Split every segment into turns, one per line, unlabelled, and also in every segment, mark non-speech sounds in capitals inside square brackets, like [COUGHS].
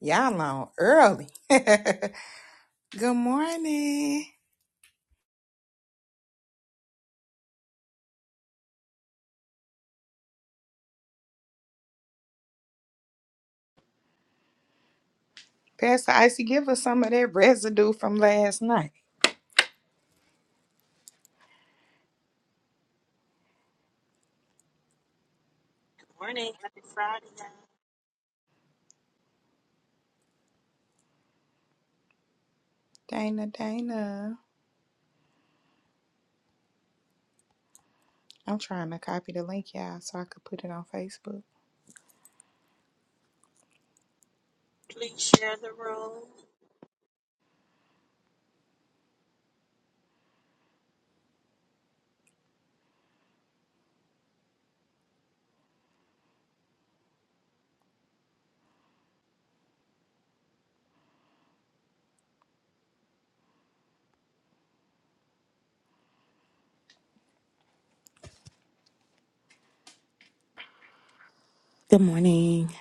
Y'all on early. [LAUGHS] Good morning. Pastor Icy, give us some of that residue from last night.
Morning, happy Friday. y'all.
Dana, Dana. I'm trying to copy the link, y'all, so I could put it on Facebook.
Please share the room.
Good morning.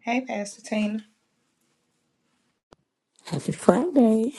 Hey, Pastor Tina.
Happy Friday.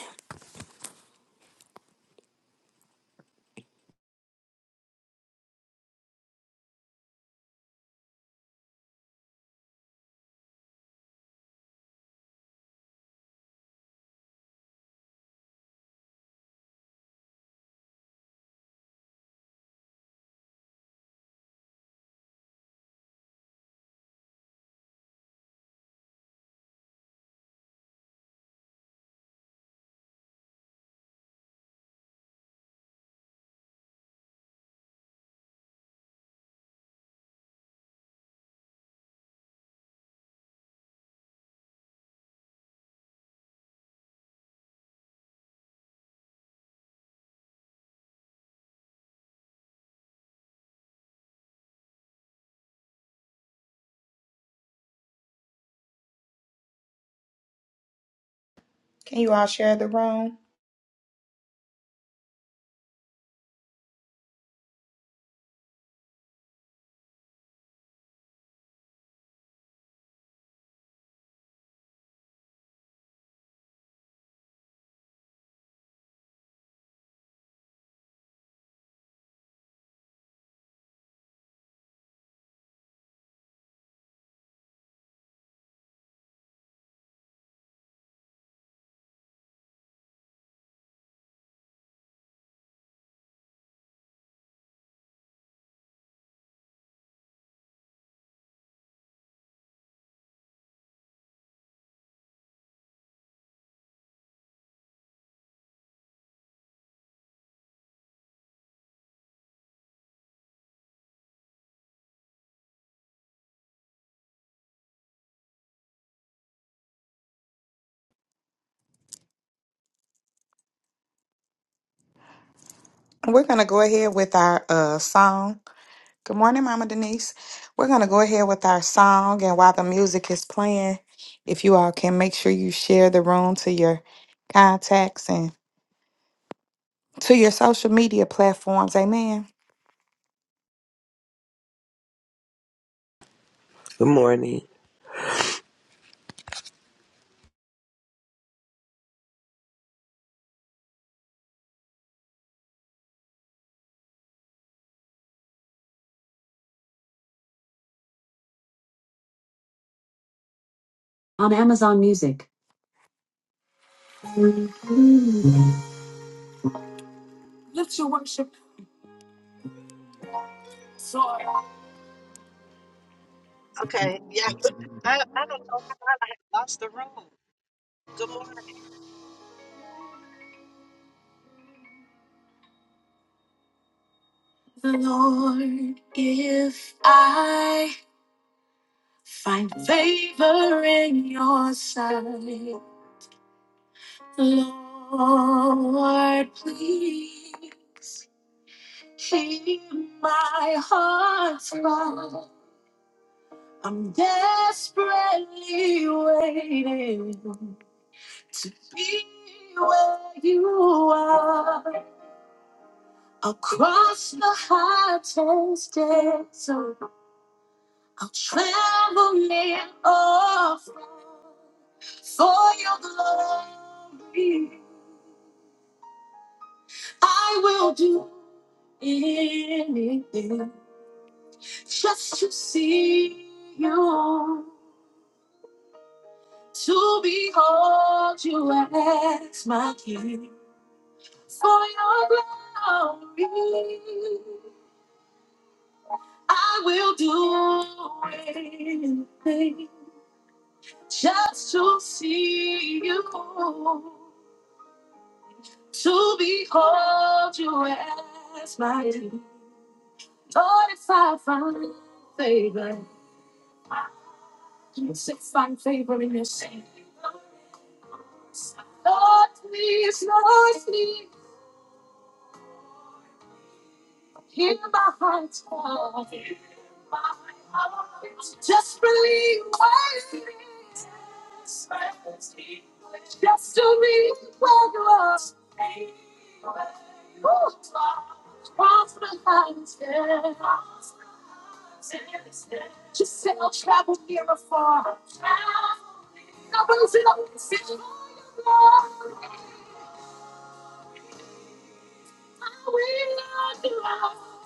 Can you all share the room?
We're going to go ahead with our uh, song. Good morning, Mama Denise. We're going to go ahead with our song. And while the music is playing, if you all can make sure you share the room to your contacts and to your social media platforms. Amen.
Good morning.
On Amazon Music. Lift your worship. soar.
Okay, yeah, [LAUGHS] I, I don't know how I lost the room. Good morning.
Lord, if I find favor in your sight, Lord, please. Keep my heart strong. I'm desperately waiting to be where you are. Across the hottest desert, I'll travel near or far for your glory. I will do anything just to see you. to behold you as my king. For your glory, I will do anything just to see you, to behold you as my king. Lord, if I find favor, if I find favor in your sight. Lord, please, Lord, please. Hear my heart's cry. My heart just believe what it is. Just to be where you are. Ooh. Cross behind Just say I'll travel near or far. I will sit up and sit. I will not be lost.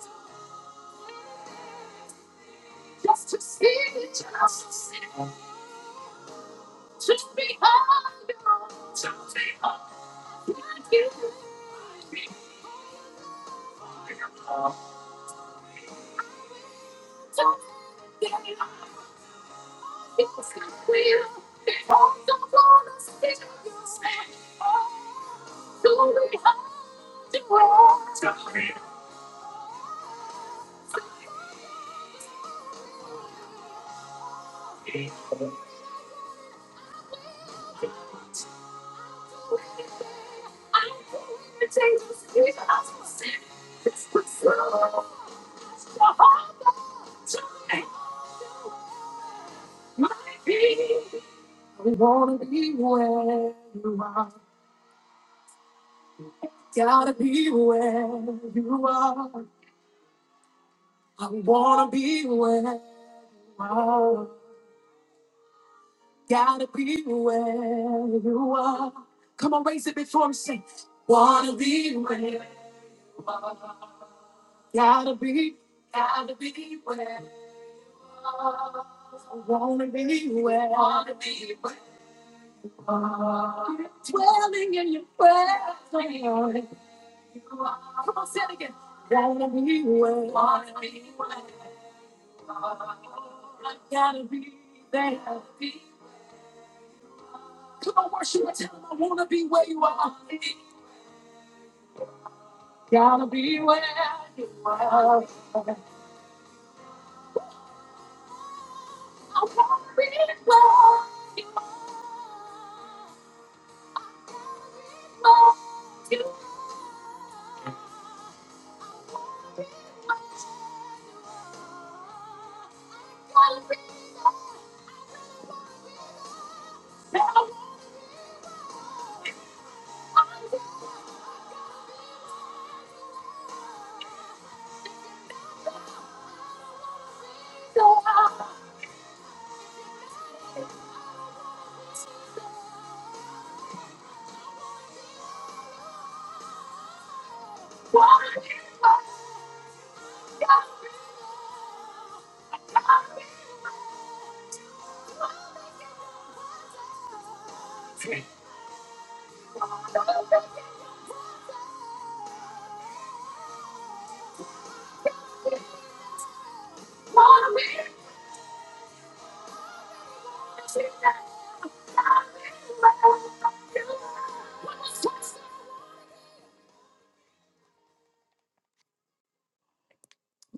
My baby, I wanna be where you are. Gotta be where you are. I wanna be where you are. Gotta be where you are. Come on, raise it before I'm saying. Wanna be where you are. Gotta be, gotta be where you are. I wanna be where. Wanna be where. Dwelling in your presence, Lord. Come on, say it again. Wanna be where? Wanna be where? I gotta be there. Come on, worship and tell them I wanna be where you are. Gotta be where you are. I wanna be where you are. You gotta be there. I wanna be there. Wanna be there.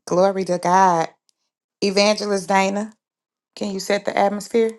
Glory to God. Evangelist Dana, can you set the atmosphere?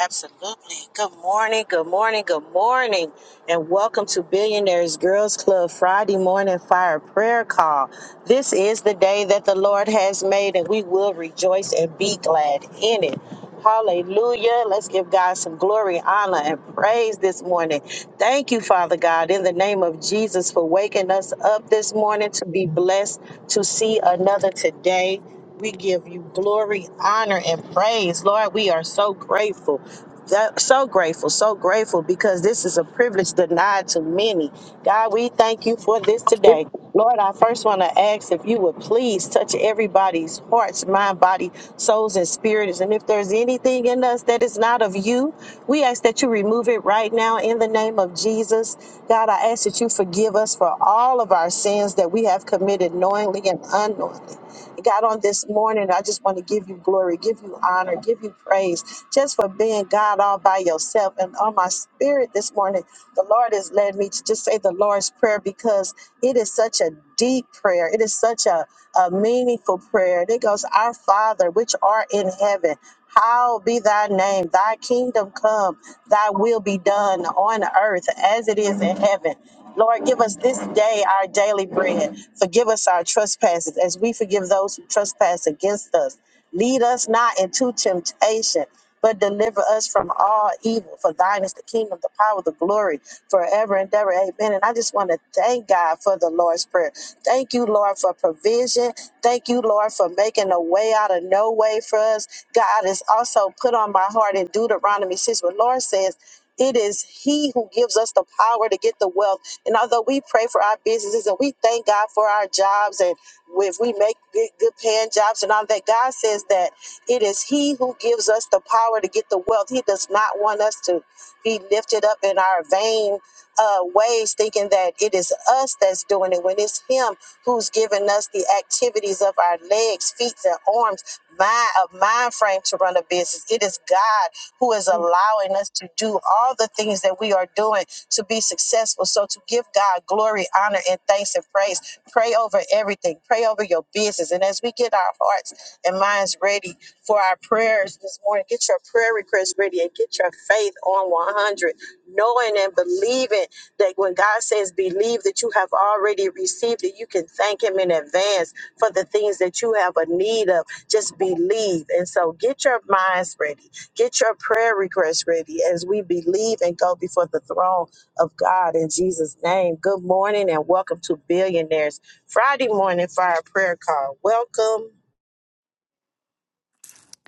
Absolutely. Good morning, good morning, good morning. And welcome to Billionaires Girls Club Friday Morning Fire Prayer Call. This is the day that the Lord has made, and we will rejoice and be glad in it. Hallelujah. Let's give God some glory, honor, and praise this morning. Thank you, Father God, in the name of Jesus for waking us up this morning to be blessed to see another today. We give you glory, honor, and praise. Lord, we are so grateful. That- So grateful, so grateful because this is a privilege denied to many. God, we thank you for this today today. Lord, I first want to ask if you would please touch everybody's hearts, mind, body, souls, and spirits. And if there's anything in us that is not of you, we ask that you remove it right now in the name of Jesus. God, I ask that you forgive us for all of our sins that we have committed knowingly and unknowingly. God, on this morning, I just want to give you glory, give you honor, give you praise just for being God all by yourself. And on my spirit this morning, the Lord has led me to just say the Lord's Prayer because it is such a deep prayer. It is such a, a meaningful prayer. And it goes, Our Father, which art in heaven, hallowed be thy name, thy kingdom come, thy will be done on earth as it is in heaven. Lord, give us this day our daily bread. Forgive us our trespasses as we forgive those who trespass against us. Lead us not into temptation, but deliver us from all evil. For thine is the kingdom, the power, the glory forever and ever. Amen. And I just want to thank God for the Lord's Prayer. Thank you, Lord, for provision. Thank you, Lord, for making a way out of no way for us. God has also put on my heart in Deuteronomy 6 where Lord says, it is he who gives us the power to get the wealth and although we pray for our businesses and we thank God for our jobs and if we make good, good paying jobs and all that, God says that it is He who gives us the power to get the wealth. He does not want us to be lifted up in our vain uh, ways, thinking that it is us that's doing it when it's Him who's given us the activities of our legs, feet, and arms, mind, a mind frame to run a business. It is God who is allowing us to do all the things that we are doing to be successful. So to give God glory, honor, and thanks and praise. Pray over everything. Pray over your business. And as we get our hearts and minds ready for our prayers this morning, get your prayer requests ready and get your faith on 100 knowing and believing that when God says believe that you have already received it, you can thank Him in advance for the things that you have a need of. Just believe. And so get your minds ready, get your prayer requests ready as we believe and go before the throne of God in Jesus' name. Good morning and welcome to Billionaires Friday morning Fire prayer call. Welcome.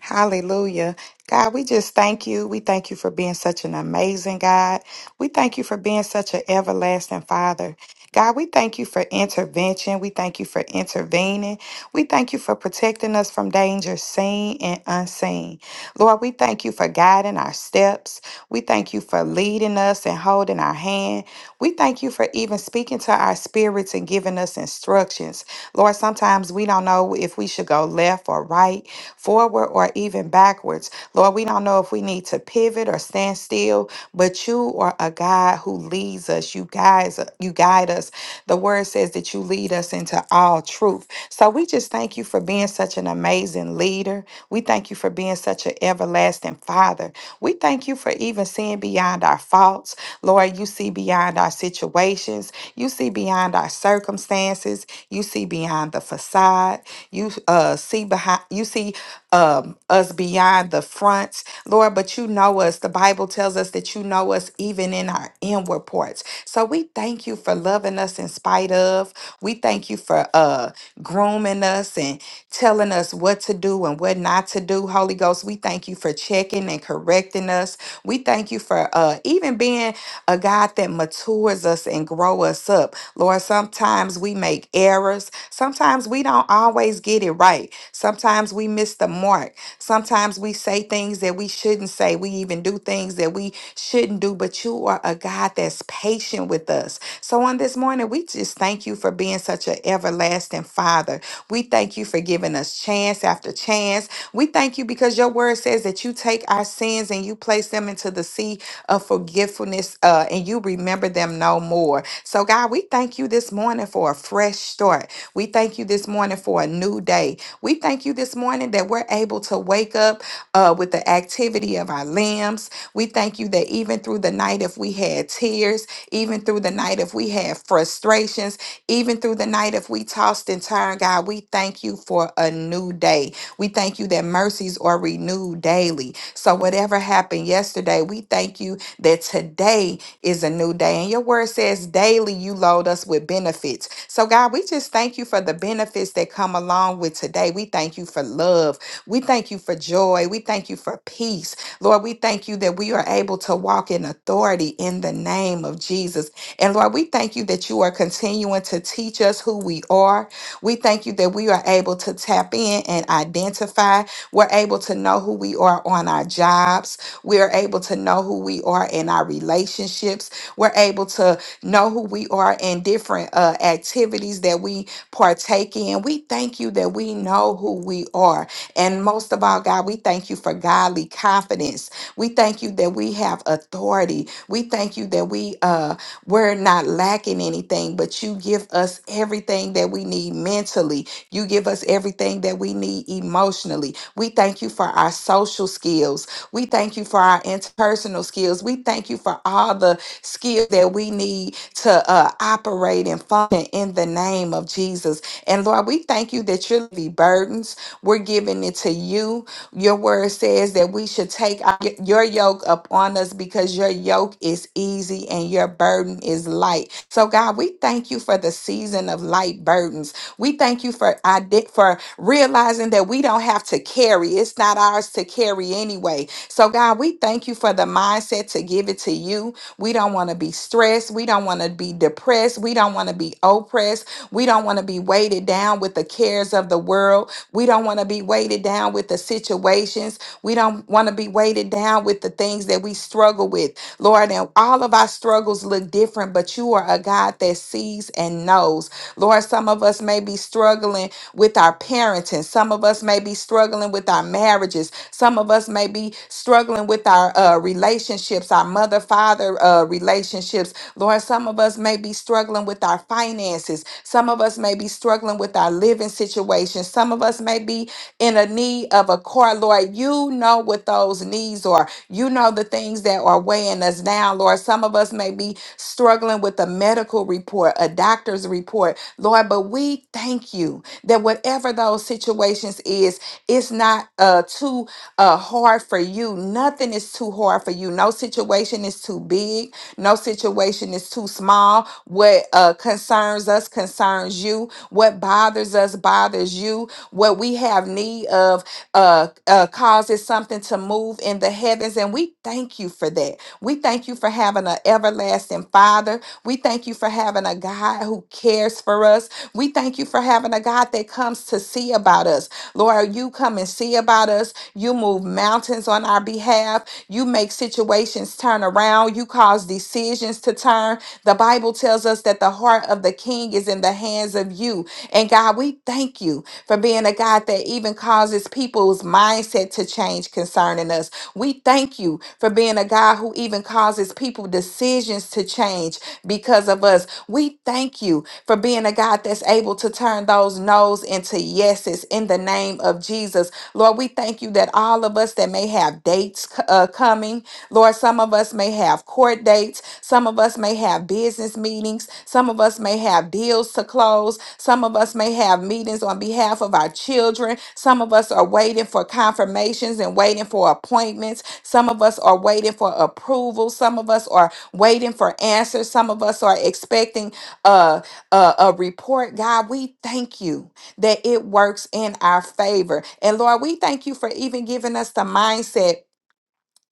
Hallelujah. God, we just thank you. We thank you for being such an amazing God. We thank you for being such an everlasting Father. God, we thank you for intervention. We thank you for intervening. We thank you for protecting us from danger seen and unseen. Lord, we thank you for guiding our steps. We thank you for leading us and holding our hand. We thank you for even speaking to to our spirits and giving us instructions. Lord, sometimes we don't know if we should go left or right, forward or even backwards. Lord, we don't know if we need to pivot or stand still, but you are a God who leads us. You guys, you guide us. The word says that you lead us into all truth. So we just thank you for being such an amazing leader. We thank you for being such an everlasting father. We thank you for even seeing beyond our faults. Lord, you see beyond our situations. You see beyond our circumstances. You see beyond the facade. You uh, see behind. You see um, us beyond the front, Lord. But you know us. The Bible tells us that you know us even in our inward parts. So we thank you for loving us in spite of. We thank you for uh, grooming us and telling us what to do and what not to do. Holy Ghost, we thank you for checking and correcting us. We thank you for uh, even being a God that matures us and grow us up. Lord, sometimes we make errors. Sometimes we don't always get it right. Sometimes we miss the mark. Sometimes we say things that we shouldn't say. We even do things that we shouldn't do, but you are a God that's patient with us. So on this morning, we just thank you for being such an everlasting Father. We thank you for giving us chance after chance. We thank you because your word says that you take our sins and you place them into the sea of forgetfulness, uh, and you remember them no more. So, God, we thank you this morning for a fresh start. We thank you this morning for a new day. We thank you this morning that we're able to wake up uh, with the activity of our limbs. We thank you that even through the night, if we had tears, even through the night, if we had frustrations, even through the night, if we tossed and turned, God, we thank you for a new day. We thank you that mercies are renewed daily. So, whatever happened yesterday, we thank you that today is a new day. And your word says daily you load us with benefits. So, God, we just thank you for the benefits that come along with today. We thank you for love. We thank you for joy. We thank you for peace. Lord, we thank you that we are able to walk in authority in the name of Jesus. And Lord, we thank you that you are continuing to teach us who we are. We thank you that we are able to tap in and identify. We're able to know who we are on our jobs. We are able to know who we are in our relationships. We're able to know who we are in different uh, activities that we partake in. We thank you that we know who we are. And most of all, God, we thank you for godly confidence. We thank you that we have authority. We thank you that we uh we're not lacking anything, but you give us everything that we need mentally. You give us everything that we need emotionally. We thank you for our social skills. We thank you for our interpersonal skills. We thank you for all the skills that we need to uh, operate and function in the name of Jesus. And Lord, we thank you that you're the burdens. We're giving it to you. Your word says that we should take our- your yoke upon us because your yoke is easy and your burden is light. So God, we thank you for the season of light burdens. We thank you for ide- for realizing that we don't have to carry. It's not ours to carry anyway. So, God, we thank you for the mindset to give it to you. We don't want to be stressed. We don't want to be depressed. We don't want to be oppressed. We don't want to be weighted down with the cares of the world. We don't want to be weighted down with the situations. We don't want to be weighted down with the things that we struggle with. Lord, and all of our struggles look different, but you are a God that sees and knows. Lord, some of us may be struggling with our parenting. Some of us may be struggling with our marriages. Some of us may be struggling with our uh, relationships, our mother father uh, relationships. Lord, some of us may be struggling with our finances. Some of us may be struggling with our living situation. Some of us may be in a need of a car. Lord, you know what those needs are. You know the things that are weighing us down, Lord. Some of us may be struggling with a medical report, a doctor's report, Lord, but we thank you that whatever those situations is, it's not uh, too uh, hard for you. Nothing is too hard for you. No situation is too big. No situation is too small. What uh, concerns us concerns you. What bothers us bothers you. What we have need of uh, uh, causes something to move in the heavens. And we thank you for that. We thank you for having an everlasting Father we thank you for having a God who cares for us. We thank you for having a God that comes to see about us. Lord, you come and see about us. You move mountains on our behalf. You make situations turn around. You cause decisions to turn. The Bible tells us that the heart of the king is in the hands of you. And God, we thank you for being a God that even causes people's mindset to change concerning us. We thank you for being a God who even causes people decisions to change because of us. We thank you for being a God that's able to turn those no's into yeses in the name of Jesus. Lord, we thank you that all of us that may have dates uh, coming, Lord, some of us may have court dates, some of us may have business meetings, some of us may have deals to close, some of us may have meetings on behalf of our children, some of us are waiting for confirmations and waiting for appointments, some of us are waiting for approval, some of us are waiting for answers. Some of us are expecting a, a, a report. God, we thank you that it works in our favor. And Lord, we thank you for even giving us the mindset.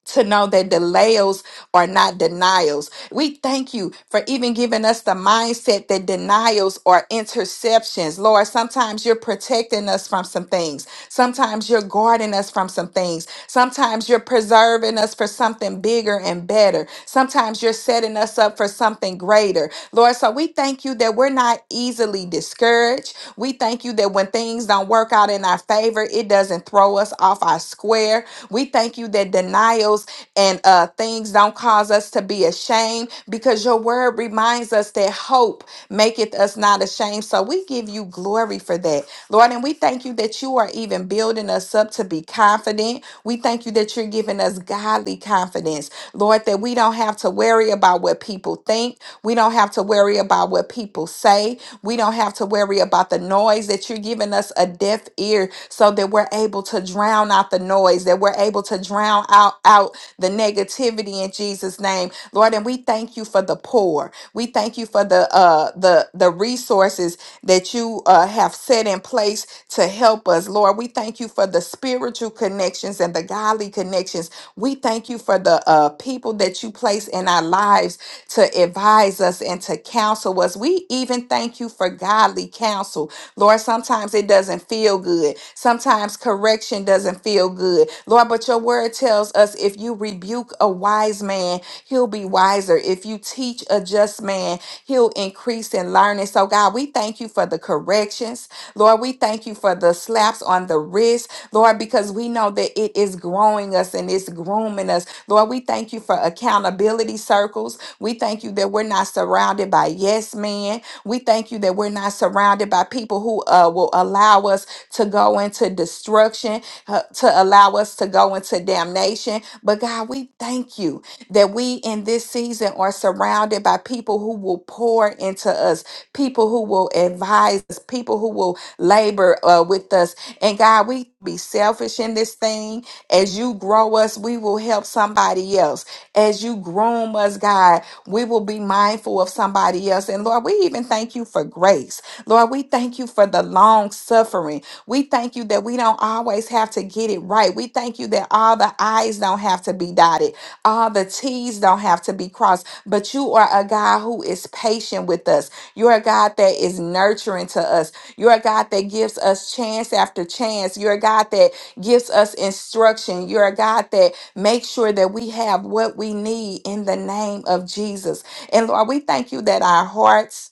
To know that delays are not denials. We thank you for even giving us the mindset that denials are interceptions. Lord, sometimes you're protecting us from some things. Sometimes you're guarding us from some things. Sometimes you're preserving us for something bigger and better. Sometimes you're setting us up for something greater. Lord, so we thank you that we're not easily discouraged. We thank you that when things don't work out in our favor, it doesn't throw us off our square. We thank you that denials and uh, things don't cause us to be ashamed because your word reminds us that hope maketh us not ashamed. So we give you glory for that. Lord, and we thank you that you are even building us up to be confident. We thank you that you're giving us godly confidence, Lord, that we don't have to worry about what people think. We don't have to worry about what people say. We don't have to worry about the noise that you're giving us a deaf ear so that we're able to drown out the noise, that we're able to drown out, out the negativity in Jesus' name. Lord, and we thank you for the poor. We thank you for the uh the the resources that you uh, have set in place to help us. Lord, we thank you for the spiritual connections and the godly connections. We thank you for the uh, people that you place in our lives to advise us and to counsel us. We even thank you for godly counsel. Lord, sometimes it doesn't feel good. Sometimes correction doesn't feel good. Lord, but your word tells us if you rebuke a wise man, he'll be wiser. If you teach a just man, He'll increase in learning. So, God, we thank you for the corrections. Lord, we thank you for the slaps on the wrist, Lord, because we know that it is growing us and it's grooming us. Lord, we thank you for accountability circles. We thank you that we're not surrounded by yes men. We thank you that we're not surrounded by people who uh, will allow us to go into destruction, uh, to allow us to go into damnation. But God, we thank you that we in this season are surrounded by people who will pour into us, people who will advise us, people who will labor uh, with us. And God, we be selfish in this thing. As you grow us, we will help somebody else. As you groom us, God, we will be mindful of somebody else. And Lord, we even thank you for grace. Lord, we thank you for the long suffering. We thank you that we don't always have to get it right. We thank you that all the I's don't have to be dotted. All the T's don't have to be crossed, but you are a God who is patient with us. You're a God that is nurturing to us. You're a God that gives us chance after chance. You're a God that gives us instruction. You're a God that makes sure that we have what we need in the name of Jesus. And Lord, we thank you that our hearts,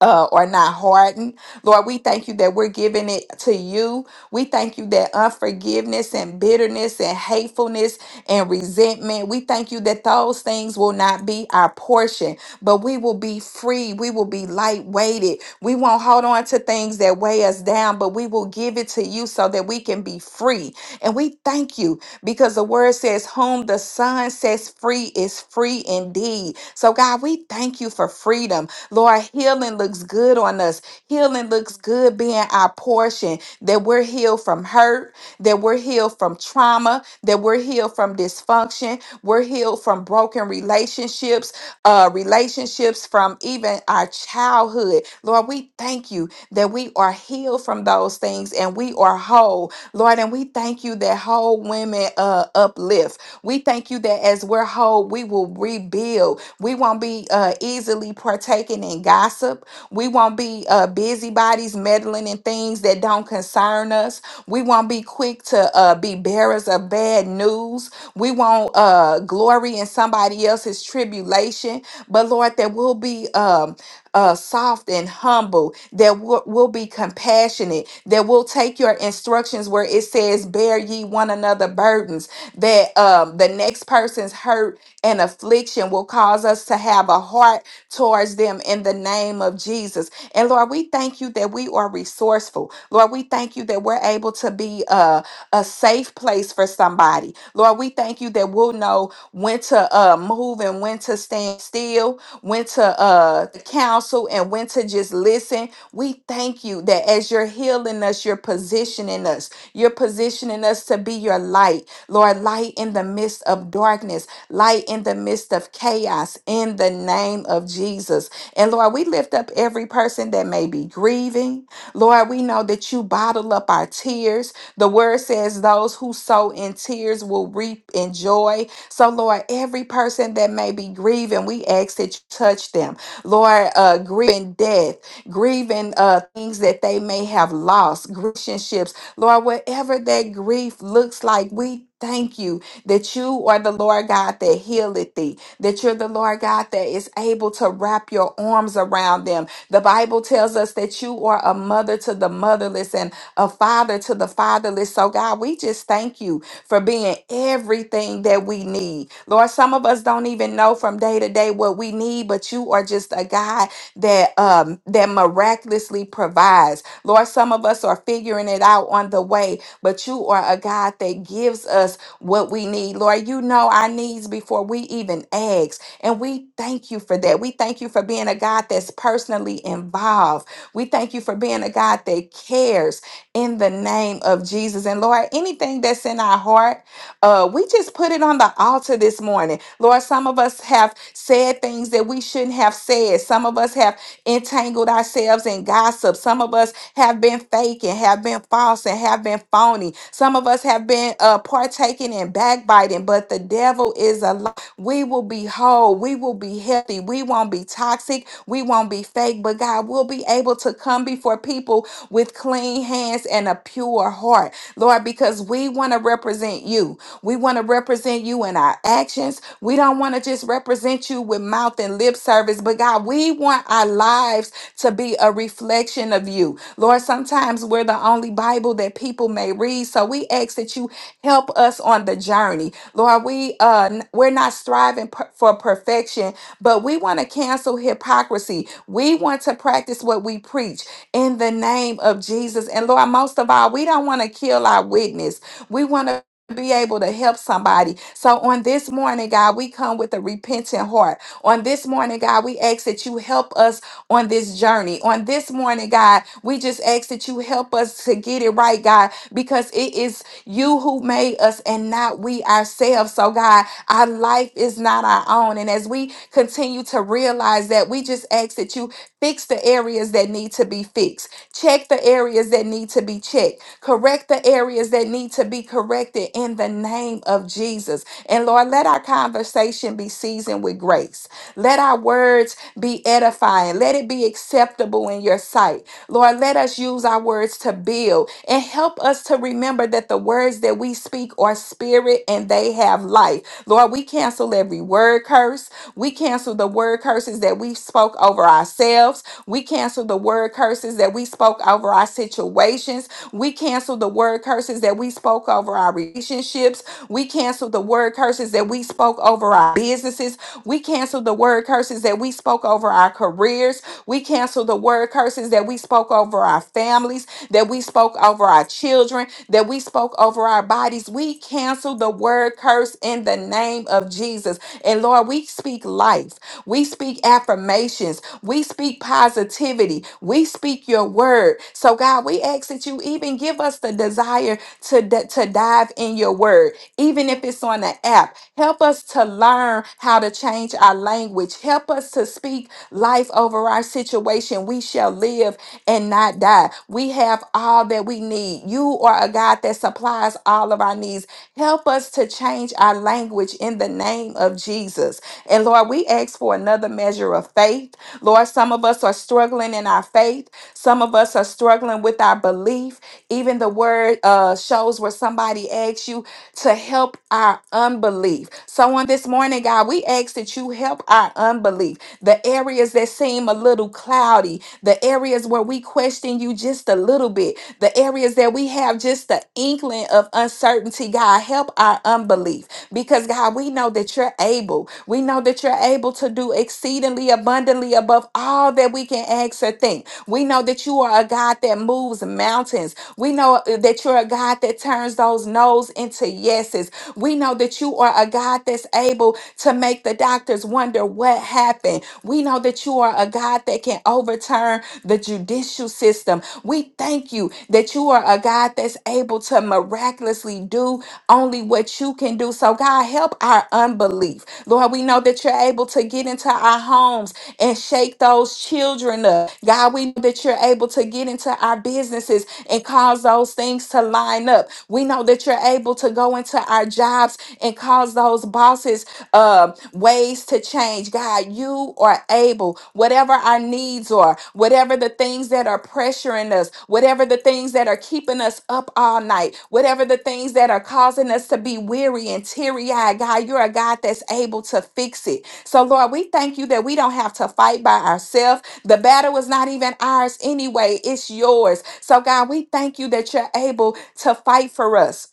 uh, or not hardened. Lord, we thank you that we're giving it to you. We thank you that unforgiveness and bitterness and hatefulness and resentment, we thank you that those things will not be our portion, but we will be free. We will be lightweighted. We won't hold on to things that weigh us down, but we will give it to you so that we can be free. And we thank you because the word says, Whom the Son sets free is free indeed. So, God, we thank you for freedom. Lord, healing looks good on us. Healing looks good being our portion, that we're healed from hurt, that we're healed from trauma, that we're healed from dysfunction, we're healed from broken relationships, uh, relationships from even our childhood. Lord, we thank you that we are healed from those things and we are whole. Lord, and we thank you that whole women uh, uplift. We thank you that as we're whole, we will rebuild. We won't be uh, easily partaking in gossip. We won't be uh, busybodies meddling in things that don't concern us. We won't be quick to uh, be bearers of bad news. We won't uh, glory in somebody else's tribulation. But Lord, that we'll be um, uh, soft and humble, that we'll, we'll be compassionate, that we'll take your instructions where it says, Bear ye one another burdens, that um, the next person's hurt and affliction will cause us to have a heart towards them in the name of Jesus. And Lord, we thank you that we are resourceful. Lord, we thank you that we're able to be a, a safe place for somebody. Lord, we thank you that we'll know when to uh, move and when to stand still, when to uh, counsel and when to just listen. We thank you that as you're healing us, you're positioning us. You're positioning us to be your light, Lord, light in the midst of darkness light in the midst of chaos in the name of Jesus. And Lord, we lift up every person that may be grieving. Lord, we know that you bottle up our tears. The word says those who sow in tears will reap in joy. So, Lord, every person that may be grieving, we ask that you touch them. Lord, uh, grieving death, grieving uh, things that they may have lost, relationships. Lord, whatever that grief looks like, we thank you that you are the Lord God that healeth thee, that you're the Lord God that is able to wrap your arms around them. The Bible tells us that you are a mother to the motherless and a father to the fatherless. So, God, we just thank you for being everything that we need. Lord, some of us don't even know from day to day what we need, but you are just a God that um that miraculously provides. Lord, some of us are figuring it out on the way, but you are a God that gives us what we need. Lord, you know our needs before we even ask. And we thank you for that. We thank you for being a God that's personally involved. We thank you for being a God that cares in the name of Jesus. And Lord, anything that's in our heart, uh, we just put it on the altar this morning. Lord, some of us have said things that we shouldn't have said. Some of us have entangled ourselves in gossip. Some of us have been fake and have been false and have been phony. Some of us have been uh, partaking in backbiting, but the devil is a lie. We will be whole. We will be healthy. We won't be toxic. We won't be fake, but God will be able to come before people with clean hands and a pure heart, Lord, because we want to represent you. We want to represent you in our actions. We don't want to just represent you with mouth and lip service, but God, we want our lives to be a reflection of you. Lord, sometimes we're the only Bible that people may read. So we ask that you help us on the journey. Lord, we uh n- we're not striving per- for perfection, but we want to cancel hypocrisy. We want to practice what we preach in the name of Jesus. And Lord, most of all, we don't want to kill our witness. We want to be able to help somebody. So on this morning, God, we come with a repentant heart. On this morning, God, we ask that you help us on this journey. On this morning, God, we just ask that you help us to get it right, God, because it is you who made us and not we ourselves. So, God, our life is not our own. And as we continue to realize that, we just ask that you fix the areas that need to be fixed, check the areas that need to be checked Correct the areas that need to be corrected in the name of Jesus. And Lord, let our conversation be seasoned with grace. Let our words be edifying. Let it be acceptable in your sight. Lord, let us use our words to build and help us to remember that the words that we speak are spirit and they have life. Lord, we we cancel every word curse. We cancel the word curses that we spoke over ourselves. We cancel the word curses that we spoke over our situations. We cancel the word curses that we spoke over our relationships. We cancel the word curses that we spoke over our businesses. We cancel the word curses that we spoke over our careers. We cancel the word curses that we spoke over our families, that we spoke over our children, that we spoke over our bodies. We cancel the word curse in the name of Jesus. And Lord, we speak life. We speak affirmations. We speak positivity. We speak your word. So, God, we ask that you even give us the desire to, d- to dive in your word, even if it's on the app. Help us to learn how to change our language. Help us to speak life over our situation. We shall live and not die. We have all that we need. You are a God that supplies all of our needs. Help us to change our language in the name of Jesus. And Lord, we ask for another measure of faith. Lord, some of us are struggling in our faith, some of us are struggling with our belief. Even the word uh, shows where somebody asks you to help our unbelief. So on this morning, God, we ask that you help our unbelief the areas that seem a little cloudy, the areas where we question you just a little bit, the areas that we have just the inkling of uncertainty. God, help our unbelief because God, we know that you're able. We know that you're able to do exceedingly abundantly above all that we can ask or think. We know that you are a God that moves mountains. We know uh, that you're a God that turns those no's into yeses. We know that you are a God that's able to make the doctors wonder what happened. We know that you are a God that God that can overturn the judicial system. We thank you that you are a God that's able to miraculously do only what you can do. So, God, help our unbelief. Lord, we know that you're able to get into our homes and shake those children up. God, we know that you're able to get into our businesses and cause those things to line up up. We know that you're able to go into our jobs and cause those bosses um, ways to change. God, you are able, whatever our needs are, whatever the things that are pressuring us, whatever the things that are keeping us up all night, whatever the things that are causing us to be weary and teary eyed. God, you're a God that's able to fix it. So, Lord, we thank you that we don't have to fight by ourselves. The battle is not even ours anyway, it's yours. So, God, we thank you that you're able to fight for us.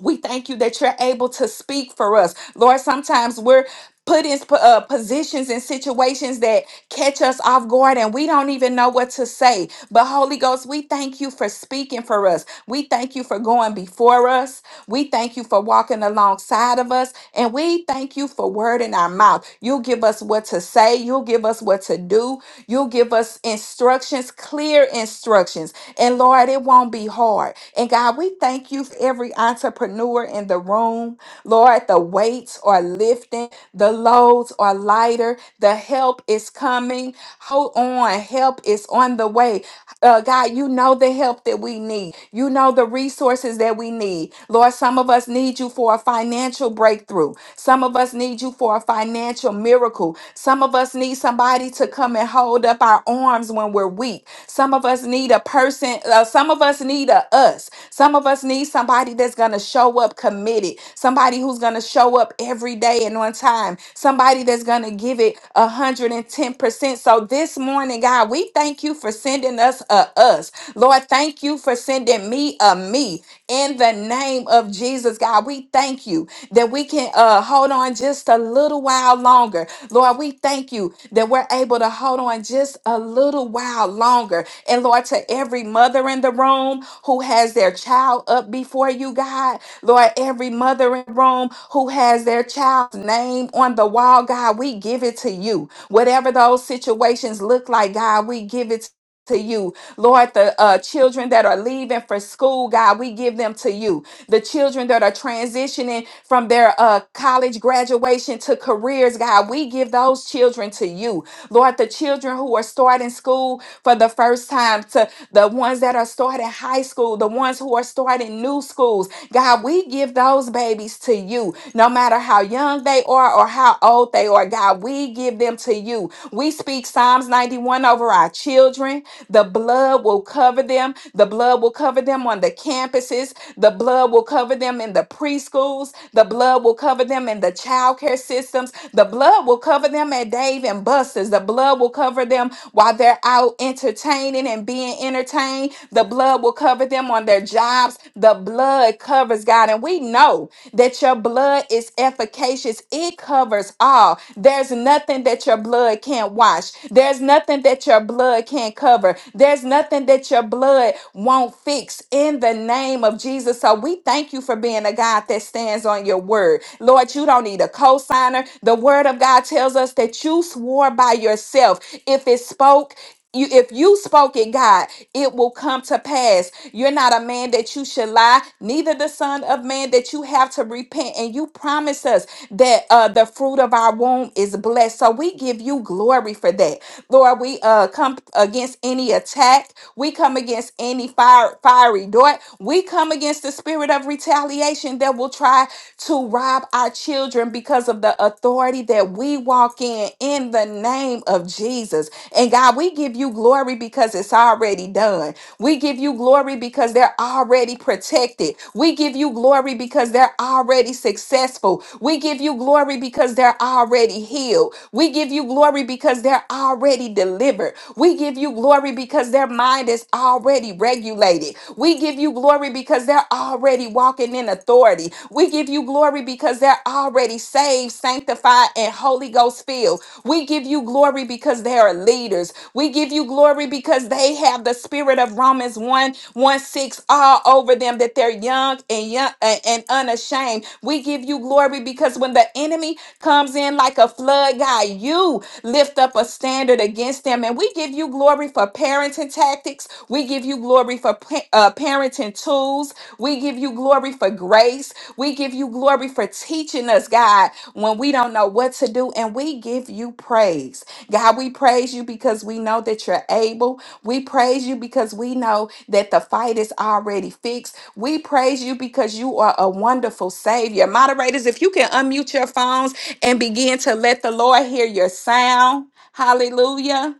We thank you that you're able to speak for us. Lord, sometimes we're put in uh, positions and situations catch us off guard and we don't even know what to say. But Holy Ghost, we thank you for speaking for us. We thank you for going before us. We thank you for walking alongside of us. And we thank you for word in our mouth. You'll give us what to say. You'll give us what to do. You'll give us instructions, clear instructions. And Lord, it won't be hard. And God, we thank you for every entrepreneur in the room. Lord, the weights are lifting, the loads are lighter, the help is coming. Hold on, help is on the way. Uh, God, you know the help that we need, you know the resources that we need. Lord, some of us need you for a financial breakthrough, some of us need you for a financial miracle, some of us need somebody to come and hold up up our arms when we're weak. Some of us need a person, uh, some of us need a us. Some of us need somebody that's going to show up committed, somebody who's going to show up every day and on time, somebody that's going to give it 110%. So this morning, God, we thank you for sending us a us. Lord, thank you for sending me a me in the name name of Jesus, God, we thank you that we can uh, hold on just a little while longer. Lord, we thank you that we're able to hold on just a little while longer. And Lord, to every mother in the room who has their child up before you, God, Lord, every mother in the room who has their child's name on the wall, God, we give it to you. Whatever those situations look like, God, we give it to you, Lord, the uh, children that are leaving for school, God, we give them to you the children that are transitioning from their uh, college graduation to careers, God. We give those children to you. Lord, the children who are starting school for the first time, the ones that are starting high school, the ones who are starting new schools. God, we give those babies to you, no matter how young they are or how old they are. God, we give them to you. We speak Psalms 91 over our children. The blood will cover them. The blood will cover them on the campuses. The blood will cover them in the preschools. The blood will cover them in the childcare systems. The blood will cover them at Dave and Buster's. The blood will cover them while they're they're out entertaining and being entertained, the blood will cover them on their jobs. The blood covers God. And we know that your blood is efficacious, it covers all. There's nothing that your blood can't wash, there's nothing that your blood can't cover, there's nothing that your blood won't fix in the name of Jesus. So we thank you for being a God that stands on your word. Lord, you don't need a cosigner. The word of God tells us that you swore by by yourself. If it spoke, you, if you spoke it, God, it will come to pass. You're not a man that you should lie, neither the son of man that you have to repent. And you promise us that uh, the fruit of our womb is blessed. So we give you glory for that. Lord, we uh, come against any attack. We come against any fire, fiery dart. We come against the spirit of retaliation that will try to rob our children because of the authority that that we walk in in the name of Jesus. And God, we give you glory because it's already done. We give you glory because they're already protected. We give you glory because they're already successful. We give you glory because they're already healed. We give you glory because they're already delivered. We give you glory because their mind is already regulated. We give you glory because they're already walking in authority. We give you glory because they're already saved, sanctified, and Holy Ghost filled. We give you glory because they are leaders. We give you glory because they have the spirit of Romans one one 6 all over them, that they're young and young and and unashamed. We give you glory because when the enemy comes in like a flood, God, you lift up a standard against them. And we give you glory for parenting tactics. We give you glory for pa- uh, parenting tools. We give you glory for grace. We give you glory for teaching us, God, when we don't know what to do, and we give you praise. God, we praise you because we know that you're able. We praise you because we know that the fight is already fixed. We praise you because you are a wonderful Savior. Moderators, if you can unmute your phones and begin to let the Lord hear your sound. Hallelujah.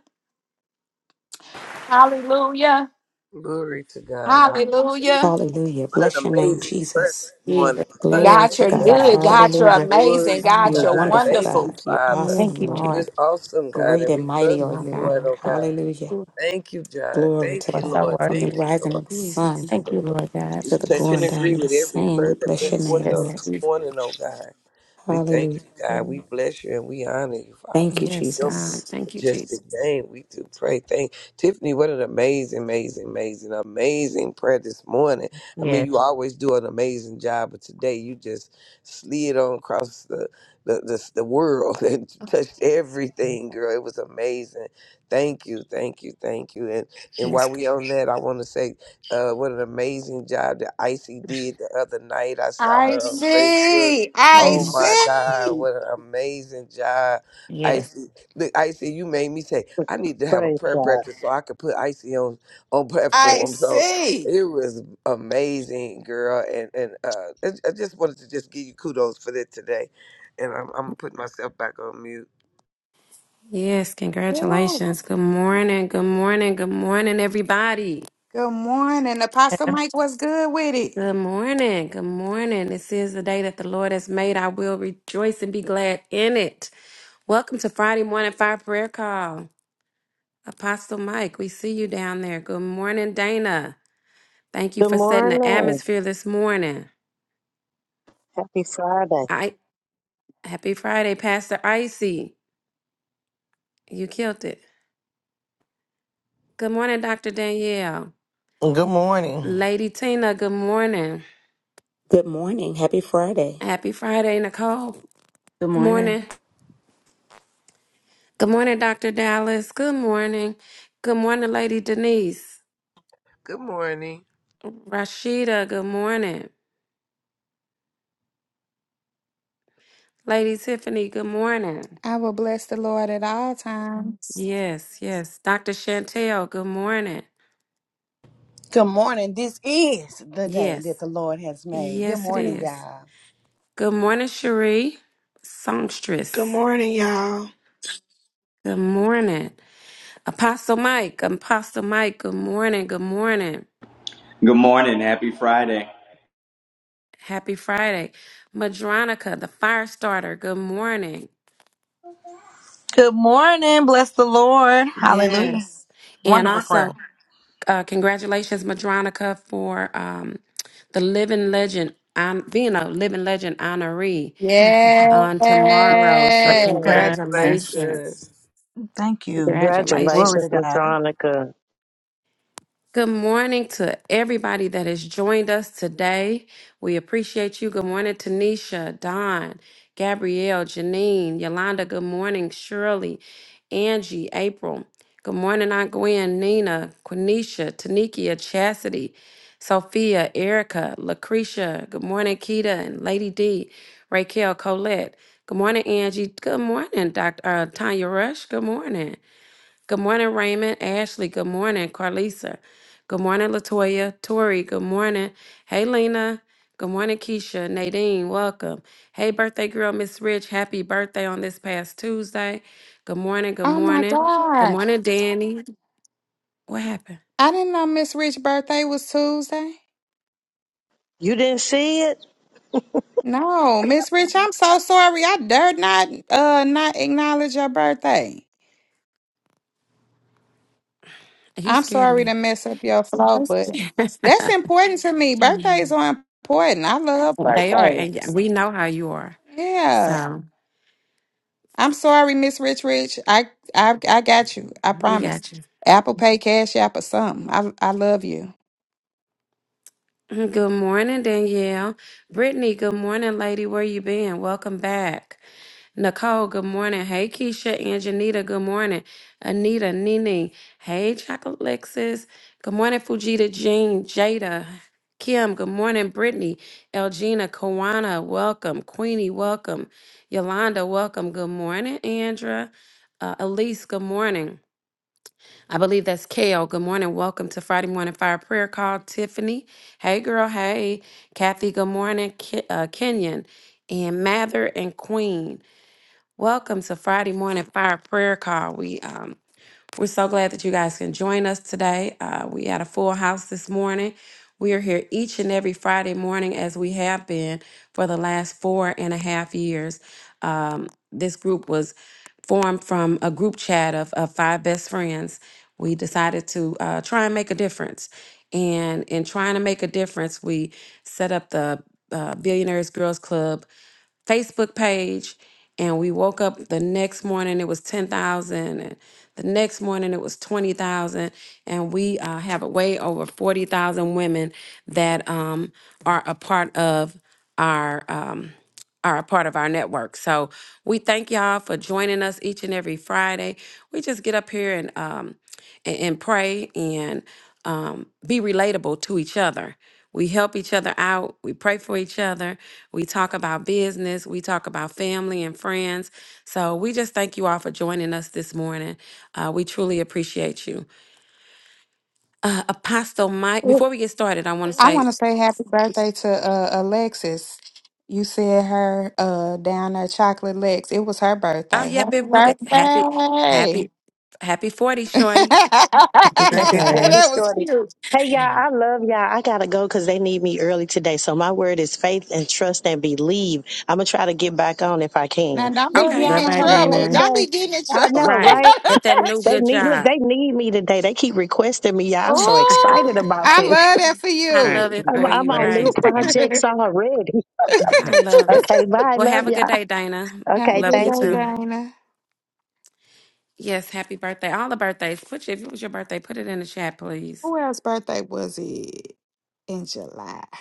Hallelujah.
Glory to God. Hallelujah.
Hallelujah.
Hallelujah.
What an
Bless your name,
amazing prayer
Jesus.
this morning.
Jesus
Thank you,
Glory
God,
Wonderful
to
you're
is
God.
Jesus.
God.
good.
Yes,
Savior.
God, you're
God.
Hallelujah.
Yes,
amazing.
Glory to
God,
You're a
God.
you're
God.
wonderful,
Thank you,
wonderful.
God. You're
Father.
Thank
Yes,
awesome,
you, Jesus.
Lord.
It is
Lord.
awesome, God,
Great
and
and
we
mighty
love
are
you
My
you,
God.
for it,
Lord.
oh God.
Hallelujah.
You
Thank you, God.
Glory to
Thank
are
you,
so
God.
Lord.
From the
worthy.
Thank
Thank you,
you,
rising of
Lord.
the
Jesus.
sun
Thank you, Lord
Thank you,
God.
We
to the
touch and
going
Jesus.
down
agree
of the
with every
same,
prayer
we
that
bless
went
your
Yes,
forth
name,
on
God.
Yes,
Lord.
this
Jesus.
morning, oh God. We thank
Hallelujah.
you, God. We bless you and we honor you,
Thank you,
Yes,
Father.
Jesus.
God. Thank you,
majestic
Jesus.
name. We do pray. Thank Tiffany. What an amazing, amazing, amazing, amazing prayer this morning. I mean,
Yes,
you always do an amazing job, but today you just slid on across the the the, the world [LAUGHS] and touched everything, girl. It was amazing. Thank you, thank you, thank you. And and while
Yes.
we on that, I want to say, uh, what an amazing job that Icy did the other night. I saw
I
her
God.
on Facebook.
see. I
Oh
Mm.
my God,
see.
what an amazing job!
yes.
Icy. Look, Icy, you made me say I need to have a
Praise.
prayer breakfast so I could put Icy on on [LAUGHS]
I
platform. So
see.
it was amazing, girl, and and uh, I, I just wanted to just give you kudos for that today, and I'm I'm putting myself back on mute.
Yes,
Ooh.
congratulations. Good morning. Good morning. Good morning, everybody.
Good morning. Apostle Mike was good with it.
Good morning. Good morning. This is the day that the Lord has made. I will rejoice and be glad in it. Welcome to Friday Morning Fire Prayer Call. Apostle Mike, we see you down there. Good morning, Dana. Thank you
Good
for setting the
morning.
atmosphere this morning.
Happy Friday.
I happy Friday, Pastor Icy. You killed it. Good morning, Dr. Danielle.
Good morning.
Lady Tina, good morning.
Good morning. Happy Friday.
Happy Friday, Nicole.
Good
Good
morning.
morning. Good morning, Dr. Dallas. Good morning. Good morning, Lady Denise.
Good morning.
Rashida, good morning. Lady Tiffany, good morning.
I will bless the Lord at all times.
Yes, yes. Dr. Chantel, good morning.
Good morning. This is the day
Yes.
that the Lord has made. Good
Yes, it
morning,
is.
y'all.
Good morning, Cherie.
Good
Songstress.
morning, y'all.
Good morning. Apostle Mike. Apostle Mike. Good morning. Good morning.
Good morning. Happy Friday.
Happy Friday. Madronica, the fire starter. Good morning.
Good morning. Bless the Lord. Hallelujah.
Yes. And
Wonderful
also,
prayer. [LAUGHS]
uh, congratulations, Madronica, for um, the living legend, on, being a living legend honoree
Yeah.
Mhm.
on tomorrow. So,
Yeah,
Bless.
congratulations,
congratulations.
Thank you. Glory
Congratulations.
Congratulations,
to God.
Madronica.
Good morning to everybody that has joined us today. We appreciate you. Good morning, Tanisha, Don, Gabrielle, Janine, Yolanda. Good morning, Shirley, Angie, April. Good morning, Aunt Gwen, Nina, Quenisha, Tanikia, Chastity, Sophia, Erica, Lucretia. Good morning, Keita and Lady D, Raquel, Colette. Good morning, Angie. Good morning, Dr. Uh, Tanya Rush. Good morning. Good morning, Raymond. Ashley, good morning. Carlisa, good morning. Latoya, Tori, good morning. Hey, Lena, good morning. Keisha, Nadine, welcome. Hey, birthday girl, Miss Rich, happy birthday on this past Tuesday. Good morning, good
Oh my
morning. Good
God.
morning, Danny. What happened?
I didn't know Miss Rich's birthday was Tuesday.
You didn't see it?
No, Miss Rich, I'm so sorry. I dared not uh not acknowledge your birthday.
You
I'm
scared
sorry to
me.
mess up your flow,
[LAUGHS]
but that's important to me. Birthdays
they
are important. I love
are, and yeah,
birthdays.
we know how you are.
Yeah.
So
I'm sorry, Miss Rich Rich. I, I I got you. I
we
promise.
got you.
Apple Pay, Cash App, or something. I I love you.
Good morning, Danielle. Brittany, good morning, lady. Where you been? Welcome back. Nicole, good morning. Hey, Keisha and Janita, good morning. Anita, Nene, hey, Chocolate Lexus. Good morning, Fujita, Jean, Jada, Kim, good morning, Brittany, Elgina, Kawana, welcome. Queenie, welcome. Yolanda, welcome. Good morning, Andra. Uh, Elise, good morning. I believe that's Kale. Good morning. Welcome to Friday Morning Fire Prayer Call. Tiffany, hey, girl, hey. Kathy, good morning. Ke- uh, Kenyon, and Mather and Queen. Welcome to Friday morning fire prayer call. We um we're so glad that you guys can join us today. Uh, we had a full house this morning. We are here each and every Friday morning as we have been for the last four and a half years. Um, this group was formed from a group chat of, of five best friends. We decided to uh, try and make a difference. And in trying to make a difference, we set up the uh, Billionaires Girls Club Facebook page and we woke up the next morning it was 10,000 and the next morning it was 20,000 and we uh, have way over 40,000 women that um, are a part of our um, are a part of our network. So we thank y'all for joining us each and every Friday. We just get up here and um and, and pray and um be relatable to each other. We help each other out. We pray for each other. We talk about business. We talk about family and friends. So we just thank you all for joining us this morning. Uh, we truly appreciate you. Uh, Apostle Mike, before we get started, I want to
I want
say,
to say happy birthday to uh, Alexis. You said her uh, down there, Chocolate Lex. It was her
oh,
birthday.
yep,
Happy
it
birthday! [LAUGHS]
will. Happy, happy, happy 40, Shorty.
Happy
Happy
[LAUGHS]
birthday.
40
that was
shorty.
cute.
Hey, y'all, I love y'all. I gotta go because they need me early today. So my word is faith and trust and believe. I'm gonna try to get back on if I can.
Now don't be
Love
Okay. [LAUGHS]
getting
Bye
y'all.
in
bye,
Have a
trouble.
Dana.
blessed
All
Don't
day.
be getting in
I
trouble.
know,
[LAUGHS]
Right.
right?
At that new
They
good
need look,
job.
they need me today. They keep requesting me. Y'all, I'm so
[LAUGHS]
oh,
excited about
I
this.
love that for
I
Right.
love
you.
[LAUGHS]
it
I'm,
for
I'm
you.
on new
Right.
Congratulations,
[LAUGHS]
Dana.
projects already.
I love
[LAUGHS]
it.
Okay, bye.
Well, have
Love
a good
y'all.
day, Dana.
Have a
Okay,
Love
good
you
thank
day,
you.
too.
Dana.
Yes. Happy birthday. All the birthdays. Put your, if it was your birthday, put it in the chat, please.
Who else's birthday was it in July?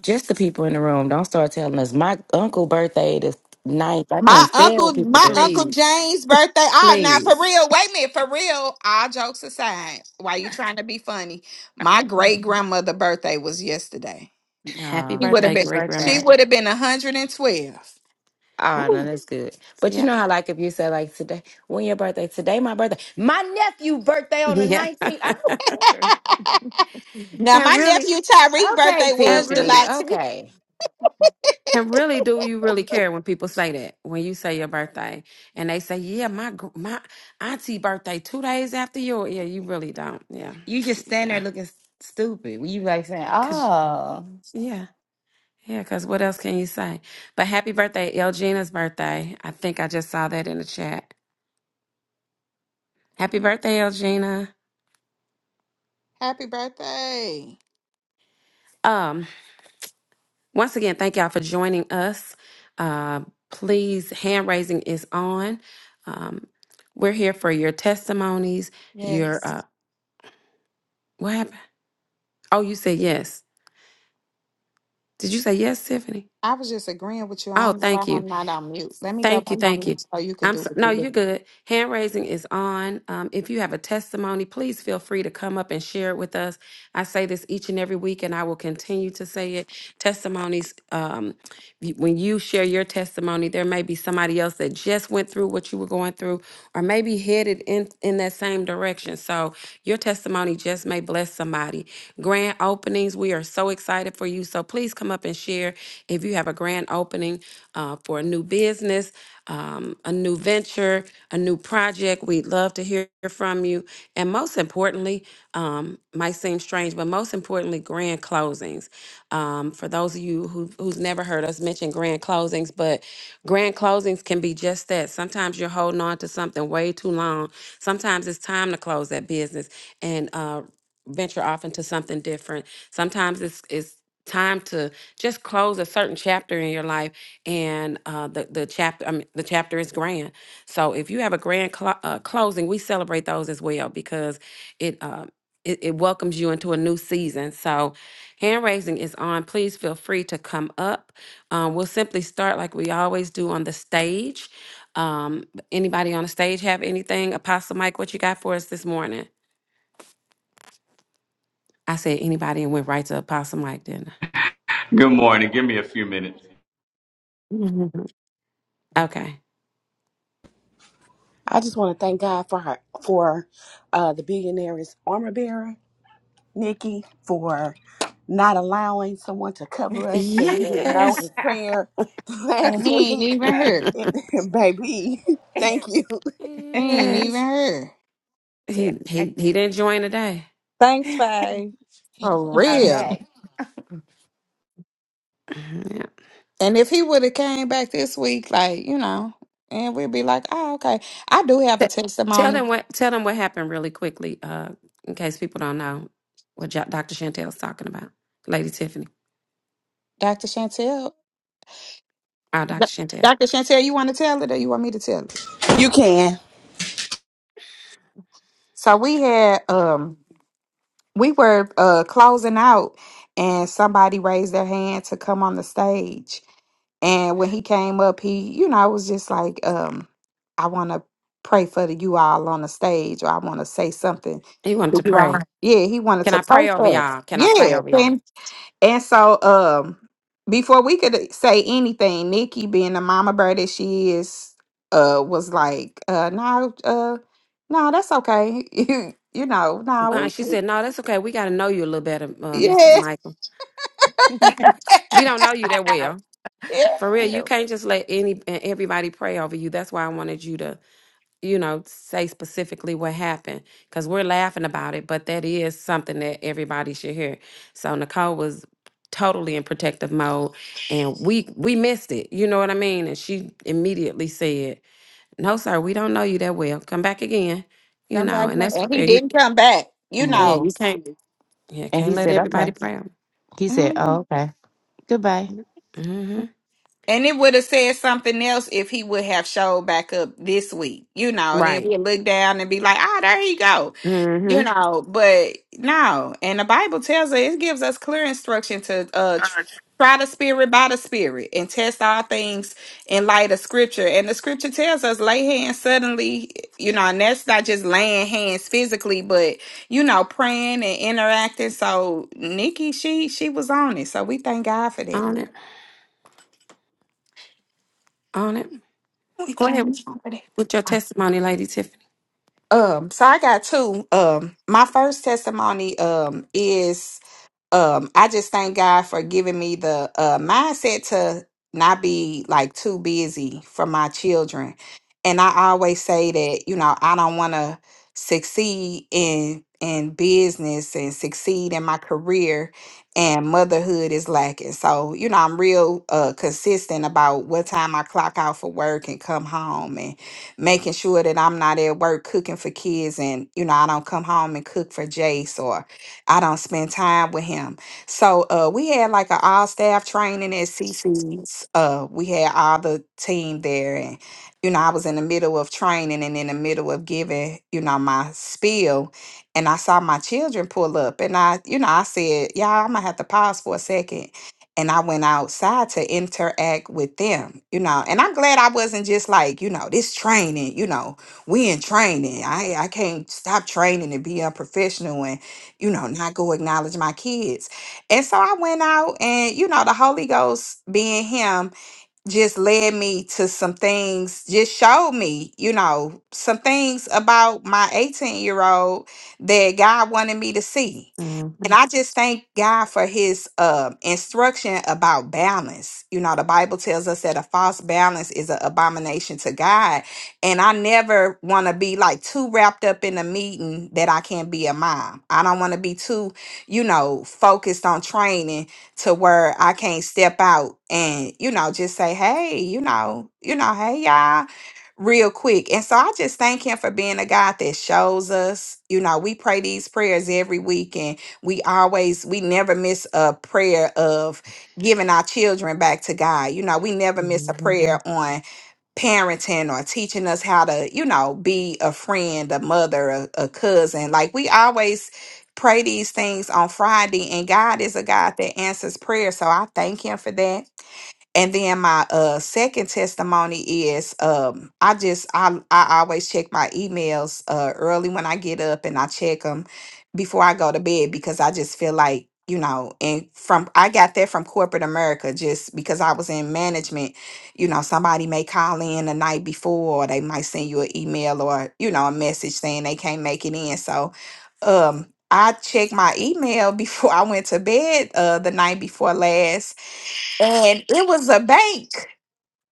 Just the people in the room. Don't start telling us. My uncle birthday the ninth. I can't
My
stand when
uncle,
people
my
do this.
uncle
Please.
James' birthday. Ah, now for
Please.
real. Wait a minute, for real. All jokes aside, why you trying to be funny? My great grandmother' birthday was yesterday.
Happy
She
No.
would have
birthday,
been.
Happy
great
She
grandma.
birthday.
would have been one hundred and twelve.
Oh no,
Ooh.
that's good. But you
Yep.
know how like if you say like today, when your birthday? Today my birthday. My nephew birthday
[LAUGHS]
on the
Yeah. [LAUGHS]
nineteenth. I don't care.
[LAUGHS] now
and
my
really,
nephew Tyreek'
Okay,
birthday
and
was
really.
Tiffany.
July 10th.
Okay.
And really, do you really care when people say that? When you say your birthday, and they say, "Yeah, my gr- my auntie birthday two days after yours." Yeah, you really don't. Yeah,
You just
[TSK]
stand
yeah,
there looking s- stupid. You like saying,
cause
Oh
yeah, yeah, cause what else can you say? But happy birthday, Elgina's birthday. I think I just saw that in the chat. Happy birthday, Elgina.
[LAUGHS] Happy birthday!
Um, once again, thank y'all for joining us. Uh, please, hand raising is on. Um, we're here for your testimonies. Your uh,
Yes,
what happened? Oh, you said yes. Did you say yes, Tiffany?
I was just agreeing with you. I
Oh,
don't know why
thank you.
I'm not on mute. Let me go
Thank
back
you.
on
Thank you.
mute so you could
I'm
do
so,
what
no,
you
you're
do.
good. Hand raising is on. Um, if you have a testimony, please feel free to come up and share it with us. I say this each and every week, and I will continue to say it. Testimonies, um, you- when you share your testimony, there may be somebody else that just went through what you were going through, or maybe headed in in that same direction. So your testimony just may bless somebody. Grand openings, we are so excited for you. So please come up and share if you have a grand opening uh, for a new business um, a new venture, a new project. We'd love to hear from you. And most importantly, um, might seem strange, but most importantly, grand closings. Um, for those of you who, who's never heard us mention grand closings, but grand closings can be just that. Sometimes you're holding on to something way too long. Sometimes it's time to close that business and uh, venture off into something different. Sometimes it's, it's time to just close a certain chapter in your life and uh, the the chapter I mean, the chapter is grand. So if you have a grand clo- uh, closing, we celebrate those as well because it, uh, it it welcomes you into a new season. So hand raising is on. Please feel free to come up. Um, we'll simply start like we always do on the stage. Um, anybody on the stage have anything? Apostle Mike, what you got for us this morning? I said anybody and went right to Apostle Mike, didn't I? [LAUGHS]
Good morning. Give me a few minutes.
Mhm. Okay.
I just want to thank God for her, for uh, the billionaire's armor bearer, Nikki, for not allowing someone to cover us that we didn't know in
Yes.
[LAUGHS]
prayer [LAUGHS] last
And he ain't
week.
even
[LAUGHS]
here.
And, and baby, [LAUGHS] thank you.
He ain't
yes.
even here.
yeah.
He
I-
he he didn't join today.
Thanks,
[LAUGHS]
Faye.
For
I'm
real.
back.
Mhm,
And if he would have came back this week, like, you know, and we'd be like, oh, okay. I do have a
Yeah. T- Tell
testimony,
them what tell them what happened really quickly, uh, in case people don't know what Jo- Dr. Chantel's talking about. Lady Tiffany,
Dr. Chantel.
our
D-
Dr. Chantel.
Dr. Chantel, you want to tell it or you want me to tell it?
You can.
So we had, um, we were uh, closing out and somebody raised their hand to come on the stage. And when he came up, he, you know, I was just like, um, I want to pray for the, you all on the stage, or I want to say something.
He wanted
to
to
You all.
pray.
Yeah, he wanted
Can
to
I
pray
pray over
for us.
y'all? Can I pray over
Yeah,
y'all?
And so, um, before we could say anything, Nikki, being the mama bear that she is, uh, was like, uh, no, uh, no, that's okay. [LAUGHS] You, you know, no,
Uh,
we,
she
we
said, "No, that's okay. We got to know you a little better,
[LAUGHS]
uh, Mr.
yeah,
Michael. We don't know you that well.
yeah,
For
No,
real, you can't just let any and everybody pray over you. That's why I wanted you to you know, say specifically what happened because we're laughing about it, but that is something that everybody should hear. So Nicole was totally in protective mode and we we missed it. You know what I mean? And she immediately said, No, sir, we don't know you that well. Come back again. You
come
know,
back.
and
now."
that's for
And he
real. You
didn't come back, you
yeah,
No.
know.
you can't yeah,
And
can't
he
let
said, Okay.
everybody play. on.
He said, Oh,
Mhm.
okay. Goodbye.
Mm-hmm.
And it would have said something else if he would have showed back up this week, you know, and then
Right.
we look down and be like, ah, there you go you
Mm-hmm.
know but no and the bible tells us it gives us clear instruction to uh tr- try the spirit by the spirit and test all things in light of scripture and the scripture tells us lay hands suddenly you know and that's not just laying hands physically but you know praying and interacting so nikki she she was on it so we thank god for that
On it. On it.
we
Go ahead with
thank god for
with your
that
testimony, Lady Tiffany.
um so i got two um my first testimony um is um i just thank god for giving me the uh mindset to not be like too busy for my children and i always say that you know i don't want to succeed in in business and succeed in my career and motherhood is lacking so you know i'm real uh consistent about what time i clock out for work and come home and making sure that i'm not at work cooking for kids and you know i don't come home and cook for jace or I don't spend time with him. So uh, we had like an all staff training at CC's. Uh, we had all the team there, and you know I was in the middle of training and in the middle of giving you know my spiel, and I saw my children pull up, and I you know I said, y'all, I'm gonna have to pause for a second. And I went outside to interact with them, you know. And I'm glad I wasn't just like, you know, this training, you know, we in training. I I can't stop training and be unprofessional you know, not go acknowledge my kids. And so I went out and, you know, the Holy Ghost being him just led me to some things, just showed me, you know, some things about my 18 year old that God wanted me to see and
Mm-hmm.
I just thank God for his um instruction about balance. You know, the Bible tells us that a false balance is an abomination to God. And I never want to be like too wrapped up in a meeting that I can't be a mom. I don't want to be too, you know, focused on training to where I can't step out and, you know, just say, hey, you know, you know, hey, y'all real quick. And so I just thank him for being a God that shows us. You know, we pray these prayers every week and we always we never miss a prayer of giving our children back to God. You know, we never miss a prayer on parenting or teaching us how to, you know, be a friend, a mother, a, a cousin. Like we always pray these things on Friday and God is a God that answers prayer. So I thank him for that. And then my uh second testimony is um I just I I always check my emails uh early when I get up and I check them before I go to bed because I just feel like you know and from I got that from corporate America just because I was in management you know somebody may call in the night before or they might send you an email or you know a message saying they can't make it in so um I checked my email [LAUGHS] before I went to bed uh the night before last and it was a bank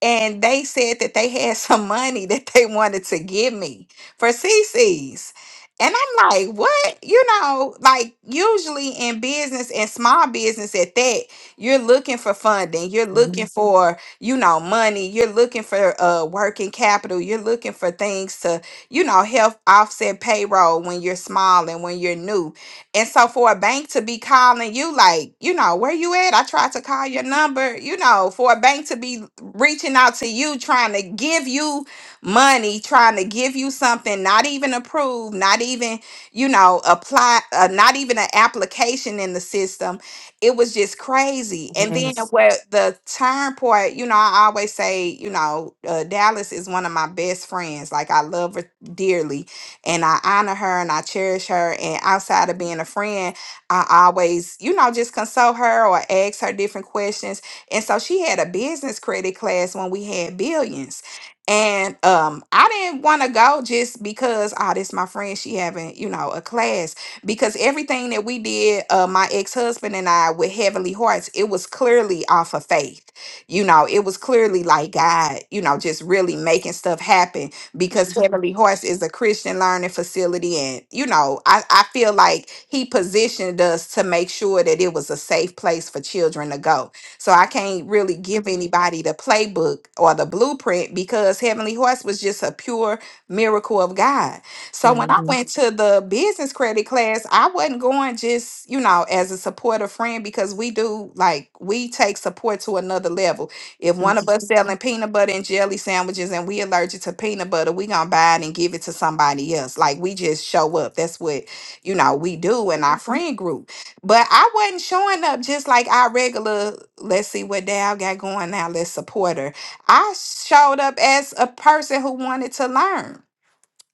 and they said that they had [LAUGHS] some money that they wanted to give me for CC's. And I'm like, what? You know, like usually in business and small business at that, you're looking for funding, you're looking Mhm. for, you know, money, you're looking for uh working capital, you're looking for things to, you know, help offset payroll when you're small and when you're new and so for a bank to be calling you, like, you know, where you at? I tried to call your number, you know, for a bank to be reaching out to you, trying to give you money, trying to give you something, not even approved, not even, you know, apply, uh, not even an application in the system. It was just crazy. And then
Yes.
where the turn point, you know, I always say, you know, uh, Dallas is one of my best friends. Like, I love her dearly and I honor her and I cherish her. And outside of being a friend, I always, you know, just consult her or ask her different questions. And so she had a business credit class when we had billions. And um, I didn't want to go just because, oh, this my friend. She having, you know, a class because everything that we did, uh, my ex husband and I, with Heavenly Hearts, it was clearly off of faith. You know, it was clearly like God, you know, just really making stuff happen because Heavenly Horse is a Christian learning facility. And, you know, I, I feel like he positioned us to make sure that it was a safe place for children to go. So I can't really give anybody the playbook or the blueprint because Heavenly Horse was just a pure miracle of God. So when I
hmm
went to the business credit class, I wasn't going just, you know, as a supportive friend because we do like we take support to another level if one of us selling peanut butter and jelly sandwiches and we allergic to peanut butter, we gonna buy it and give it to somebody else. Like we just show up. That's what you know we do in our friend group. But I wasn't showing up just like our regular. Let's see what Dal got going now. Let's support her. I showed up as a person who wanted to learn.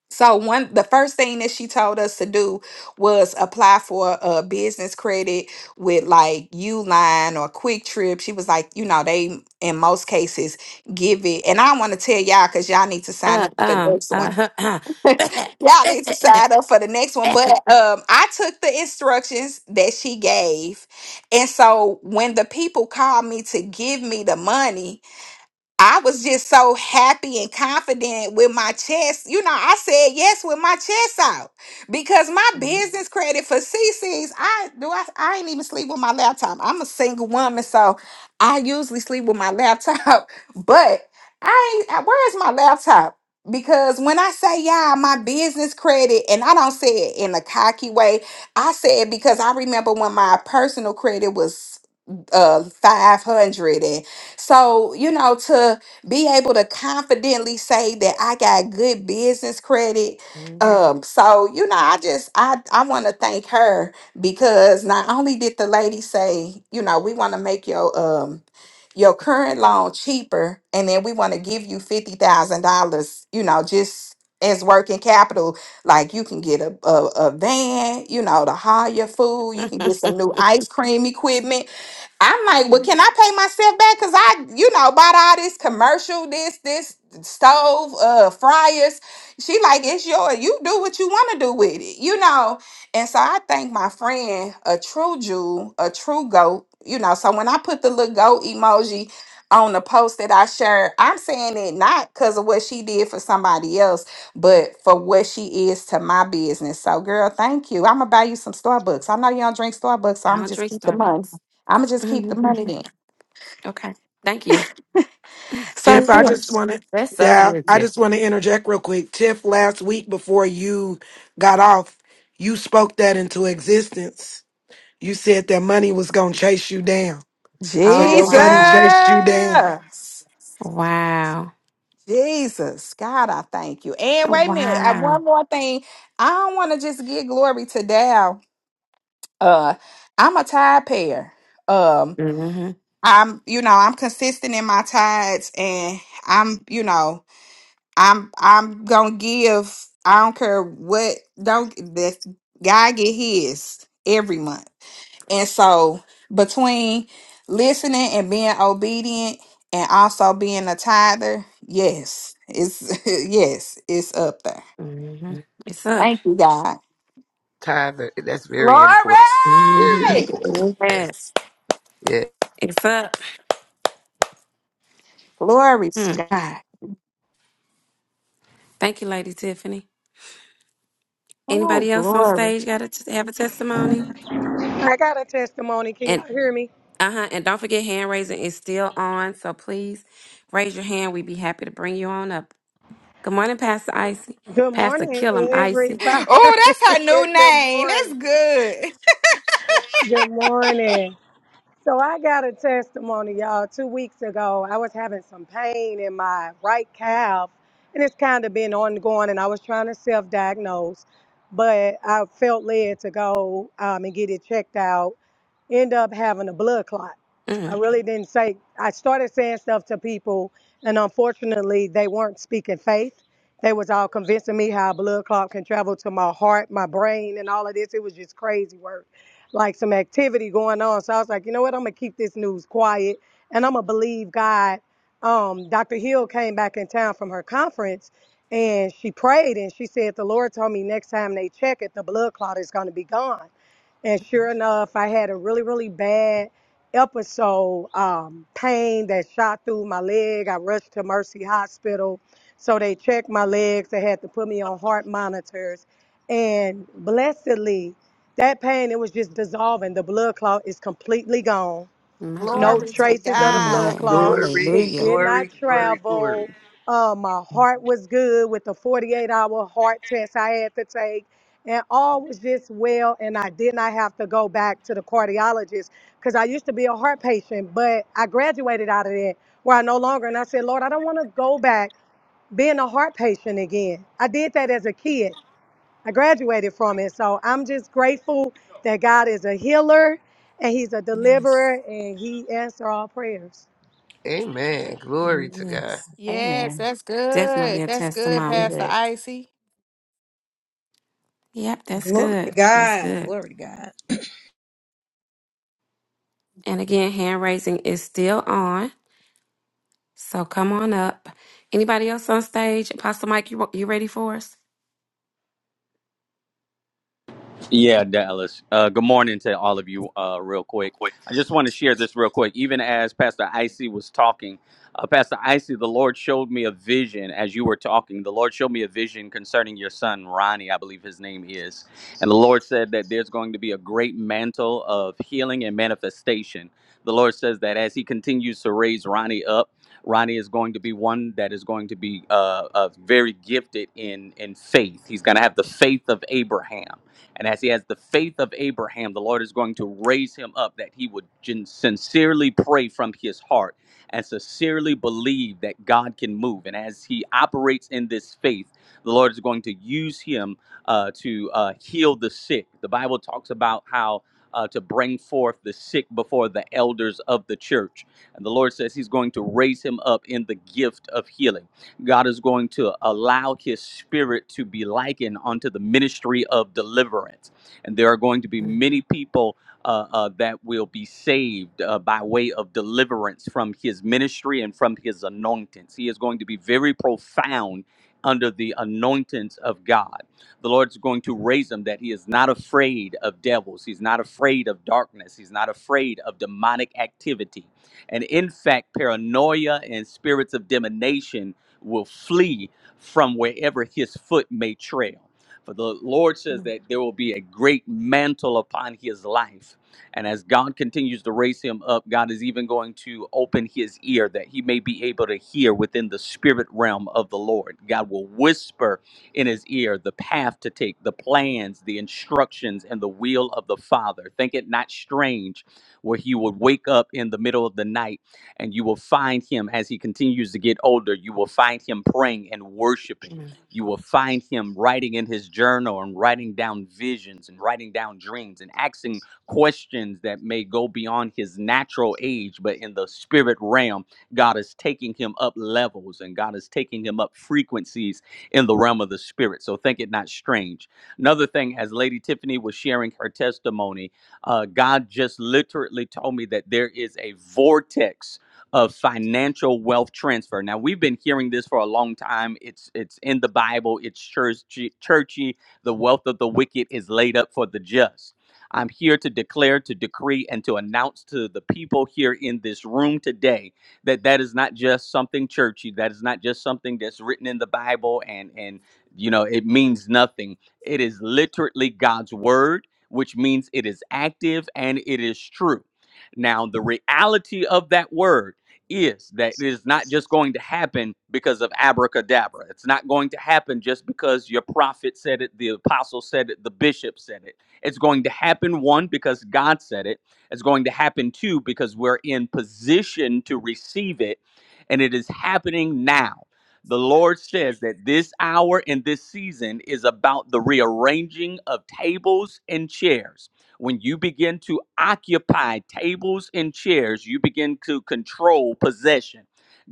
So one the first thing that she told us to do was apply for a business credit with like Uline or Quick Trip. She was like, you know, they in most cases give it. And I want to tell y'all because y'all need to sign
Uh,
up for the
um,
next one.
uh, [COUGHS]
[LAUGHS] y'all
I
need to sign up for the next one. But um I took the instructions that she gave. And so when the people called me to give me the money, I was just so happy and confident with my chest. You know, I said yes with my chest out because my business credit for CC's, I do I, I ain't even sleep with my laptop. I'm a single woman, so I usually sleep with my laptop. [LAUGHS] But I ain't where's my laptop? Because when I say yeah, my business credit, and I don't say it in a cocky way, I say it because I remember when my personal credit was uh 500 and so you know to be able to confidently say that i got good business credit um so you know i just i i want to thank her because not only did the lady say you know we want to make your um your current loan cheaper and then we want to give you $50000 you know just as working capital like you can get a, a, a van, you know, to haul your food. You can get some new ice cream equipment I'm like, well, can I pay myself back? Cause I, you know, bought all this commercial, this, this stove, uh, fryers. She like, it's yours. You do what you want to do with it, you know. And so I thank my friend, a true Jew, a true goat, you know. So when I put the little goat emoji on the post that I shared, I'm saying it not because of what she did for somebody else, but for what she is to my business. So, girl, thank you. I'm gonna buy you some Starbucks. I know you don't drink Starbucks, so I'm
don't [LAUGHS]
just
drink [COUGHS]
keep the money.
Starbucks.
I'ma just keep the
Mhm.
money then.
okay. Thank you.
So
Tiff, I
[LAUGHS]
yeah.
just want to
That's so
down.
good,
I
Tiff.
just want to interject real quick. Tiff, last week before you got off, you spoke that into existence. You said that money was gonna chase you down. So
Oh,
your
Jesus.
money
wow.
chased you down.
Wow.
Jesus. God, I thank you. And wait a minute. I,
Wow.
one more thing. I don't want to just give glory to Dow. Uh I'm a tide payer. Um
hmm
I'm you know, I'm consistent in my tides and I'm, you know. I'm I'm gonna give. I don't care what. Don't that guy get his every month. And so between listening and being obedient, and also being a tither, yes, it's [LAUGHS] yes, it's up there.
hmm It's up.
Thank you, God.
Tyler. That's very important. Very
hmm
Glory!
important. Yes.
Yes.
Yeah.
It's up.
[LAUGHS] Glory,
Hmm.
to God.
Thank you, Lady Tiffany.
Oh,
Anybody else on
glory.
stage got to t- have a testimony?
I got a testimony. Can
And
y'all hear me?
uh huh. And don't forget, hand raising is still on, so please raise your hand. We'd be happy to bring you on up. Good morning, Pastor Icy.
Good
Pastor
morning,
Killam Icy.
everybody.
Oh, that's her
[LAUGHS]
new
Good
name. That's
morning.
good.
Good morning. So I got a testimony, y'all. Two weeks ago, I was having some pain in my right calf, and it's kind of been ongoing. And I was trying to self-diagnose, but I felt led to go um, and get it checked out. End up having a blood clot. I
Mm,
really didn't say. I started saying stuff to people, and unfortunately, they weren't speaking faith. They was all convincing me how a blood clot can travel to my heart, my brain, and all of this. It was just crazy work like some activity going on. So I was like, you know what? I'm gonna keep this news quiet and I'm gonna believe God. Um, Dr. Hill came back in town from her conference and she prayed and she said, The Lord told me next time they check it, the blood clot is gonna be gone. And sure enough, I had a really, really bad episode, um, pain that shot through my leg. I rushed to Mercy Hospital. So they checked my legs. They had to put me on heart monitors. And blessedly, that pain, it was just dissolving. The blood clot is completely gone.
my
No
God.
Glory to
traces of the
God.
blood
Amen.
clot.
Glory,
It
Yes.
did
Hallelujah.
not
glory, glory,
travel.
glory.
Uh, my heart was good with the 48 hour heart test I had to take. And all was just well, and I did not have to go back to the cardiologist because I used to be a heart patient, but I graduated out of that where I no longer. And I said, Lord, I don't want to go back being a heart patient again. I did that as a kid. I graduated from it. So I'm just grateful that God is a healer and He's a deliverer and He answers all prayers.
Amen. Glory to God.
Yes.
Yes,
Amen.
that's good.
Definitely a
That's good,
testimony.
Pastor
Good.
Icy.
Yep, that's
Glory to
good. That's
God.
good.
Glory to God.
And again, hand raising is still on. So come on up. Anybody else on stage? Apostle Mike, you you ready for us?
Yeah, Dallas. Uh, good morning to all of you, uh, real quick. I just want to share this real quick. Even as Pastor Icy was talking, uh, Pastor Icy, the Lord showed me a vision as you were talking. The Lord showed me a vision concerning your son, Ronnie, I believe his name is. And the Lord said that there's going to be a great mantle of healing and manifestation. The Lord says that as he continues to raise Ronnie up, Ronnie is going to be one that is going to be uh, uh, very gifted in in faith. He's going to have the faith of Abraham and as he has the faith of Abraham, the Lord is going to raise him up that he would gen- sincerely pray from his heart and sincerely believe that God can move. And as he operates in this faith, the Lord is going to use him uh, to uh, heal the sick. The Bible talks about how. Uh, to bring forth the sick before the elders of the church. And the Lord says He's going to raise him up in the gift of healing. God is going to allow his spirit to be likened unto the ministry of deliverance. And there are going to be
Mm,
many people uh, uh, that will be saved uh, by way of deliverance from his ministry and from his anointings. He is going to be very profound under the anointings of God. The Lord's going to raise him that he is not afraid of devils. He's not afraid of darkness. He's not afraid of demonic activity. And in fact, paranoia and spirits of divination will flee from wherever his foot may trail. For the Lord says
mm,
that there will be a great mantle upon his life. And as God continues to raise him up, God is even going to open his ear that he may be able to hear within the spirit realm of the Lord. God will whisper in his ear the path to take, the plans, the instructions, and the will of the Father. Think it not strange where he would wake up in the middle of the night and you will find him as he continues to get older, you will find him praying and worshiping.
mm.
You will find him writing in his journal and writing down visions and writing down dreams and asking questions that may go beyond his natural age, but in the spirit realm, God is taking him up levels and God is taking him up frequencies in the realm of the spirit. So think it not strange. Another thing, as Lady Tiffany was sharing her testimony, uh, God just literally told me that there is a vortex of financial wealth transfer. Now we've been hearing this for a long time. It's it's in the Bible. It's churchy. churchy. The wealth of the wicked is laid up for the just. I'm here to declare, to decree, and to announce to the people here in this room today that that is not just something churchy. That is not just something that's written in the Bible and and you know it means nothing. It is literally God's word, which means it is active and it is true. Now the reality of that word is that it is not just going to happen because of abracadabra. It's not going to happen just because your prophet said it, the apostle said it, the bishop said it. It's going to happen one because God said it. It's going to happen two because we're in position to receive it and it is happening now. The Lord says that this hour and this season is about the rearranging of tables and chairs when you begin to occupy tables and chairs, you begin to control possession.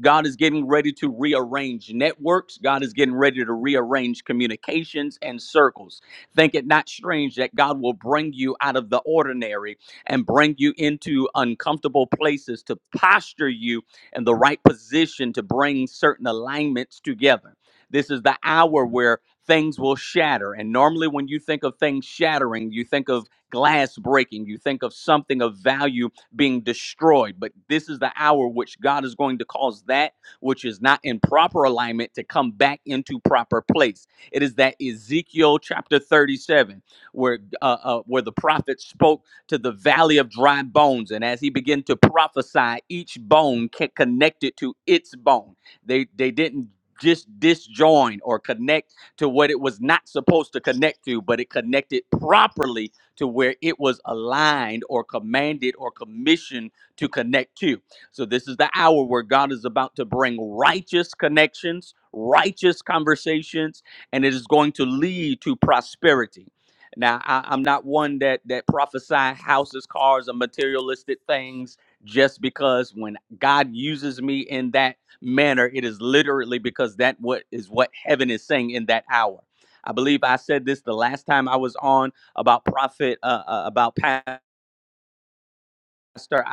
God is getting ready to rearrange networks. God is getting ready to rearrange communications and circles. Think it not strange that God will bring you out of the ordinary and bring you into uncomfortable places to posture you in the right position to bring certain alignments together. This is the hour where things will shatter. And normally, when you think of things shattering, you think of glass breaking, you think of something of value being destroyed. But this is the hour which God is going to cause that which is not in proper alignment to come back into proper place. It is that Ezekiel chapter 37, where uh, uh, where the prophet spoke to the valley of dry bones, and as he began to prophesy, each bone connected to its bone. They they didn't just disjoin or connect to what it was not supposed to connect to, but it connected properly to where it was aligned or commanded or commissioned to connect to. So, this is the hour where God is about to bring righteous connections, righteous conversations, and it is going to lead to prosperity. Now, I, I'm not one that that prophesy houses, cars, or materialistic things just because when God uses me in that manner, it is literally because that what is what heaven is saying in that hour. I believe I said this the last time I was on about prophet uh, uh, about pastor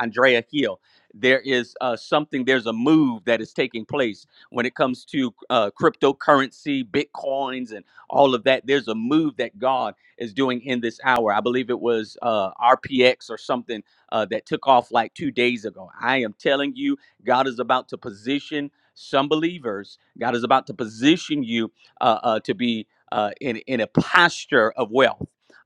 andrea hill there is uh, something there's a move that is taking place when it comes to uh, cryptocurrency bitcoins and all of that there's a move that god is doing in this hour i believe it was uh, rpx or something uh, that took off like two days ago i am telling you god is about to position some believers god is about to position you uh, uh, to be uh, in, in a posture of wealth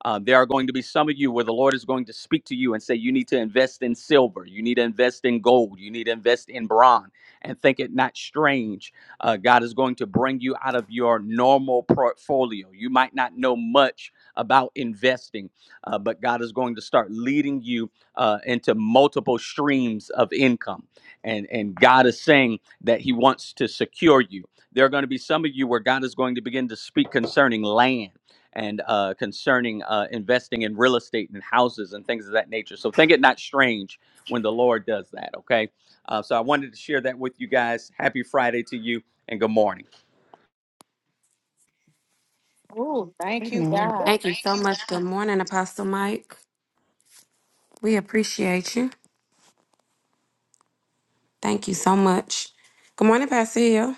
uh, there are going to be some of you where the Lord is going to speak to you and say, You need to invest in silver, you need to invest in gold, you need to invest in bronze, and think it not strange. Uh, God is going to bring you out of your normal portfolio. You might not know much about investing, uh, but God is going to start leading you uh, into multiple streams of income. And, and God is saying that He wants to secure you. There are going to be some of you where God is going to begin to speak concerning land and uh, concerning uh, investing in real estate and houses and things of that nature. So think it not strange when the Lord does that, okay? Uh, so I wanted to share that with you guys. Happy Friday to you and good morning.
Ooh, thank you,
Amen.
God.
Thank you so much. Good morning, Apostle Mike. We appreciate you. Thank you so much. Good morning, Pastor Hill.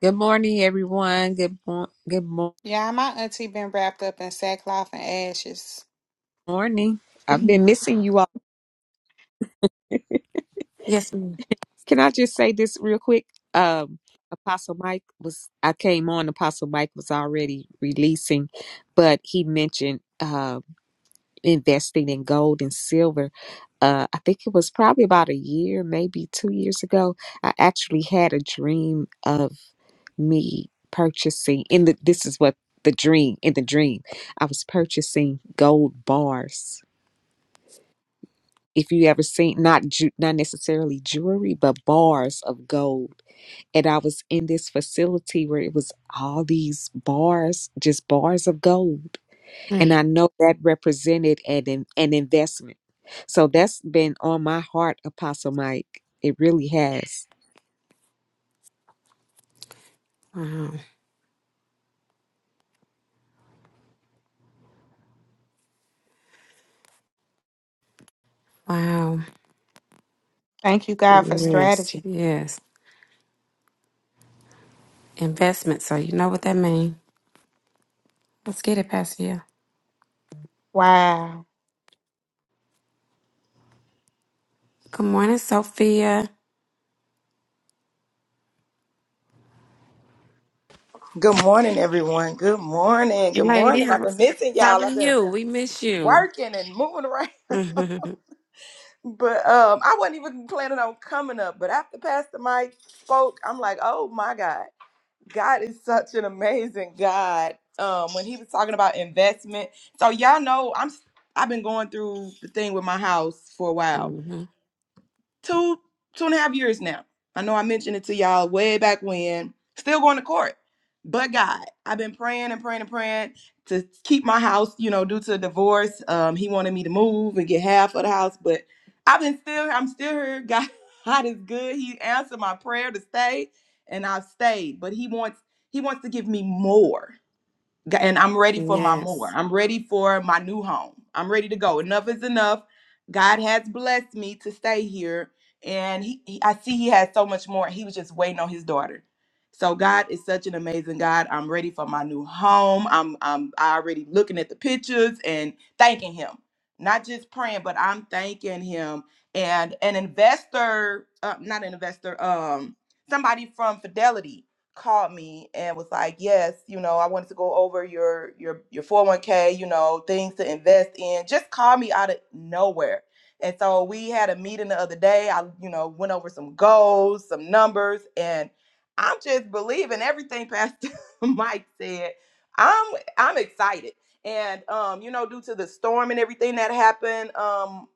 Good morning, everyone. Good mor- good mor-
Yeah, my auntie been wrapped up in sackcloth and ashes.
morning. I've been missing you all.
Yes. ma'am.
Can I just say this real quick? Um, Apostle Mike was I came on. Apostle Mike was already releasing, but he mentioned uh, investing in gold and silver. Uh, I think it was probably about a year, maybe two years ago. I actually had a dream of me purchasing. In the this is what the dream in the dream I was purchasing gold bars if you ever seen not ju- not necessarily jewelry but bars of gold and i was in this facility where it was all these bars just bars of gold and
Mm.
i know that represented an in- an investment so that's been on my heart apostle mike it really has
Wow. Wow.
Thank you, God, for
Yes.
strategy.
Yes. Investment. So you know what that means. Let's get it, Pastor Hill.
Wow.
Good morning, Sophia.
Good morning, everyone. Good morning. Good
Lady,
morning. I've
how
been missing
how
y'all.
are
I've been
you? We miss you.
working and moving around. [LAUGHS]
[LAUGHS]
But um, I wasn't even planning on coming up. But after Pastor Mike spoke, I'm like, oh my God. God is such an amazing God. Um, when he was talking about investment. So y'all know I'm I've been going through the thing with my house for a while.
hmm
two two and a half years now. I know I mentioned it to y'all way back when. Still going to court, but God, I've been praying and praying and praying to keep my house. You know, due to a divorce, um, he wanted me to move and get half of the house, but I've been still. I'm still here. God, [LAUGHS] God is good. He answered my prayer to stay, and I've stayed. But he wants he wants to give me more. G- and I'm ready for my more.
Yes.
I'm ready for my new home. I'm ready to go. Enough is enough. God has blessed me to stay here, and he, he- I see He has so much more. He was just waiting on His daughter. So God is such an amazing God. I'm ready for my new home. I'm I'm already looking at the pictures and thanking Him, not just praying, but I'm thanking Him. And an investor, uh, not an investor, um, somebody from Fidelity called me and was like, "Yes, you know, I wanted to go over your your your 401k, you know, things to invest in." Just called me out of nowhere. And so we had a meeting the other day. I, you know, went over some goals, some numbers, and I'm just believing everything Pastor [LAUGHS] Mike said. I'm I'm excited. And um, you know, due to the storm and everything that happened um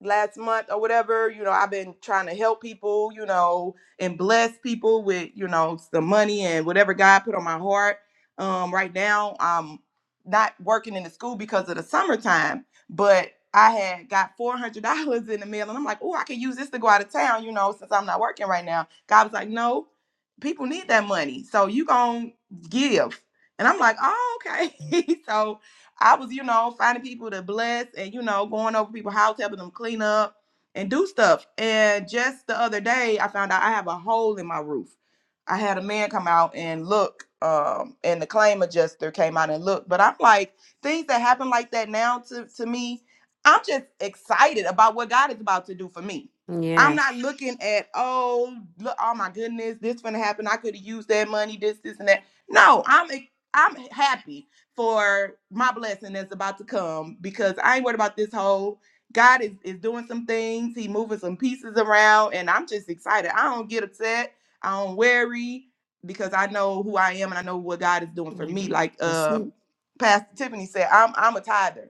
last month or whatever, you know, I've been trying to help people, you know, and bless people with, you know, the money and whatever God put on my heart. Um, right now, I'm not working in the school because of the summertime, but I had got four hundred dollars in the mail, and I'm like, oh, I can use this to go out of town, you know, since I'm not working right now. God was like, no, people need that money, so you gonna give. And I'm like, oh, okay. [LAUGHS] so I was, you know, finding people to bless and, you know, going over people's house, helping them clean up and do stuff. And just the other day, I found out I have a hole in my roof. I had a man come out and look, um, and the claim adjuster came out and looked. But I'm like, things that happen like that now to, to me, I'm just excited about what God is about to do for me. I'm
Yes.
not looking at, oh, look, oh my goodness, this gonna happen. I could have used that money, this, this, and that. No, I'm ex- I'm happy for my blessing that's about to come because I ain't worried about this hole. God is, is doing some things. He moving some pieces around, and I'm just excited. I don't get upset. I don't worry because I know who I am and I know what God is doing for me.
Mhm.
Like
That's
uh,
it.
Pastor Tiffany said, I'm I'm a tither.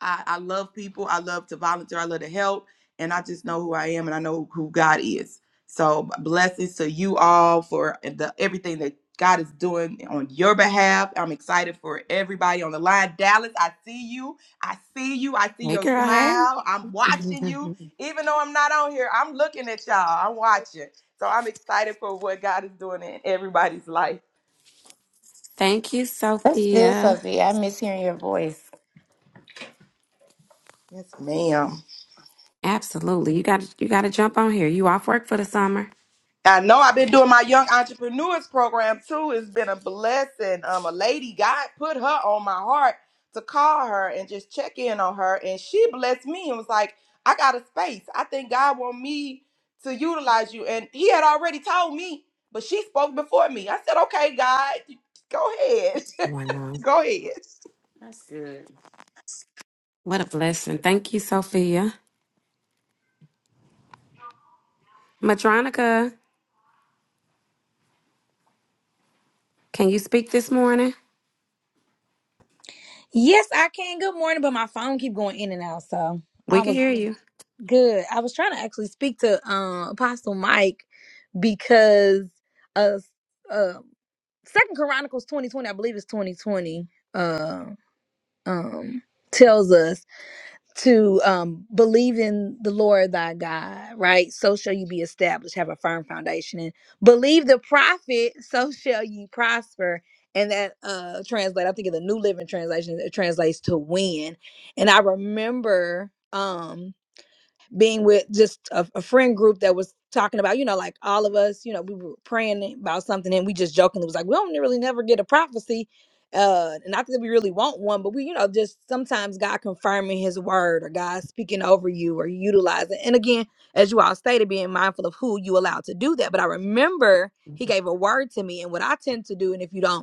I, I love people. I love to volunteer. I love to help. And I just know who I am and I know who God is. So blessings to you all for the everything that God is doing on your behalf. I'm excited for everybody on the line. Dallas, I see you. I see you. I see
Hey,
your
girl. Hey.
smile. I'm watching you.
[LAUGHS]
Even though I'm not on here, I'm looking at y'all. I'm watching. So I'm excited for what God is doing in everybody's life.
Thank you,
That's good,
Sophia.
Sophie. I miss hearing your voice.
Yes, ma'am.
Absolutely. You got to you got to jump on here. You off work for the summer?
I know I've been doing my young entrepreneurs program too. It's been a blessing. Um, a lady God put her on my heart to call her and just check in on her, and she blessed me and was like, "I got a space. I think God want me to utilize you." And He had already told me, but she spoke before me. I said, "Okay, God, go ahead, [LAUGHS]
Why not?
go ahead."
That's good.
What a blessing. Thank you, Sophia. Madronica, can you speak this morning?
Yes, I can. Good morning, but my phone keep going in and out, so
We
I
can
was
hear you.
good. I was trying to actually speak to um Apostle Mike because uh uh Second Chronicles twenty twenty, I believe it's twenty twenty, uh um tells us. to um, believe in the Lord thy God, right? So shall you be established, have a firm foundation, and believe the prophet, [LAUGHS] so shall you prosper. And that uh translate, I think in the New Living Translation, it translates to win. And I remember um being with just a, a friend group that was talking about, you know, like all of us, you know, we were praying about something and we just jokingly was like, we don't really never get a prophecy. Uh, and not that we really want one, but we, you know, just sometimes God confirming his word or God speaking over you or utilizing. And again, as you all stated, being mindful of who you allow to do that. But I remember he gave a word to me and what I tend to do. And if you don't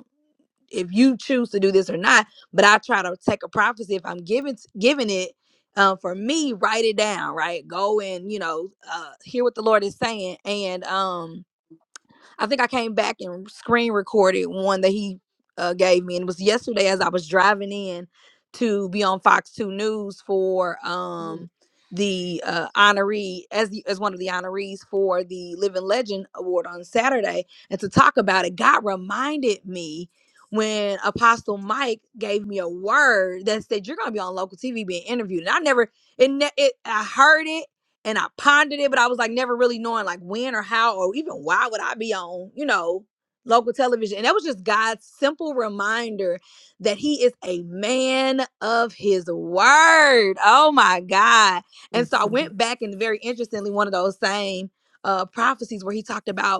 if you choose to do this or not but i try to take a prophecy if i'm giving giving it um, for me write it down right go and you know uh, hear what the lord is saying and um I think I came back and screen recorded one that he uh, gave me, and it was yesterday as I was driving in to be on Fox Two News for um the uh honoree as the, as one of the honorees for the Living Legend Award on Saturday, and to talk about it, God reminded me when Apostle Mike gave me a word that said you're gonna be on local TV being interviewed, and I never it, ne- it I heard it and I pondered it, but I was like never really knowing like when or how or even why would I be on, you know, local television. And that was just God's simple reminder that He is a man of His word. Oh my God. And so I went back and very interestingly, one of those same uh prophecies where he talked about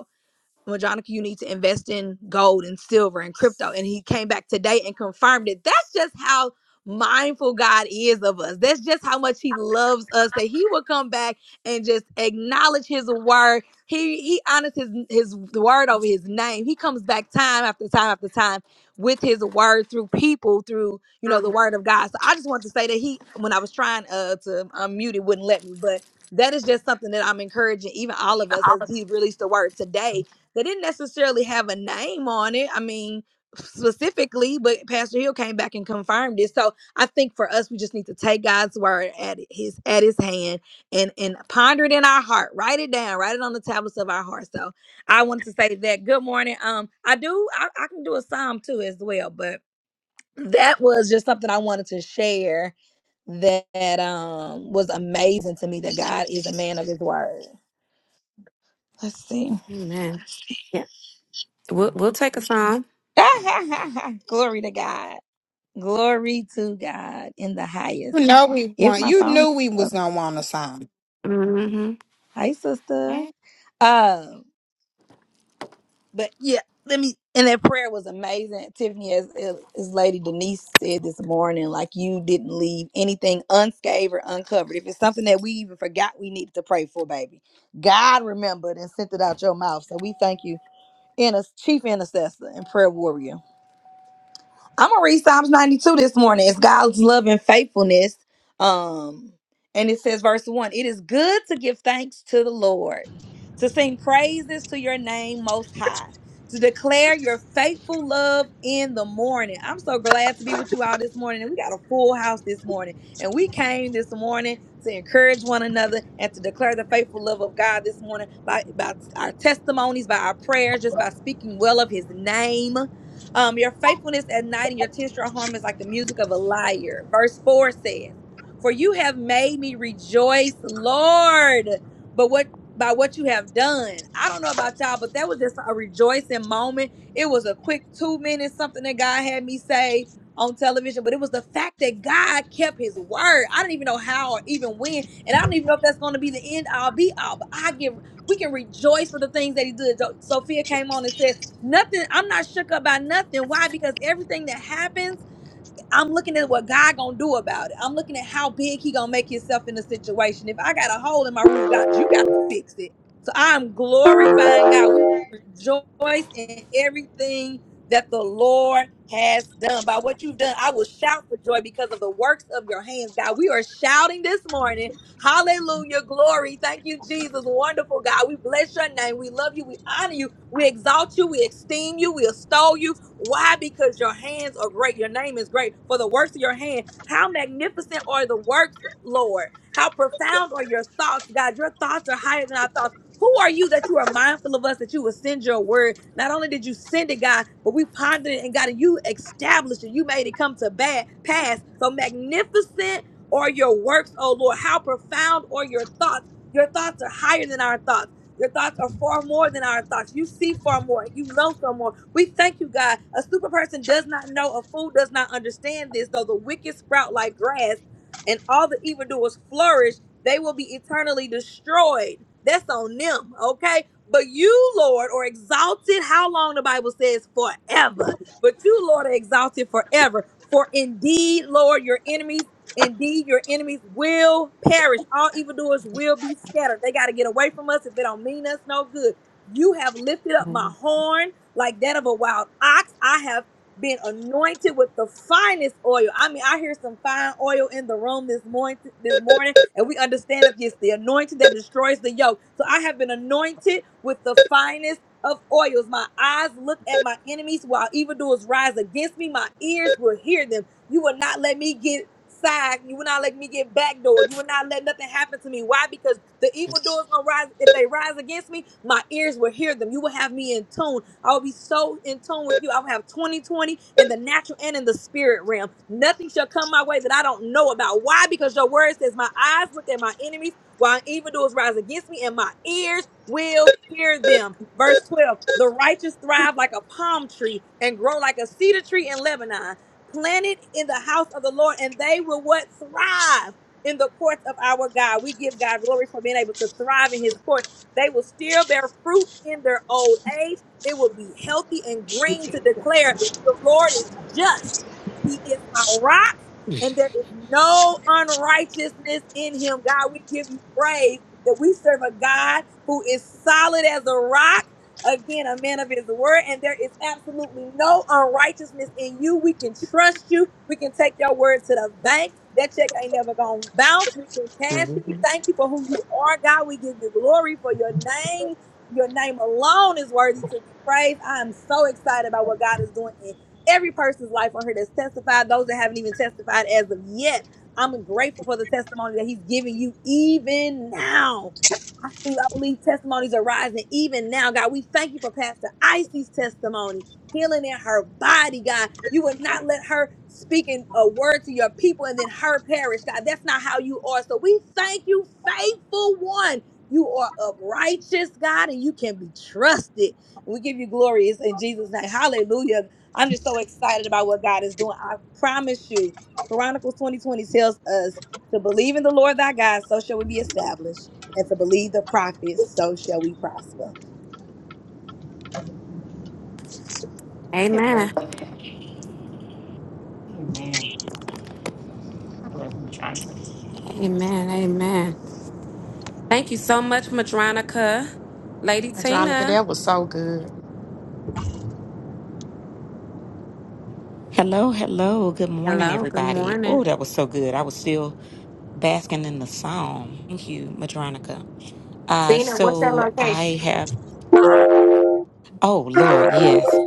well, Jonica, you need to invest in gold and silver and crypto. And he came back today and confirmed it. That's just how mindful God is of us. That's just how much he loves us that he will come back and just acknowledge his word. He he honors his his word over his name. He comes back time after time after time with his word through people, through, you know, the word of God. So I just want to say that he when I was trying uh to unmute it wouldn't let me, but that is just something that I'm encouraging even all of us as he released the word today they didn't necessarily have a name on it. I mean, specifically, but Pastor Hill came back and confirmed it. So I think for us, we just need to take God's word at his at his hand and and ponder it in our heart. Write it down. Write it on the tablets of our heart. So I wanted to say that. Good morning. Um, I do. I, I can do a psalm too as well, but that was just something I wanted to share that um was amazing to me that God is a man of his word. Let's see.
Amen. Yeah. We'll we'll take a song.
[LAUGHS] Glory to God. Glory to God in the
You
highest.
know we
If
want.
my
You
phone
knew we
is
was
up.
gonna want a song.
Hi, sister. Uh, but yeah, let me and that prayer was amazing. Tiffany, as, as Lady Denise said this morning, like you didn't leave anything unscathed or uncovered. If it's something that we even forgot we needed to pray for, baby. God remembered and sent it out your mouth. So we thank you, in chief intercessor and prayer warrior. I'm gonna read Psalms 92 this morning. It's God's love and faithfulness. Um, and it says, verse one: It is good to give thanks to the Lord, to sing praises to your name most high, to declare your faithful love in the morning. I'm so glad to be with you all this morning. And we got a full house this morning. And we came this morning to encourage one another and to declare the faithful love of God this morning by, by our testimonies, by our prayers, just by speaking well of his name um, your faithfulness at night and your tension harm is like the music of a lyre. Verse 4 says, For you have made me rejoice, Lord, but what by what you have done. I don't know about y'all, but that was just a rejoicing moment. It was a quick two minutes, something that God had me say on television, but it was the fact that God kept his word. I do not even know how or even when, and I don't even know if that's going to be the end all be all, but I give we can rejoice for the things that he did. Jo- Sophia came on and said, Nothing, I'm not shook up by nothing. Why? Because everything that happens I'm looking at what God gonna do about it. I'm looking at how big He gonna make Himself in the situation. If I got a hole in my roof, God, you got to fix it. So I'm glorifying God. We rejoice in everything that the Lord has done. By what you've done, I will shout for joy because of the works of your hands, God. We are shouting this morning. Hallelujah, glory. Thank you, Jesus. Wonderful God. We bless your name. We love you. We honor you. We exalt you. We esteem you. We extol you. Why? Because your hands are great. Your name is great. For the works of your hand, how magnificent are the works, Lord? How profound are your thoughts, God? Your thoughts are higher than our thoughts. Who are you that you are mindful of us, that you would send your word? Not only did you send it, God, but we pondered it and God, you established it. You made it come to bad pass. So magnificent are your works, oh Lord. How profound are your thoughts? Your thoughts are higher than our thoughts. Your thoughts are far more than our thoughts. You see far more. You know far more. We thank you, God. A stupid person does not know, a fool does not understand this, though the wicked sprout like grass and all the evildoers flourish, they will be eternally destroyed. That's on them, okay? But you, Lord, are exalted. How long the Bible says forever. But you, Lord, are exalted forever. For indeed, Lord, your enemies, indeed, your enemies will perish. All evildoers will be scattered. They got to get away from us if they don't mean us no good. You have lifted up my horn like that of a wild ox. I have been anointed with the finest oil. I mean, I hear some fine oil in the room this morning this morning, and we understand that it's the anointing that destroys the yoke. So I have been anointed with the finest of oils. My eyes look at my enemies while evildoers rise against me. My ears will hear them. You will not let me get side. You will not let me get backdoored. You will not let nothing happen to me. Why? Because the evil doors gonna rise. If they rise against me, my ears will hear them. You will have me in tune. I will be so in tune with you. I will have 2020 in the natural and in the spirit realm. Nothing shall come my way that I don't know about. Why? Because your word says, My eyes look at my enemies while evildoers rise against me, and my ears will hear them. Verse 12 The righteous thrive like a palm tree and grow like a cedar tree in Lebanon planted in the house of the Lord, and they will what? Thrive in the courts of our God. We give God glory for being able to thrive in his courts. They will still bear fruit in their old age. It will be healthy and green to declare the Lord is just. He is my rock, and there is no unrighteousness in him. God, we give you praise that we serve a God who is solid as a rock Again, a man of his word, and there is absolutely no unrighteousness in you. We can trust you. We can take your word to the bank. That check ain't never gonna bounce. We can cash it. We
Mm-hmm.
thank you for who you are, God. We give you glory for your name. Your name alone is worthy to be praised. I am so excited about what God is doing in every person's life on here that's testified, those that haven't even testified as of yet. I'm grateful for the testimony that He's giving you even now. I believe, I believe testimonies are rising even now, God. We thank you for Pastor Icy's testimony, healing in her body, God. You would not let her speak in a word to your people and then her perish, God. That's not how you are. So we thank you, faithful one. You are of righteous, God, and you can be trusted. And we give you glory. It's in Jesus' name. Hallelujah. I'm just so excited about what God is doing. I promise you, Chronicles 2020 tells us to believe in the Lord thy God, so shall we be established and to believe the prophets, so shall we prosper.
Amen.
Amen. Amen. I love my Jonathan.
Amen. Amen. Thank you so much, Madronica. Lady
Adronica,
Tina.
that was so good.
Hello, hello. Good morning,
Hello. Good
everybody.
morning.
Oh, that was so good. I was still basking in the psalm. Thank you, Madronica. Uh,
Cena, what's that
so
location?
I have, oh Lord, yes,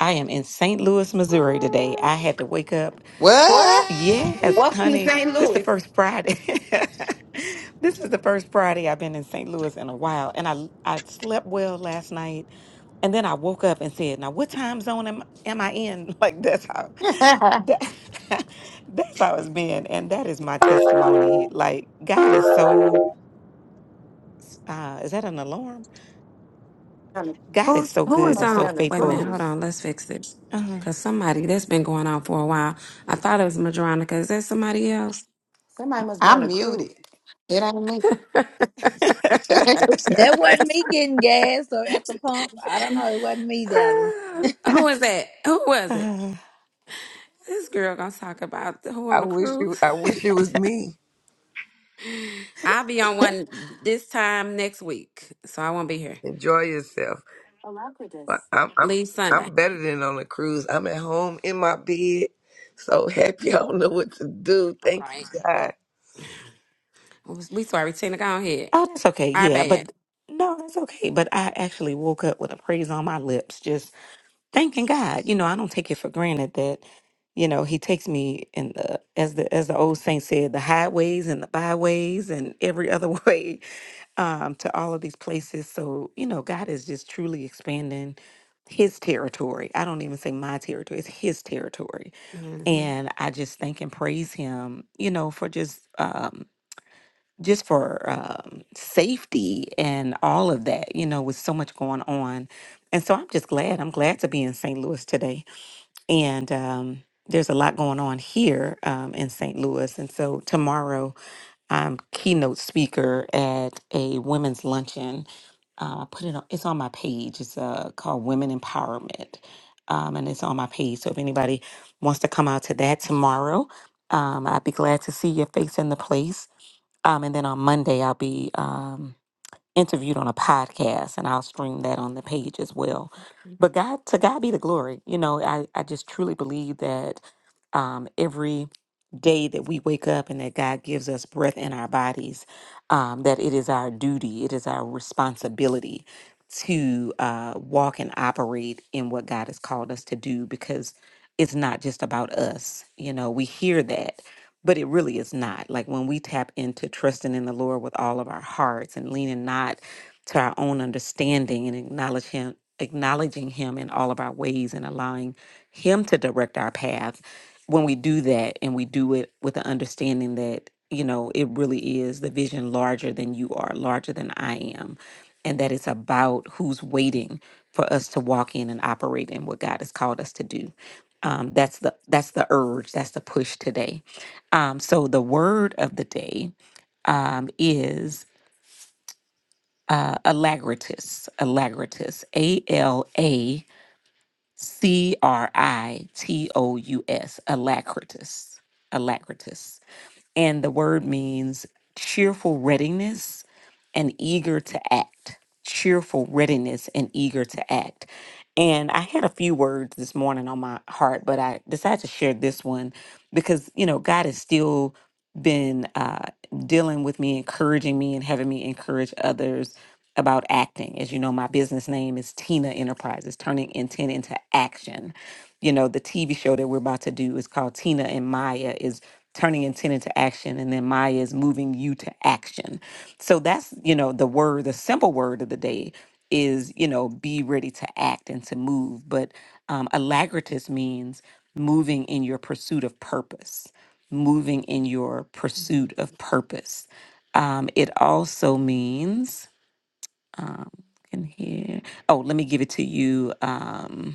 I am in St. Louis, Missouri today. I had to wake up.
What?
What?
Yes,
Welcome to
honey,
St.
this is the
Louis.
first Friday. [LAUGHS] this is the first Friday I've been in St. Louis in a while. And I, I slept well last night. And then I woke up and said, now what time zone am, am I in? [LAUGHS] Like that's how,
[LAUGHS]
that, [LAUGHS] that's how it's been. And that is my testimony. Like God is so s- uh, is that an alarm?
On a-
God is
Who's
so
who
Somebody
good
is
and
must be
so
on?
on a
Wait a minute.
faithful.
Hold
cruise.
on. Let's fix this.
Uh-huh. [LAUGHS]
Cause somebody that's been going on for a while. I thought it was Madronica. Is that somebody else?
Somebody must be on
I'm
a cruise.
muted. It ain't me.
[LAUGHS]
[LAUGHS]
That wasn't me getting gas or at the pump. I don't know. It wasn't me, Dallas.
Ah,
[LAUGHS]
who is that? Who was it?
Uh,
This girl gonna talk about the- who
I
on the
wish you.
cruise.
I wish it was me.
[LAUGHS] I'll be on one this time next week, so I won't be here.
Enjoy yourself. But I'm I'm
Leave Sunday.
I'm better than on a cruise. I'm at home in my bed, so [LAUGHS] happy. I don't know what to do.
All
Thank you,
right.
God.
We sorry, Tina. Go ahead.
oh, that's okay.
Our
Yeah,
bad.
but no, that's okay. But I actually woke up with a praise on my lips, just thanking God. You know, I don't take it for granted that, you know, He takes me in the as the as the old saint said, the highways and the byways and every other [LAUGHS] way um, to all of these places. So you know, God is just truly expanding His territory. I don't even say my territory; it's His territory
hmm
and I just thank and praise him, you know, for just um just for um safety and all of that, you know, with so much going on. And so I'm just glad. I'm glad to be in St. Louis today. And um there's a lot going on here um in St. Louis. And so tomorrow I'm keynote speaker at a women's luncheon. Uh, I put it on, it's on my page. It's uh, called Women Empowerment. Um, and it's on my page. So if anybody wants to come out to that tomorrow, um, I'd be glad to see your face in the place. Um, and then on Monday, I'll be um, interviewed on a podcast and I'll stream that on the page as well. But God, to God be the glory. You know, I, I just truly believe that um, every day that we wake up and that God gives us breath in our bodies, um, that it is our duty, it is our responsibility to uh, walk and operate in what God has called us to do because it's not just about us. You know, we hear that, but it really is not. Like when we tap into trusting in the Lord with all of our hearts and leaning not to our own understanding and acknowledge Him. Acknowledging him in all of our ways and allowing him to direct our path, when we do that and we do it with the understanding that you know it really is the vision larger than you are larger than i am and that it's about who's waiting for us to walk in and operate in what god has called us to do um, that's the that's the urge that's the push today um, so the word of the day um, is uh, alagritus alagritus a-l-a-c-r-i-t-o-u-s alacritus alacritus and the word means cheerful readiness and eager to act. Cheerful readiness and eager to act. And I had a few words this morning on my heart, but I decided to share this one because you know God has still been uh, dealing with me, encouraging me, and having me encourage others about acting. As you know, my business name is Tina Enterprises, turning intent into action. You know, the TV show that we're about to do is called Tina and Maya. Is turning intent into action and then maya is moving you to action so that's you know the word the simple word of the day is you know be ready to act and to move but um, alagritas means moving in your pursuit of purpose moving in your pursuit of purpose um, it also means in here oh let me give it to you Um,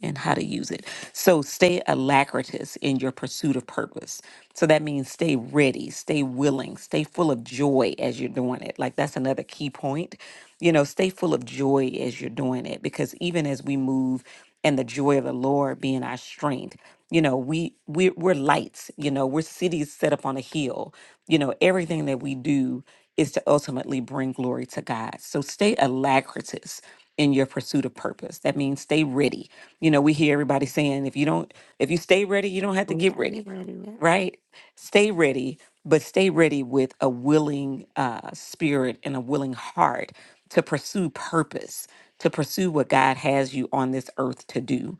and how to use it. So stay alacritous in your pursuit of purpose. So that means stay ready, stay willing, stay full of joy as you're doing it. Like that's another key point. You know, stay full of joy as you're doing it because even as we move and the joy of the Lord being our strength, you know, we we we're lights, you know, we're cities set up on a hill. You know, everything that we do is to ultimately bring glory to God. So stay alacritous in your pursuit of purpose. That means stay ready. You know, we hear everybody saying if you don't if you stay ready, you don't have to
We
get
gotta
ready,
get ready. Yeah.
right? Stay ready, but stay ready with a willing uh spirit and a willing heart to pursue purpose, to pursue what God has you on this earth to do.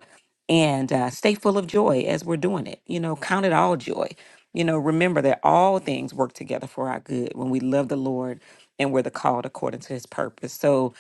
And uh, stay full of joy as we're doing it. You know, count it all joy. You know, remember that all things work together for our good when we love the Lord and we're the called according to his purpose. So,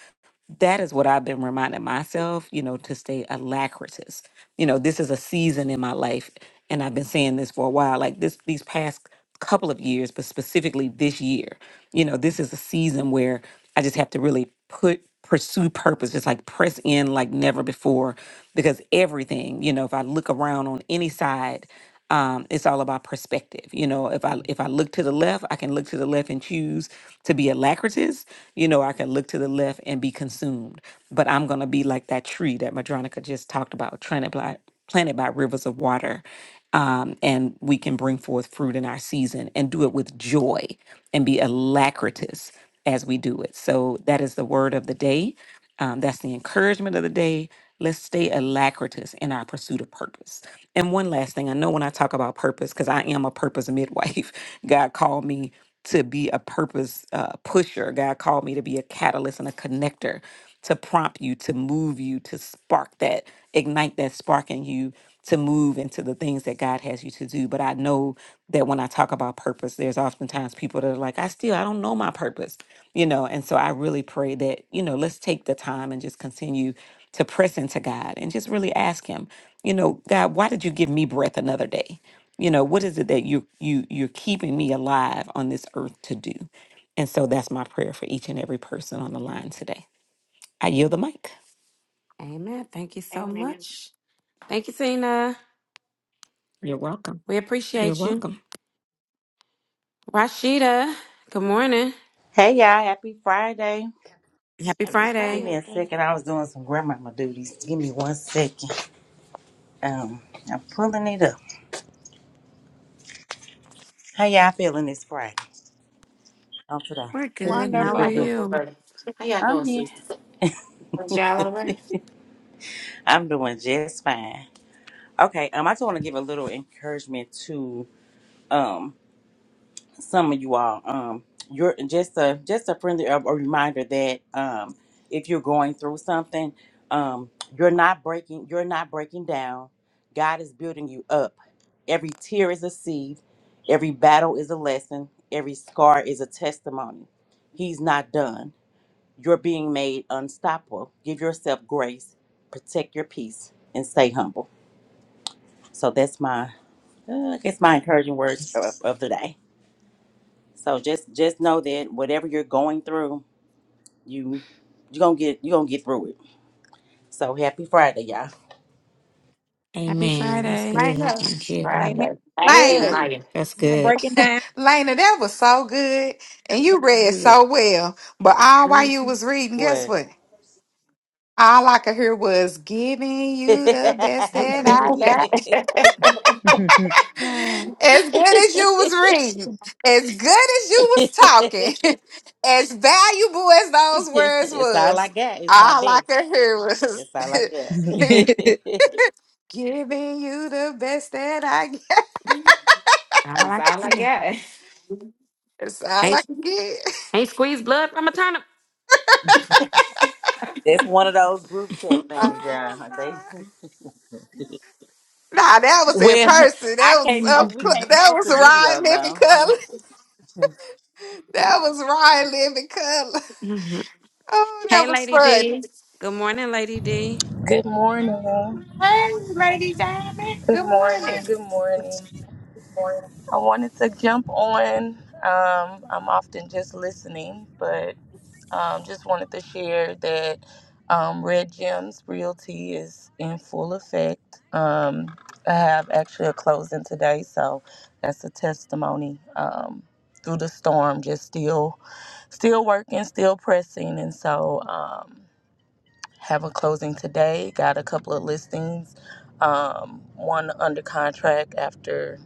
that is what I've been reminding myself, you know, to stay alacritous. You know, this is a season in my life, and I've been saying this for a while, like this these past couple of years, but specifically this year. You know, this is a season where I just have to really put pursue purpose, just like press in like never before, because everything, you know, if I look around on any side um, it's all about perspective. You know, if I if I look to the left, I can look to the left and choose to be alacritous. You know, I can look to the left and be consumed. But I'm gonna be like that tree that Madronica just talked about, planted by planted by rivers of water. Um, and we can bring forth fruit in our season and do it with joy and be alacritous as we do it. So that is the word of the day. Um, that's the encouragement of the day. Let's stay alacritous in our pursuit of purpose. And one last thing, I know when I talk about purpose, because I am a purpose midwife, [LAUGHS] God called me to be a purpose uh, pusher. God called me to be a catalyst and a connector to prompt you, to move you, to spark that, ignite that spark in you to move into the things that God has you to do. But I know that when I talk about purpose, there's oftentimes people that are like, I still, I don't know my purpose, you know? And so I really pray that, you know, let's take the time and just continue to press into God and just really ask him, you know, God, why did you give me breath another day? You know, what is it that you you you're keeping me alive on this earth to do? And so that's my prayer for each and every person on the line today. I yield the mic.
Amen. Thank you so
Amen.
much. Thank you, Tina.
You're welcome.
We
You're
appreciate you.
welcome.
Rashida, good morning.
Hey y'all, happy Friday.
Happy
Happy
Give
Friday.
me
Friday.
a
man.
second. I was doing some grandmama duties. Give me one second. Um, I'm pulling it up. How y'all feeling this Friday? Oh, today.
We're
Pretty
good.
How
good,
How are
pretty
y'all
Wonderful.
good.
doing,
you?
brother? How y'all doing,
I'm here.
sister? Was y'all all right?
I'm doing just fine. Okay, um, I just want to give a little encouragement to um some of you all um you're just a just a friendly a, a reminder that um if you're going through something um you're not breaking you're not breaking down god is building you up every tear is a seed every battle is a lesson every scar is a testimony he's not done you're being made unstoppable give yourself grace protect your peace and stay humble so that's my uh, i guess my encouraging words of, of the day so just just know that whatever you're going through, you you gonna get you gonna get through it. So happy Friday, y'all.
Happy
Amen. That's
Friday. [LAUGHS]
right
good.
now.
Thank you.
Amen.
Friday. Thank you,
Lena.
Good.
Ooh,
Maya.
that's
Now
good.
breaking down.
Lena, that was so good. And you
That was
read
good.
so well. But all while you was reading, guess
What?
what? All I could hear was giving
[LAUGHS]
you the best that
That's
I
[LAUGHS]
got. [LAUGHS]
it.
yeah.
As good as you was reading, as good as you was talking, [LAUGHS] as valuable as those words
it's all I
was,
got. It's my
all I
best.
could hear was
That's all I got.
[LAUGHS]
[LAUGHS]
giving you the best that I got.
I
That's
like
all I
you.
got.
[LAUGHS] That's all I
Hey.
could get.
Ain't squeezed blood from a turnip.
[LAUGHS]
That's one of those group
[LAUGHS]
chat things, y'all.
[LAUGHS]
They [LAUGHS]
Nah, that was in
well,
person. That
I
was
can't. Po-
up,
we
cl-
can't
that
post
was
the video
Ryan Living Color.
though.
[LAUGHS]
[LAUGHS]
That
[LAUGHS]
was Ryan Living Color. Oh, that
hey,
was
Lady
fun.
D. Good morning, Lady D.
Good morning.
Hey, Lady Diamond.
Good
Good morning.
morning. Good morning. I wanted to jump on. Um, I'm often just listening, but um, just wanted to share that um, Red Gems Realty is in full effect. Um, I have actually a closing today, so that's a testimony. Um, through the storm, just still, still working, still pressing, and so. Um, have a closing today. Got a couple of listings. Um, one under contract after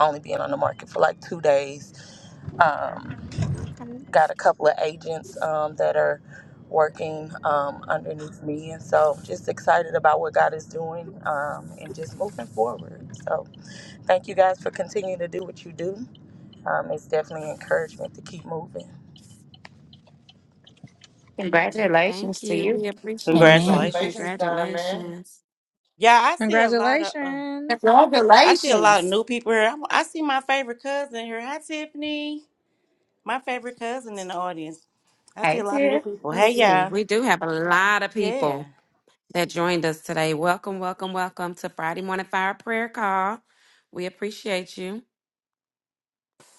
only being on the market for like two days. Um,
Okay.
got a couple of agents um, that are working um, underneath me. And so just excited about what God is doing um, and just moving forward. So thank you guys for continuing to do what you do. Um, it's definitely encouragement to keep moving.
Thank
Congratulations to
you.
you.
We appreciate
Amen.
you.
Congratulations.
Congratulations, Diamond.
Congratulations.
Yeah, I see a lot of. uh,
Congratulations.
I see a lot of
Congratulations.
new people here. I'm- I see my favorite cousin here. Hi, Tiffany. My favorite cousin in the audience. I see a
Hey,
lot of new
Tiff.
people. Hey,
Let's see.
y'all.
We do have a lot of people
Yeah.
that joined us today. Welcome, welcome, welcome to Friday Morning Fire Prayer Call. We appreciate you.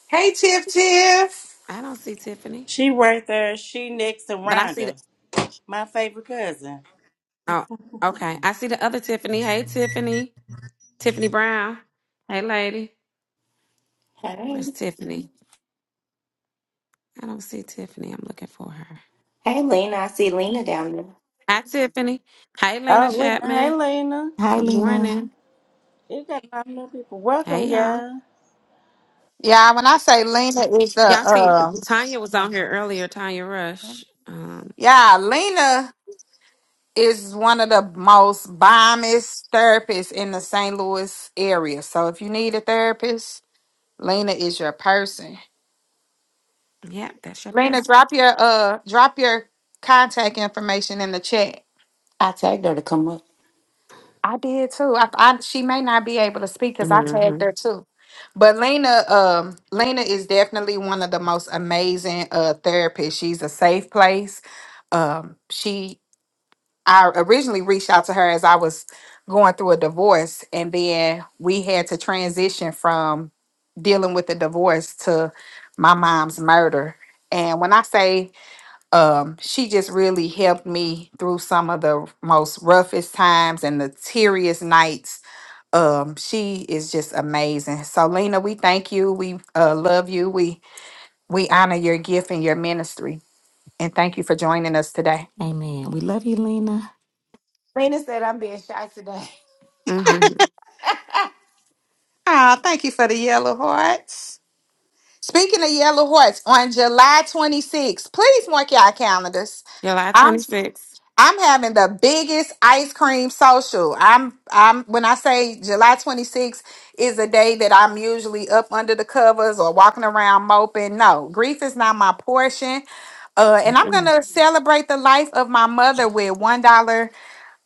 Hey, Tiff Tiff.
I don't see Tiffany,
She right there. She next to
but I see the.
Rhonda, my favorite cousin.
Oh, okay. I see the other Tiffany. Hey, Tiffany. Tiffany Brown. Hey, lady.
Hey.
Where's Tiffany? I don't see Tiffany. I'm looking for her.
Hey, Lena. I see Lena down there.
Hi, Tiffany. Hi, Lena
Oh, Lena. Hey,
Chapman.
Lena.
Hi,
Good
Lena.
morning.
You got a lot of new people. Welcome,
Hey, y'all.
y'all.
Yeah, when I say Lena is
Y'all
the
see,
um,
Tanya was on here earlier, Tanya Rush. Um,
yeah, Lena is one of the most bombest therapists in the St. Louis area. So if you need a therapist, Lena is your person.
yeah, that's your
Lena,
person.
drop your uh, drop your contact information in the chat.
I tagged her to come up.
I did too. I, I she may not be able to speak because I tagged
Mm-hmm.
her too. But Lena, um, Lena is definitely one of the most amazing uh therapists. She's a safe place. Um, she I originally reached out to her as I was going through a divorce, and then we had to transition from dealing with the divorce to my mom's murder. And when I say um, she just really helped me through some of the most roughest times and the teariest nights. Um, she is just amazing. So, Lena, we thank you. We uh, love you. We we honor your gift and your ministry, and thank you for joining us today.
Amen. We love you, Lena.
Lena said I'm being shy today.
Mm-hmm.
Ah, thank you for the yellow hearts. Speaking of yellow hearts, on July 26th, please mark your calendars.
July 26th.
I'm having the biggest ice cream social. I'm I'm when I say July 26th is a day that I'm usually up under the covers or walking around moping. No, grief is not my portion. Uh and I'm going to celebrate the life of my mother with $1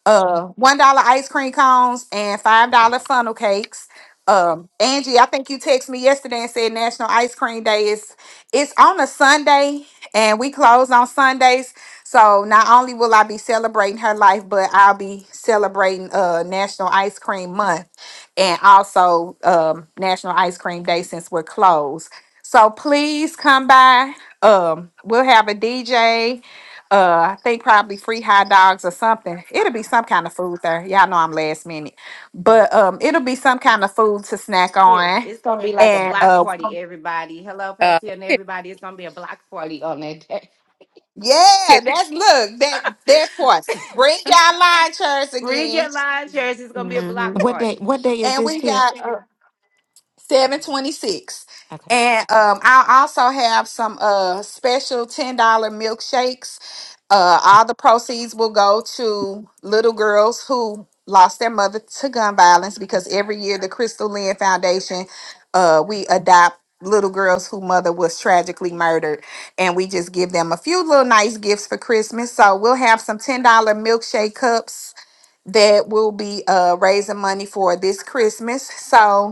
uh one dollar ice cream cones and five dollar funnel cakes. Um, Angie, I think you texted me yesterday and said National Ice Cream Day is it's on a Sunday and we close on Sundays. So not only will I be celebrating her life, but I'll be celebrating uh National Ice Cream Month and also um National Ice Cream Day since we're closed. So please come by. Um, we'll have a DJ uh, I think probably free hot dogs or something. It'll be some kind of food there. Y'all know I'm last minute,
[LAUGHS]
but um, it'll be some kind of food to snack
Here,
on.
it's gonna be like a
And
block
uh,
party, everybody. Hello,
uh
Pastor and everybody. It's gonna be a block party on that day.
yeah, that's look that
[LAUGHS]
that's what bring y'all line chairs
Bring
again.
your lawn chairs. It's gonna be a
Mm-hmm.
block
What
party.
day? What day is
And
this,
we
Tiff?
got uh, seven twenty six.
Okay.
And um, I also have some uh special ten dollar milkshakes Uh, all the proceeds will go to little girls who lost their mother to gun violence because every year the Crystal Lynn Foundation, uh, we adopt little girls whose mother was tragically murdered and we just give them a few little nice gifts for Christmas. So we'll have some $10 milkshake cups that will be uh, raising money for this Christmas. So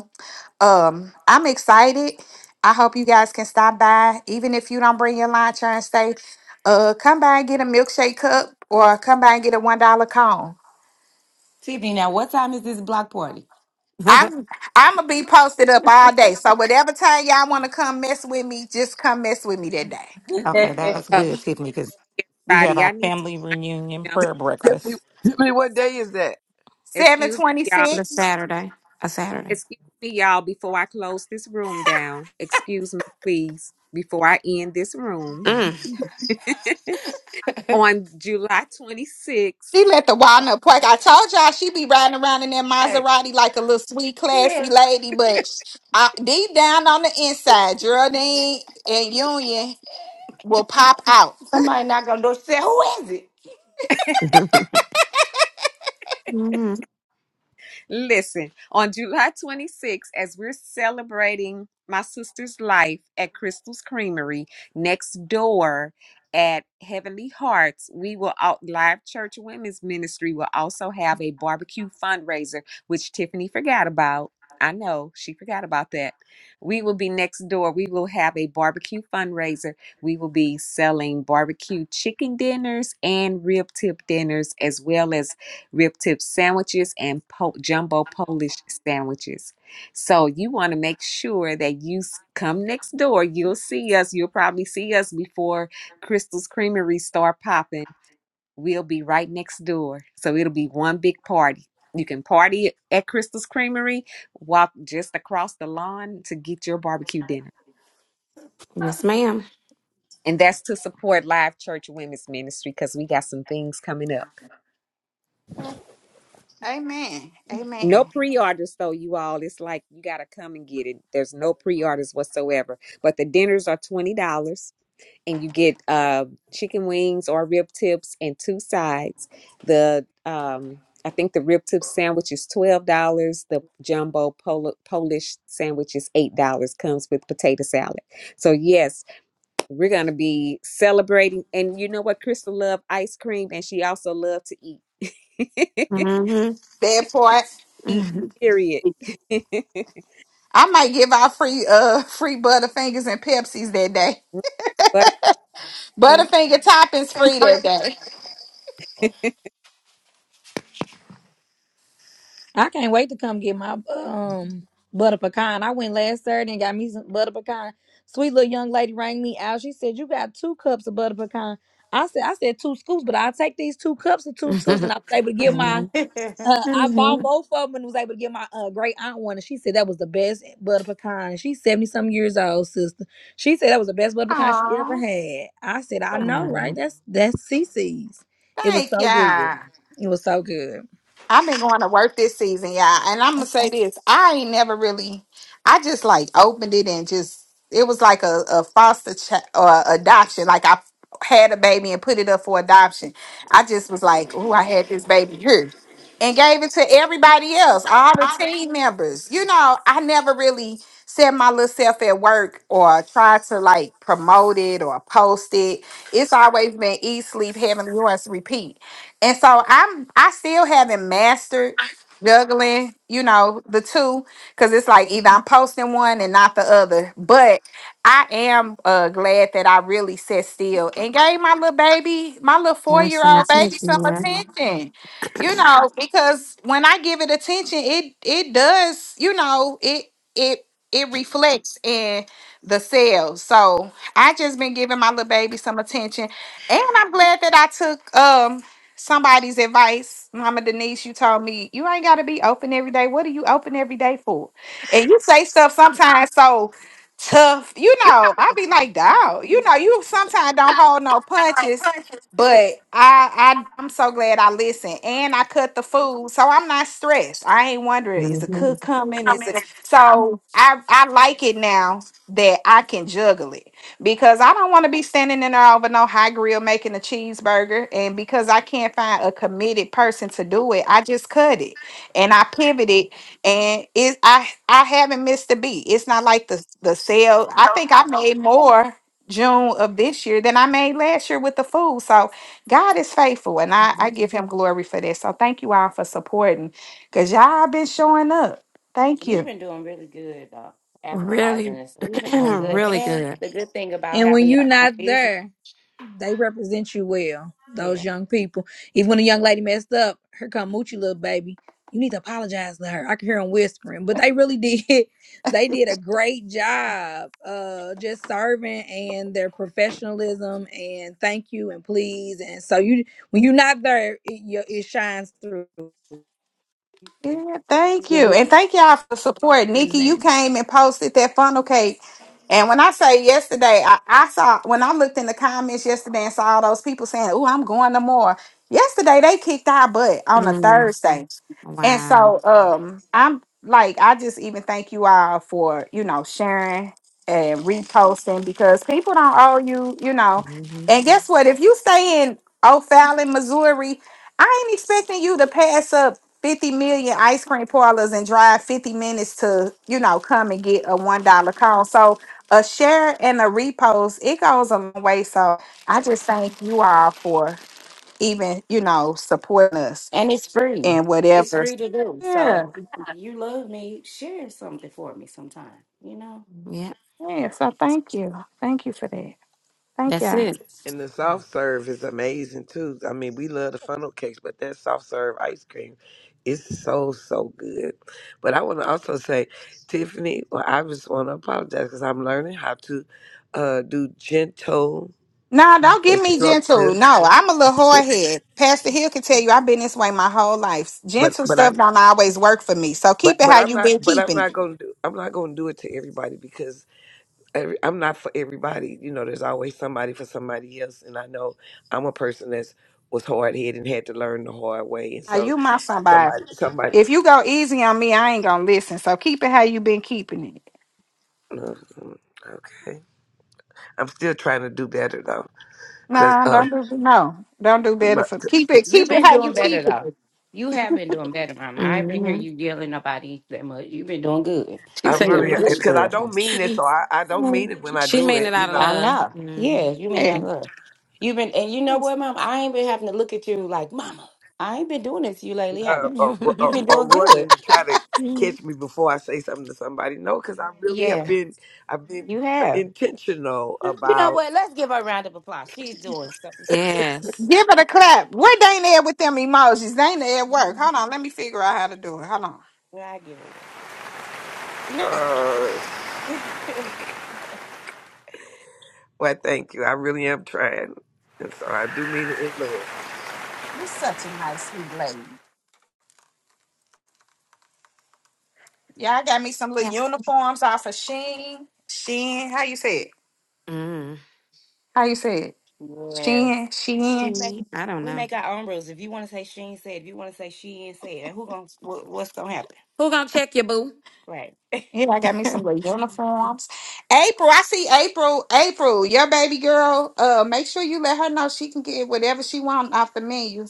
um, I'm excited. I hope you guys can stop by, even if you don't bring your lunch and stay. Uh, come by and get a milkshake cup, or come by and get a one dollar cone.
Tiffany, now what time is this block party?
[LAUGHS]
I'm I'm gonna be posted up all day. So whatever time y'all want to come mess with me, just come mess with me that day.
Okay,
[LAUGHS]
that's
uh,
Okay.
good, Tiffany, because we have
Roddy,
our
i need to
family
I
reunion
need to jump
prayer
right.
Tiffany,
breakfast.
Tiffany, what day is that?
Seven
excuse me
twenty
y'all
the
six.
Saturday. A Saturday.
excuse me y'all before i close this room down excuse me please before i end this room
She
Mm.
[LAUGHS]
[LAUGHS]
on July 26th.
let the walnut park. I told y'all she be riding around in that
hey,
Maserati like a little sweet,
yeah.
classy lady, but I, deep down on the inside, Geraldine and Union will pop out.
Somebody knock on the door. She said, "Who is it?"
[LAUGHS] hmm
Listen, on July 26th, as we're celebrating my sister's life at Crystal's Creamery next door at Heavenly Hearts, we will out live church women's ministry will also have a barbecue fundraiser, which Tiffany forgot about. I know she forgot about that. We will be next door. We will have a barbecue fundraiser we will be selling barbecue chicken dinners and rib tip dinners, as well as rib tip sandwiches and po- jumbo Polish sandwiches. So you want to make sure that you s- come next door. You'll see us. You'll probably see us before Crystal's Creamery start popping. We'll be right next door. So it'll be one big party. You can party at Crystal's Creamery, walk just across the lawn to get your barbecue dinner.
Yes, madam
And that's to support Live Church Women's Ministry because we got some things coming up.
Amen.
No
Amen.
pre-orders though, you all. It's like you gotta come and get it. There's no pre-orders whatsoever. But the dinners are twenty dollars, and you get uh, chicken wings or rib tips and two sides. The um, I think the rib tip sandwich is twelve dollars. The jumbo Pol- Polish sandwich is eight dollars. Comes with potato salad. So yes, we're gonna be celebrating. And you know what? Crystal loved ice cream, and she also loved to eat. [LAUGHS]
Mm-hmm.
That part.
eat
Mm-hmm.
period.
I might give out free uh free Butterfingers and Pepsis that day.
[LAUGHS] But uh,
Butterfinger toppings free that day.
[LAUGHS]
I can't wait to come get my um butter pecan. I went last Saturday and got me some butter pecan. Sweet little young lady rang me out. She said, You got two cups of butter pecan. I said, I said two scoops, but I'll take these two cups of two scoops. And I
[LAUGHS]
was able to get my
[LAUGHS]
uh, I bought both of them and was able to get my uh, great aunt one. And she said that was the best butter pecan. She's 70 some years old, sister. She said that was the best butter pecan she ever
Aw.
had. I said, I know, right? That's that's CC's. It was
Thank
so good.
ya.
It was so good.
I've been going to work this season, yeah. And I'm gonna say this: I ain't never really. I just like opened it and just it was like a, a foster child or adoption. Like I had a baby and put it up for adoption. I just was like, oh, I had this baby here, and gave it to everybody else, all the team members. You know, I never really set my little self at work or tried to like promote it or post it. It's always been eat, sleep, heavenly, yours, repeat. And so I'm I still haven't mastered juggling, you know, the two, because it's like either I'm posting one and not the other. But I am uh glad that I really sat still and gave my little baby, my little
There's some
four-year-old baby some
attention
attention. You know, because when I give it attention, it it does, you know, it it it reflects in the cells. So I just been giving my little baby some attention. And I'm glad that I took um somebody's advice, Mama Denise, you told me you ain't gotta be open every day. What are you open every day for? And you say stuff sometimes so tough, you know. I be like, dog, you know, you sometimes don't hold no punches. But I, I I'm so glad I listened and I cut the food, so I'm not stressed. I ain't wondering is the
there.
cook coming? Is it so? I I like it now that I can juggle it because I don't want to be standing in there over no high grill making a cheeseburger. And because I can't find a committed person to do it, I just cut it and I pivoted. And it I I haven't missed a beat. It's not like the the sale. I think I made more June of this year than I made last year with the food. So God is faithful and I, I give him glory for this. So thank you all for supporting because y'all been showing up. Thank
You've
you.
been doing really good though,
Really,
advertising and stuff. You've been
[CLEARS THROAT]
doing good,
really
Yes.
and
good.
the good thing about
And when
having
you're
your own
not
business.
there, they represent you well.
Yeah.
Those young people. Even when a young lady messed up, here come Moochie little baby. You need to apologize to her. I can hear them whispering, but they really did. [LAUGHS] They did a great job, uh, just serving and their professionalism and thank you and please. And so you, when you're not there, it, you- it shines through.
Yeah, thank you.
You're
And thank y'all for the support. Nikki, you
represented.
came and posted that funnel cake. And when I say yesterday, I, I saw when I looked in the comments yesterday and saw all those people saying, Oh, I'm going no more. Yesterday they kicked our butt on a
Mm,
Thursday. And
wow.
so um I'm like I just even thank you all for, you know, sharing and reposting because people don't owe you, you know.
hmm
And guess what? If you stay in O'Fallon, Missouri, I ain't expecting you to pass up 50 million ice cream parlors and drive 50 minutes to, you know, come and get a one dollar cone. So a share and a repost, it goes a long way. So I just thank you all for even, you know, supporting us
And it's free.
and
It's
whatever.
free to do.
Yeah,
So you love me, share something for me sometime, you know?
Yeah,
yeah. So thank you. Thank you for that. Thank
that's
y'all.
it.
And the soft serve is amazing too. I mean, we love the funnel cakes, but that soft serve ice cream is so so good. But I want to also say, Tiffany, well, I just want to apologize because I'm learning how to uh, do gentle,
No, don't get me gentle.
constructive.
No, I'm a little hard head. Pastor Hill can tell you I've been this way my whole life.
But
Gentle
but
stuff
I
don't always work for me. So
But
keep it
but
how
I'm
you
not
been
but I'm
keeping it.
not gonna do I'm not gonna do it to everybody because every, I'm not for everybody. You know, there's always somebody for somebody else, and I know I'm a person that's was hard headed and had to learn the hard way, and
Are
so
you my somebody?
somebody somebody.
If you go easy on me, I ain't gonna listen. So keep it how you been keeping it.
Mhm. Okay, I'm still trying to do better though, because
Nah,
um,
don't do no. Don't do better
but
for keep it.
You've
Keep it
been
how
doing
you
better
keep
though. You have been doing better, Mama. I ain't not hear
hmm
you yelling about it that much. You've been doing good.
I
She said that
You're a
really
much.
good
because I
girl.
don't mean it, so I I don't mean it when I
she
do
mean
it.
it
You
out of
know.
I
love.
know.
hmm
Yeah, you mean that,
it.
love. You've been and you know what, Mama? I ain't been having to look at you like, Mama, I ain't been doing this to you lately, have
uh,
I?
or,
You've
or,
[LAUGHS]
been
or
doing good.
running to try to catch me before I say something to somebody. No, because I really have
Yeah,
been I've been
you have.
intentional
You know
about.
what? Let's give her a round of applause. She's doing so
yes.
Give it a clap. Where they ain't there with them emojis? They ain't there at work. Hold
[LAUGHS]
on, let me figure out how to do it. Hold on.
I give her one.
Yeah,
Uh, well, thank you. I really am trying, and so I do mean it in love.
you're such a nice sweet lady. Yeah, I got me some little
Yes.
uniforms off of Sheen. Sheen, how you say it?
Mm.
How you say it?
Yeah.
Sheen, Sheen.
We make
She. I don't
we
know.
make our own rules. If you want to say she ain't said, if you want to say she ain't said, who gonna what, what's gonna happen?
Who gonna check you, boo?
Right.
Yeah, I got me some little uniforms. April, I see April. April, your baby girl. Uh, make sure you let her know she can get whatever she wants off the menu.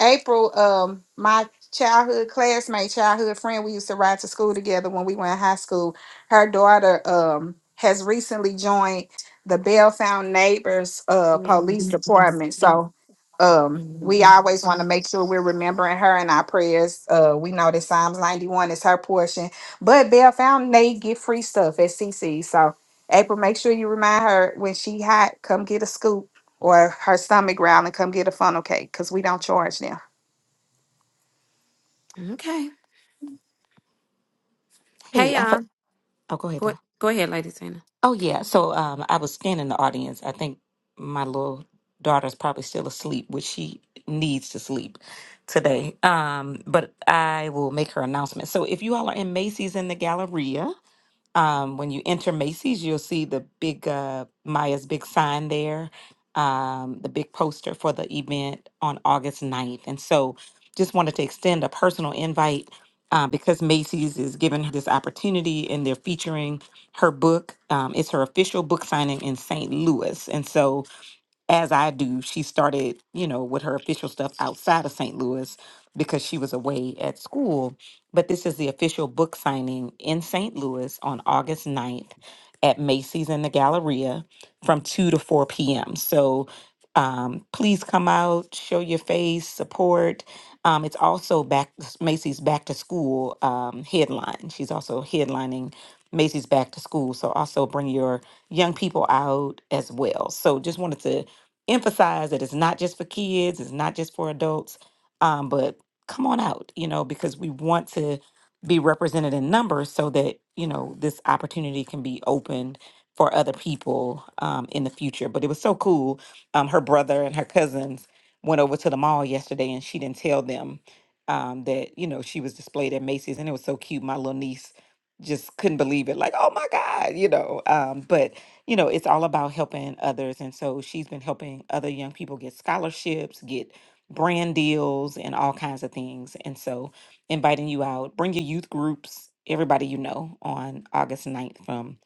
April, um, my childhood classmate, childhood friend, we used to ride to school together when we were in high school. Her daughter um has recently joined the Bellfound Neighbors uh police Mhm.
Yes.
department. So um we
Mhm.
always want to make sure we're remembering her in our prayers. Uh we know that Psalms 91 is her portion. But Bellfound they get free stuff at CC. So April, make sure you remind her when she hot, come get a scoop or her stomach growling, come get a funnel cake because we don't charge now.
Okay.
Hey,
Hey,
I.
y'all.
For- oh, go ahead.
Go, go ahead, Lady Tina.
Oh yeah. So um, I was scanning the audience. I think my little daughter's probably still asleep, which she needs to sleep today. Um, but I will make her announcement. So if you all are in Macy's in the Galleria, um, when you enter Macy's, you'll see the big uh, Maya's big sign there, um, the big poster for the event on August ninth. And so just wanted to extend a personal invite uh, because Macy's is giving her this opportunity and they're featuring her book. Um, it's her official book signing in St. Louis. And so as I do, she started, you know, with her official stuff outside of St. Louis because she was away at school. But this is the official book signing in St. Louis on August ninth at Macy's in the Galleria from 2 to 4 p.m. So um, please come out, show your face, support. Um, it's also back Macy's Back to School um, headline. She's also headlining Macy's Back to School. So also bring your young people out as well. So just wanted to emphasize that it's not just for kids, it's not just for adults, um, but come on out, you know, because we want to be represented in numbers so that, you know, this opportunity can be opened for other people um, in the future. But it was so cool. Um, her brother and her cousins went over to the mall yesterday and she didn't tell them um, that, you know, she was displayed at Macy's and it was so cute. My little niece just couldn't believe it like oh my god you know um but you know, it's all about helping others. And so she's been helping other young people get scholarships, get brand deals, and all kinds of things. And so inviting you out, bring your youth groups, everybody you know, on August ninth from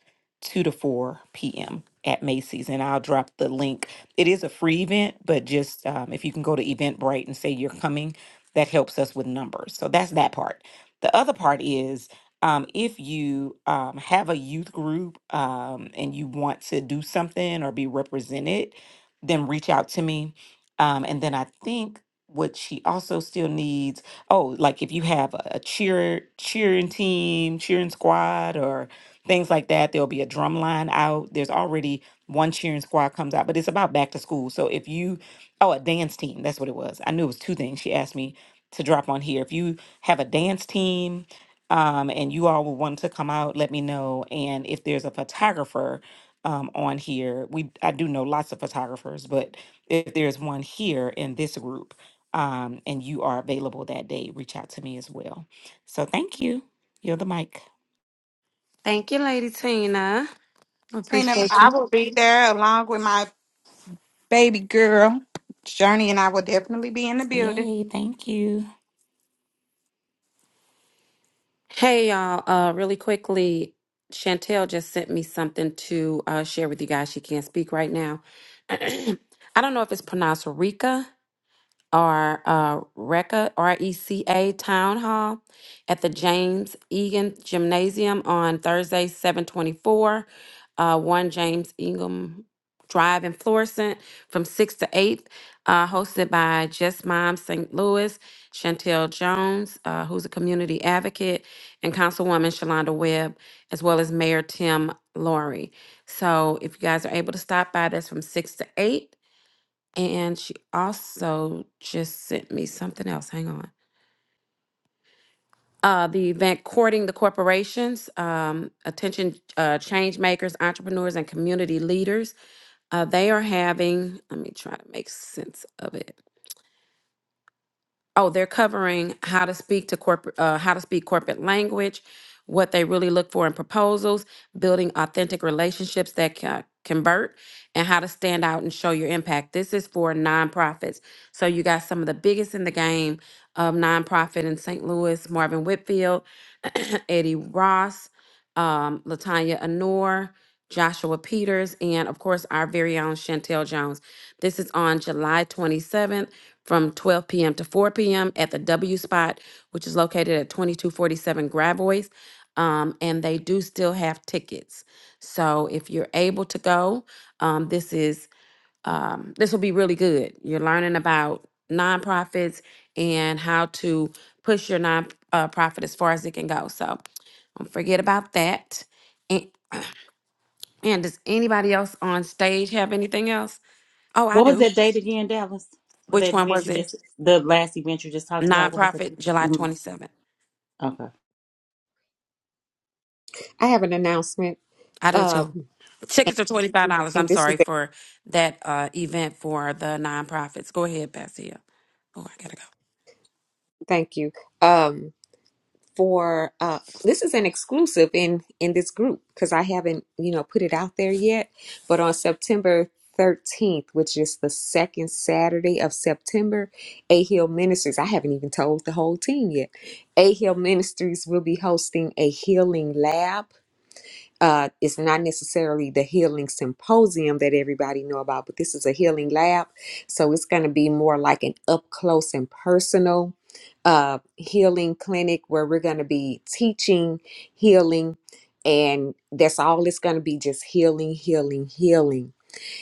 2 to 4 p.m. at Macy's. And I'll drop the link. It is a free event, but just um, if you can go to Eventbrite and say you're coming, that helps us with numbers. So that's that part. The other part is um, if you um, have a youth group um, and you want to do something or be represented, then reach out to me. Um, and then I think what she also still needs oh like if you have a, a cheer cheering team cheering squad or things like that there'll be a drum line out there's already one cheering squad comes out but it's about back to school so if you oh a dance team that's what it was i knew it was two things she asked me to drop on here if you have a dance team um, and you all would want to come out, let me know. And if there's a photographer um, on here, we I do know lots of photographers, but if there's one here in this group, um, and you are available that day, reach out to me as well. So thank you. You're the mic.
Thank you, Lady Tina.
Tina,
Appreciate
I
you.
will be there along with my baby girl. Journey and I will definitely be in the building.
Yay! Thank you,
Hey y'all, uh really quickly, Chantel just sent me something to uh share with you guys. She can't speak right now. [CLEARS THROAT] I don't know if it's pronounced Rika our uh, RECA, R-E-C-A Town Hall at the James Egan Gymnasium on Thursday, 724, uh, 1 James Egan Drive in Florissant from 6 to 8, uh, hosted by Just Mom St. Louis, Chantel Jones, uh, who's a community advocate, and Councilwoman Shalonda Webb, as well as Mayor Tim Laurie. So if you guys are able to stop by, that's from 6 to 8. And she also just sent me something else. Hang on. Uh, the event courting the corporations, um, attention uh, change makers, entrepreneurs, and community leaders. Uh, they are having. Let me try to make sense of it. Oh, they're covering how to speak to corporate, uh, how to speak corporate language, what they really look for in proposals, building authentic relationships that can convert, and how to stand out and show your impact. This is for nonprofits. So you got some of the biggest in the game of nonprofit in St. Louis: Marvin Whitfield, [CLEARS THROAT] Eddie Ross, um, Latanya Anor, Joshua Peters, and of course our very own Chantel Jones. This is on July 27th from 12 p.m. to 4 p.m. at the W Spot, which is located at 2247 Gravois. Um, and they do still have tickets. So if you're able to go, um, this is um, this will be really good. You're learning about nonprofits and how to push your nonprofit uh, profit as far as it can go. So don't forget about that. And, and does anybody else on stage have anything else? Oh, I
What was
do.
that date again, Dallas? For
Which
that
one
event
was
you
it?
just, the last event you just talked about, what was
Nonprofit, July
it?
27th.
hmm
I have an announcement.
I do
Um,
too. Tickets are $25,
and
I'm
this is
sorry,
a
for that uh, event for the nonprofits. Go ahead, Pastor Hill. Oh, I gotta go.
thank you. Um, for uh, this is an exclusive in in this group because I haven't you know put it out there yet. But on September. 13th, which is the second Saturday of September, A Hill Ministries. I haven't even told the whole team yet. A Hill Ministries will be hosting a healing lab uh, it's not necessarily the healing symposium that everybody know about, but this is a healing lab, so it's going to be more like an up close and personal uh, healing clinic where we're going to be teaching healing, and that's all it's going to be just healing, healing, healing.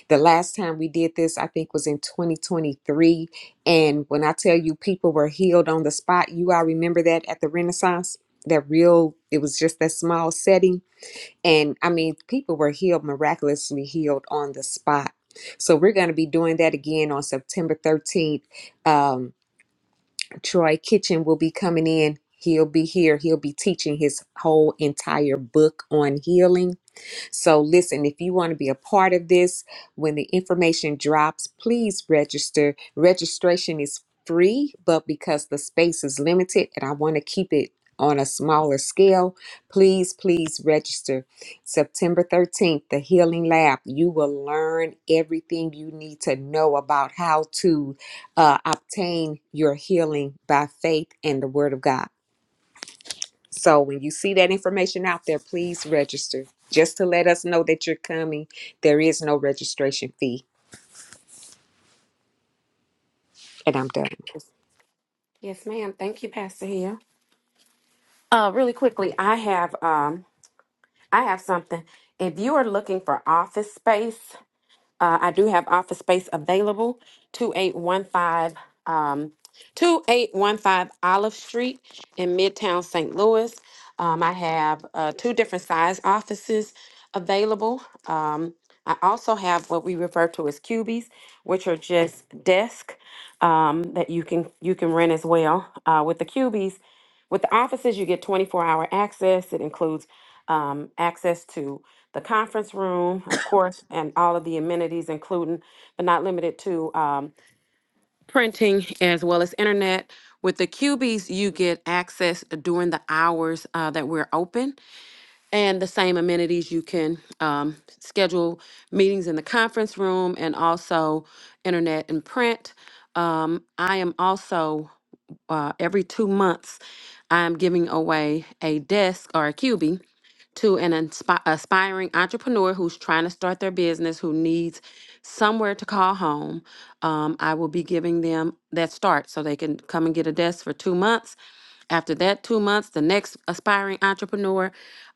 The last time we did this, I think, was in 2023, and when I tell you people were healed on the spot, you all remember that at the Renaissance, that real, it was just that small setting and I mean, people were healed, miraculously healed on the spot. So we're going to be doing that again on September 13th. Um, Troy Kitchen will be coming in. He'll be here. He'll be teaching his whole entire book on healing so, listen, if you want to be a part of this, when the information drops, please register. Registration is free, but because the space is limited and I want to keep it on a smaller scale, please, please register. September 13th, the Healing Lab. You will learn everything you need to know about how to uh, obtain your healing by faith and the Word of God. So when you see that information out there, please register just to let us know that you're coming. There is no registration fee. And I'm done.
Yes, ma'am. Thank you, Pastor Hill. Uh, really quickly, I have um, I have something. If you are looking for office space, uh, I do have office space available, 2815 2815 Olive Street in Midtown St. Louis. Um, I have uh, two different size offices available. Um, I also have what we refer to as cubies, which are just desk um, that you can you can rent as well. Uh, with the cubies, with the offices, you get 24 hour access. It includes um, access to the conference room, of course, and all of the amenities, including but not limited to. um, printing as well as internet. With the cubies, you get access during the hours uh, that we're open and the same amenities. You can um, schedule meetings in the conference room and also internet and print. Um, I am also uh, every two months, I'm giving away a desk or a cubie to an inspi- aspiring entrepreneur who's trying to start their business, who needs somewhere to call home. Um, I will be giving them that start so they can come and get a desk for two months. After that two months, the next aspiring entrepreneur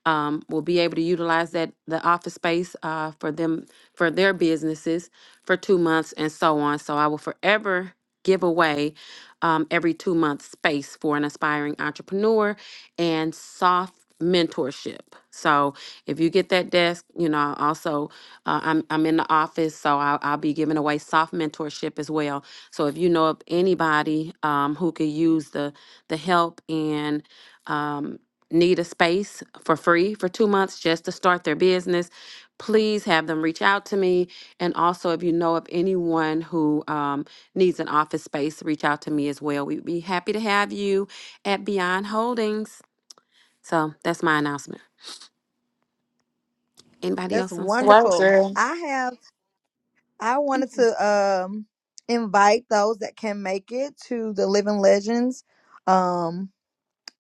um, will be able to utilize that the office space uh, for them for their businesses for two months and so on. So I will forever give away um, every two month space for an aspiring entrepreneur and soft mentorship. So if you get that desk, you know, also uh, I'm I'm in the office, so I'll, I'll be giving away soft mentorship as well. So if you know of anybody um, who could use the the help and um, need a space for free for two months just to start their business, please have them reach out to me. And also, if you know of anyone who um, needs an office space, reach out to me as well. We'd be happy to have you at Beyond Holdings. So that's my announcement. Anybody
That's
else on stage?
Right,
wonderful.
girl.
I have. I
Thank
wanted
you.
to um invite those that can make it to the Living Legends um,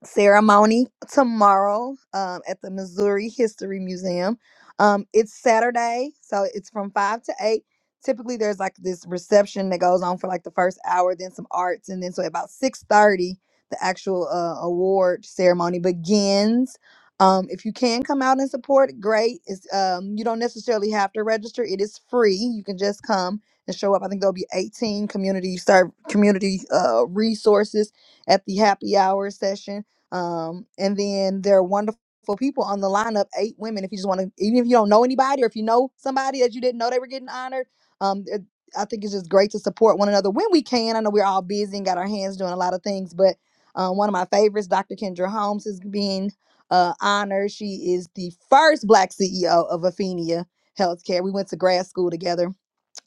ceremony tomorrow um, at the Missouri History Museum. Um, it's Saturday, so it's from 5 to 8. Typically there's like this reception that goes on for like the first hour, then some arts, and then so about 6:30 the actual uh, award ceremony begins. Um, if you can come out and support, great. It's, um, you don't necessarily have to register. It is free. You can just come and show up. I think there'll be 18 community serve community uh, resources at the happy hour session um, and then there are wonderful people on the lineup, eight women. If you just want to, even if you don't know anybody or if you know somebody that you didn't know they were getting honored, um, it- I think it's just great to support one another when we can. I know we're all busy and got our hands doing a lot of things, but um, one of my favorites, Dr. Kendra Holmes, is being uh, honored. She is the first Black CEO of Athenia Healthcare. We went to grad school together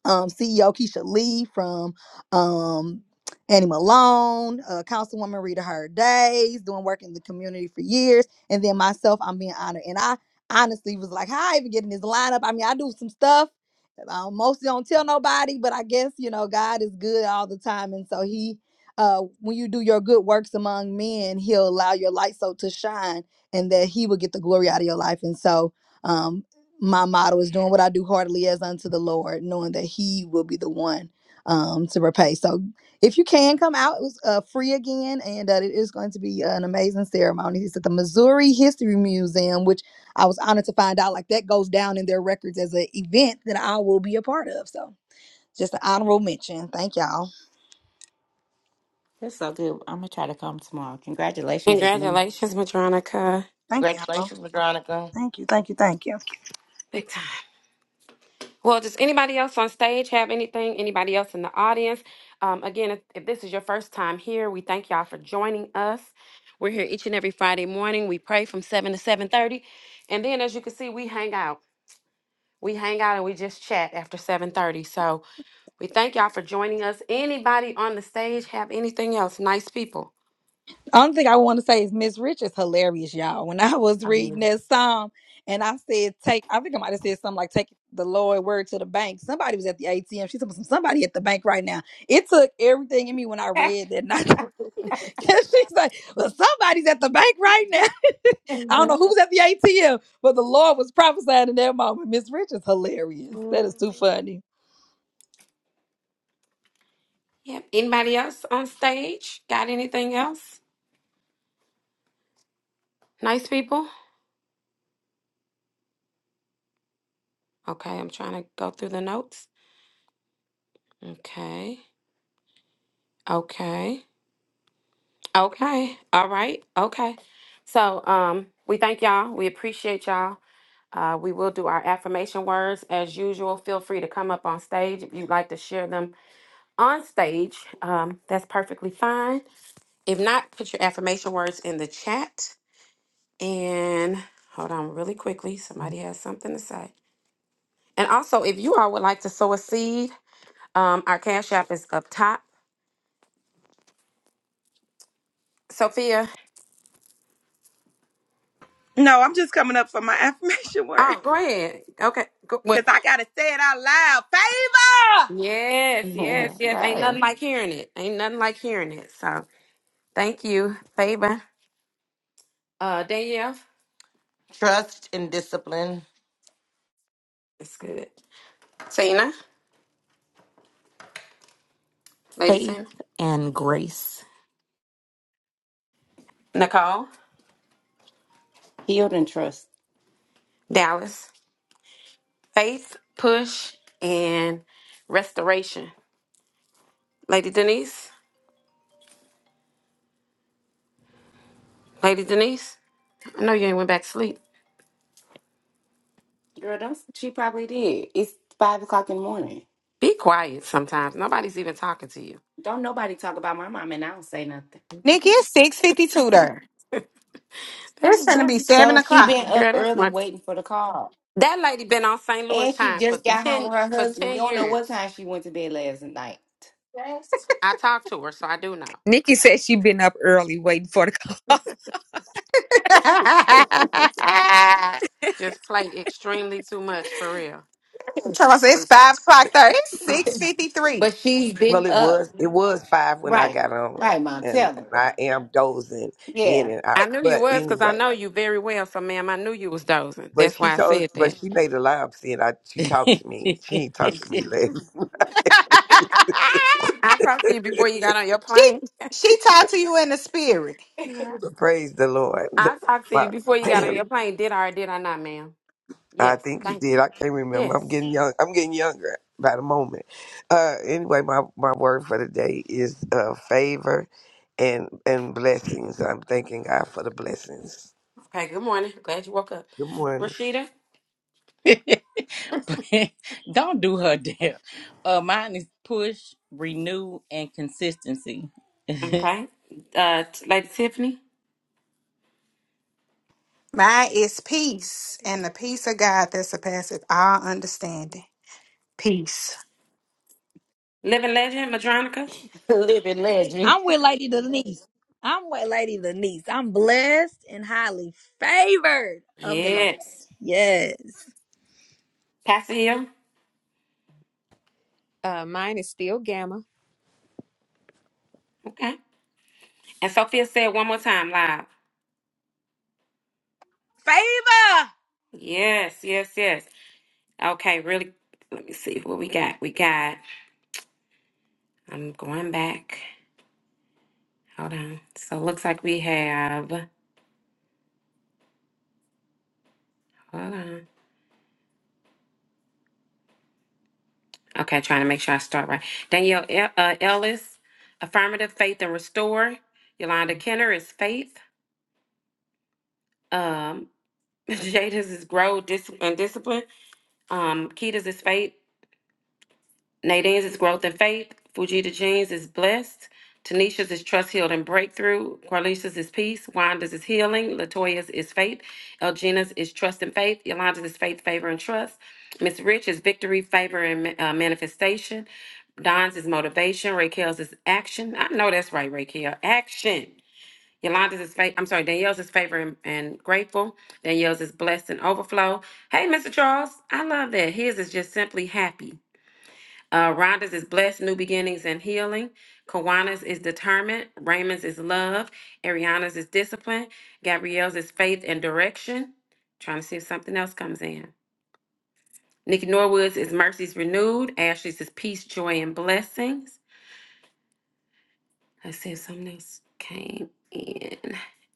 um, CEO Keisha Lee from um, Annie Malone, uh, Councilwoman Rita Hard Days, doing work in the community for years, and then myself, I'm being honored. And I honestly was like, how I even get in this lineup? I mean, I do some stuff. I mostly don't tell nobody, but I guess you know God is good all the time, and so He, uh, when you do your good works among men, He'll allow your light so to shine, and that He will get the glory out of your life. And so, um, my motto is doing what I do heartily as unto the Lord, knowing that He will be the one um, to repay. So, if you can come out, it was uh, free again, and uh, it is going to be an amazing ceremony. It's at the Missouri History Museum, which I was honored to find out like that goes down in their records as an event that I will be a part of. So, just an honorable mention. Thank y'all.
That's so good. I'm gonna try to come tomorrow. Congratulations again.
Congratulations, Madronica.
Thank y'all.
Congratulations, Madronica.
Thank you. Thank you. Thank you.
Big time. Well, does anybody else on stage have anything? Anybody else in the audience? Um, again, if, if this is your first time here, we thank y'all for joining us. We're here each and every Friday morning. We pray from seven to seven thirty, and then as you can see, we hang out. We hang out and we just chat after seven thirty. So we thank y'all for joining us. Anybody on the stage have anything else? Nice people.
Only thing I want to say is Miss Rich is hilarious, y'all. When I was
I
reading
mean,
that psalm and I said, take, I think I might have said something like, take the Lord word to the bank. Somebody was at the ATM. She said, somebody at the bank right now. It took everything in me when I read that. [LAUGHS] she's like, well, somebody's at the bank right now. [LAUGHS] I don't know
mhm,
[LAUGHS]
who's at the ATM, but the Lord was prophesying in that moment. Miss Rich is hilarious.
mm.
That is too funny.
Yep. Anybody else on stage got anything else? Nice people. Okay, I'm trying to go through the notes. Okay. Okay. Okay. All right. Okay. So um we thank y'all. We appreciate y'all. Uh, we will do our affirmation words as usual. Feel free to come up on stage if you'd like to share them on stage. Um, that's perfectly fine. If not, put your affirmation words in the chat. And hold on really quickly. Somebody has something to say. And also, if you all would like to sow a seed, um, our Cash App is up top. Sophia,
No, I'm just coming up for my [LAUGHS] affirmation word
oh, go ahead. Okay. Go, well,
because I gotta say it out loud. Favor,
Yes, yes, yes. Ain't
Sorry.
nothing like hearing it. Ain't nothing like hearing it. So thank you, Faber. Uh, Danielle.
Trust and discipline.
It's good. Tina, Lady
Faith
Tina.
and Grace.
Nicole.
Healed and trust.
Dallas. Faith, Push, and Restoration. Lady Denise. Lady Denise. I know you ain't went back to sleep.
Girl, don't she probably did. It's five o'clock in the morning.
Be quiet sometimes. Nobody's even talking to you.
Don't nobody talk about my mom and I don't say nothing.
Nikki,
Be-
it's 652 there.
That,
It's going to be
that's,
7
So she
o'clock.
been up
girl, that's
early
my.
waiting for the call.
That lady been on St. Louis
And she
time for
just got home
ten
with her
for
husband.
ten
You don't know what
years.
time she went to bed last night.
I talked to her, so I do know.
Nikki says she been up early waiting for the call. [LAUGHS]
[LAUGHS]
Just play extremely too much for real.
Charles, it's
Um,
5 o'clock there. It's 653.
But she's
Well,
been
it
up.
was it was five when I
Right.
got on,
Right,
and,
mom.
and,
Tell me.
and I am dozing in
Yeah.
and out.
I knew you
But
was because I
anyway,
know you very well. So, ma'am, I knew you was dozing.
but
That's
she
why I
told,
said
but
that.
she made a lie and I she talked to me. She ain't talked to me,
Okay.
ladies. [LAUGHS]
[LAUGHS]
I talked to you before you got on your
she,
plane.
she talked to you in the spirit.
[LAUGHS]
Yeah.
But praise the Lord. [LAUGHS]
I talked to you
Wow.
before you got
[CLEARS THROAT]
on your plane. Did I or did I not, ma'am?
I
Yes.
think you
Thank
did.
you.
I can't remember. I'm
Yes.
getting young. I'm getting younger by the moment. Uh, anyway, my, my word for the day is uh, favor and and blessings. I'm thanking God for the blessings.
Okay. Good morning. Glad you woke up.
Good morning.
Rashida.
[LAUGHS] [LAUGHS] Don't do her deal. Uh, mine is push, renew, and consistency. [LAUGHS] That's
Okay. Uh, t- Lady Tiffany.
Mine is peace and the peace of God that surpasses all understanding. Peace.
Living Legend. Madronica.
Living legend.
I'm with Lady Denise. I'm with Lady Denise. I'm blessed and highly favored of the Lord.
Yes.
Yes.
Pastor Hill.
Uh, mine is still Gamma.
Okay. And Sophia said one more time live.
favor.
Yes. Yes. Yes. Okay, really. Let me see what we got. We got. I'm going back. Hold on. So it looks like we have. Hold on. Okay, trying to make sure I start right. Danielle El- uh, Ellis, affirmative faith and restore. Yolanda Kenner is faith. Um, [LAUGHS] Jada's is grow dis- and discipline. Um, Keita's is faith. Nadine's is growth and faith. Fujita Jean's is blessed. Tanisha's is trust, healed, and breakthrough. Carlicia's is peace. Wanda's is healing. Latoya's is faith. Elgina's is trust and faith. Yolanda's is faith, favor, and trust. Miss Rich is victory, favor, and ma- uh, manifestation. Don's is motivation. Raquel's is action. I know that's right, Raquel. Action. Yolanda's is faith. I'm sorry, Danielle's is favor and, and grateful. Danielle's is blessed and overflow. Hey, Mr. Charles, I love that. His is just simply happy. Uh, Rhonda's is blessed, new beginnings and healing. Kawana's is determined. Raymond's is love. Ariana's is discipline. Gabrielle's is faith and direction. Trying to see if something else comes in. Nikki Norwood's is mercies renewed. Ashley's is peace, joy, and blessings. Let's see if something else came in.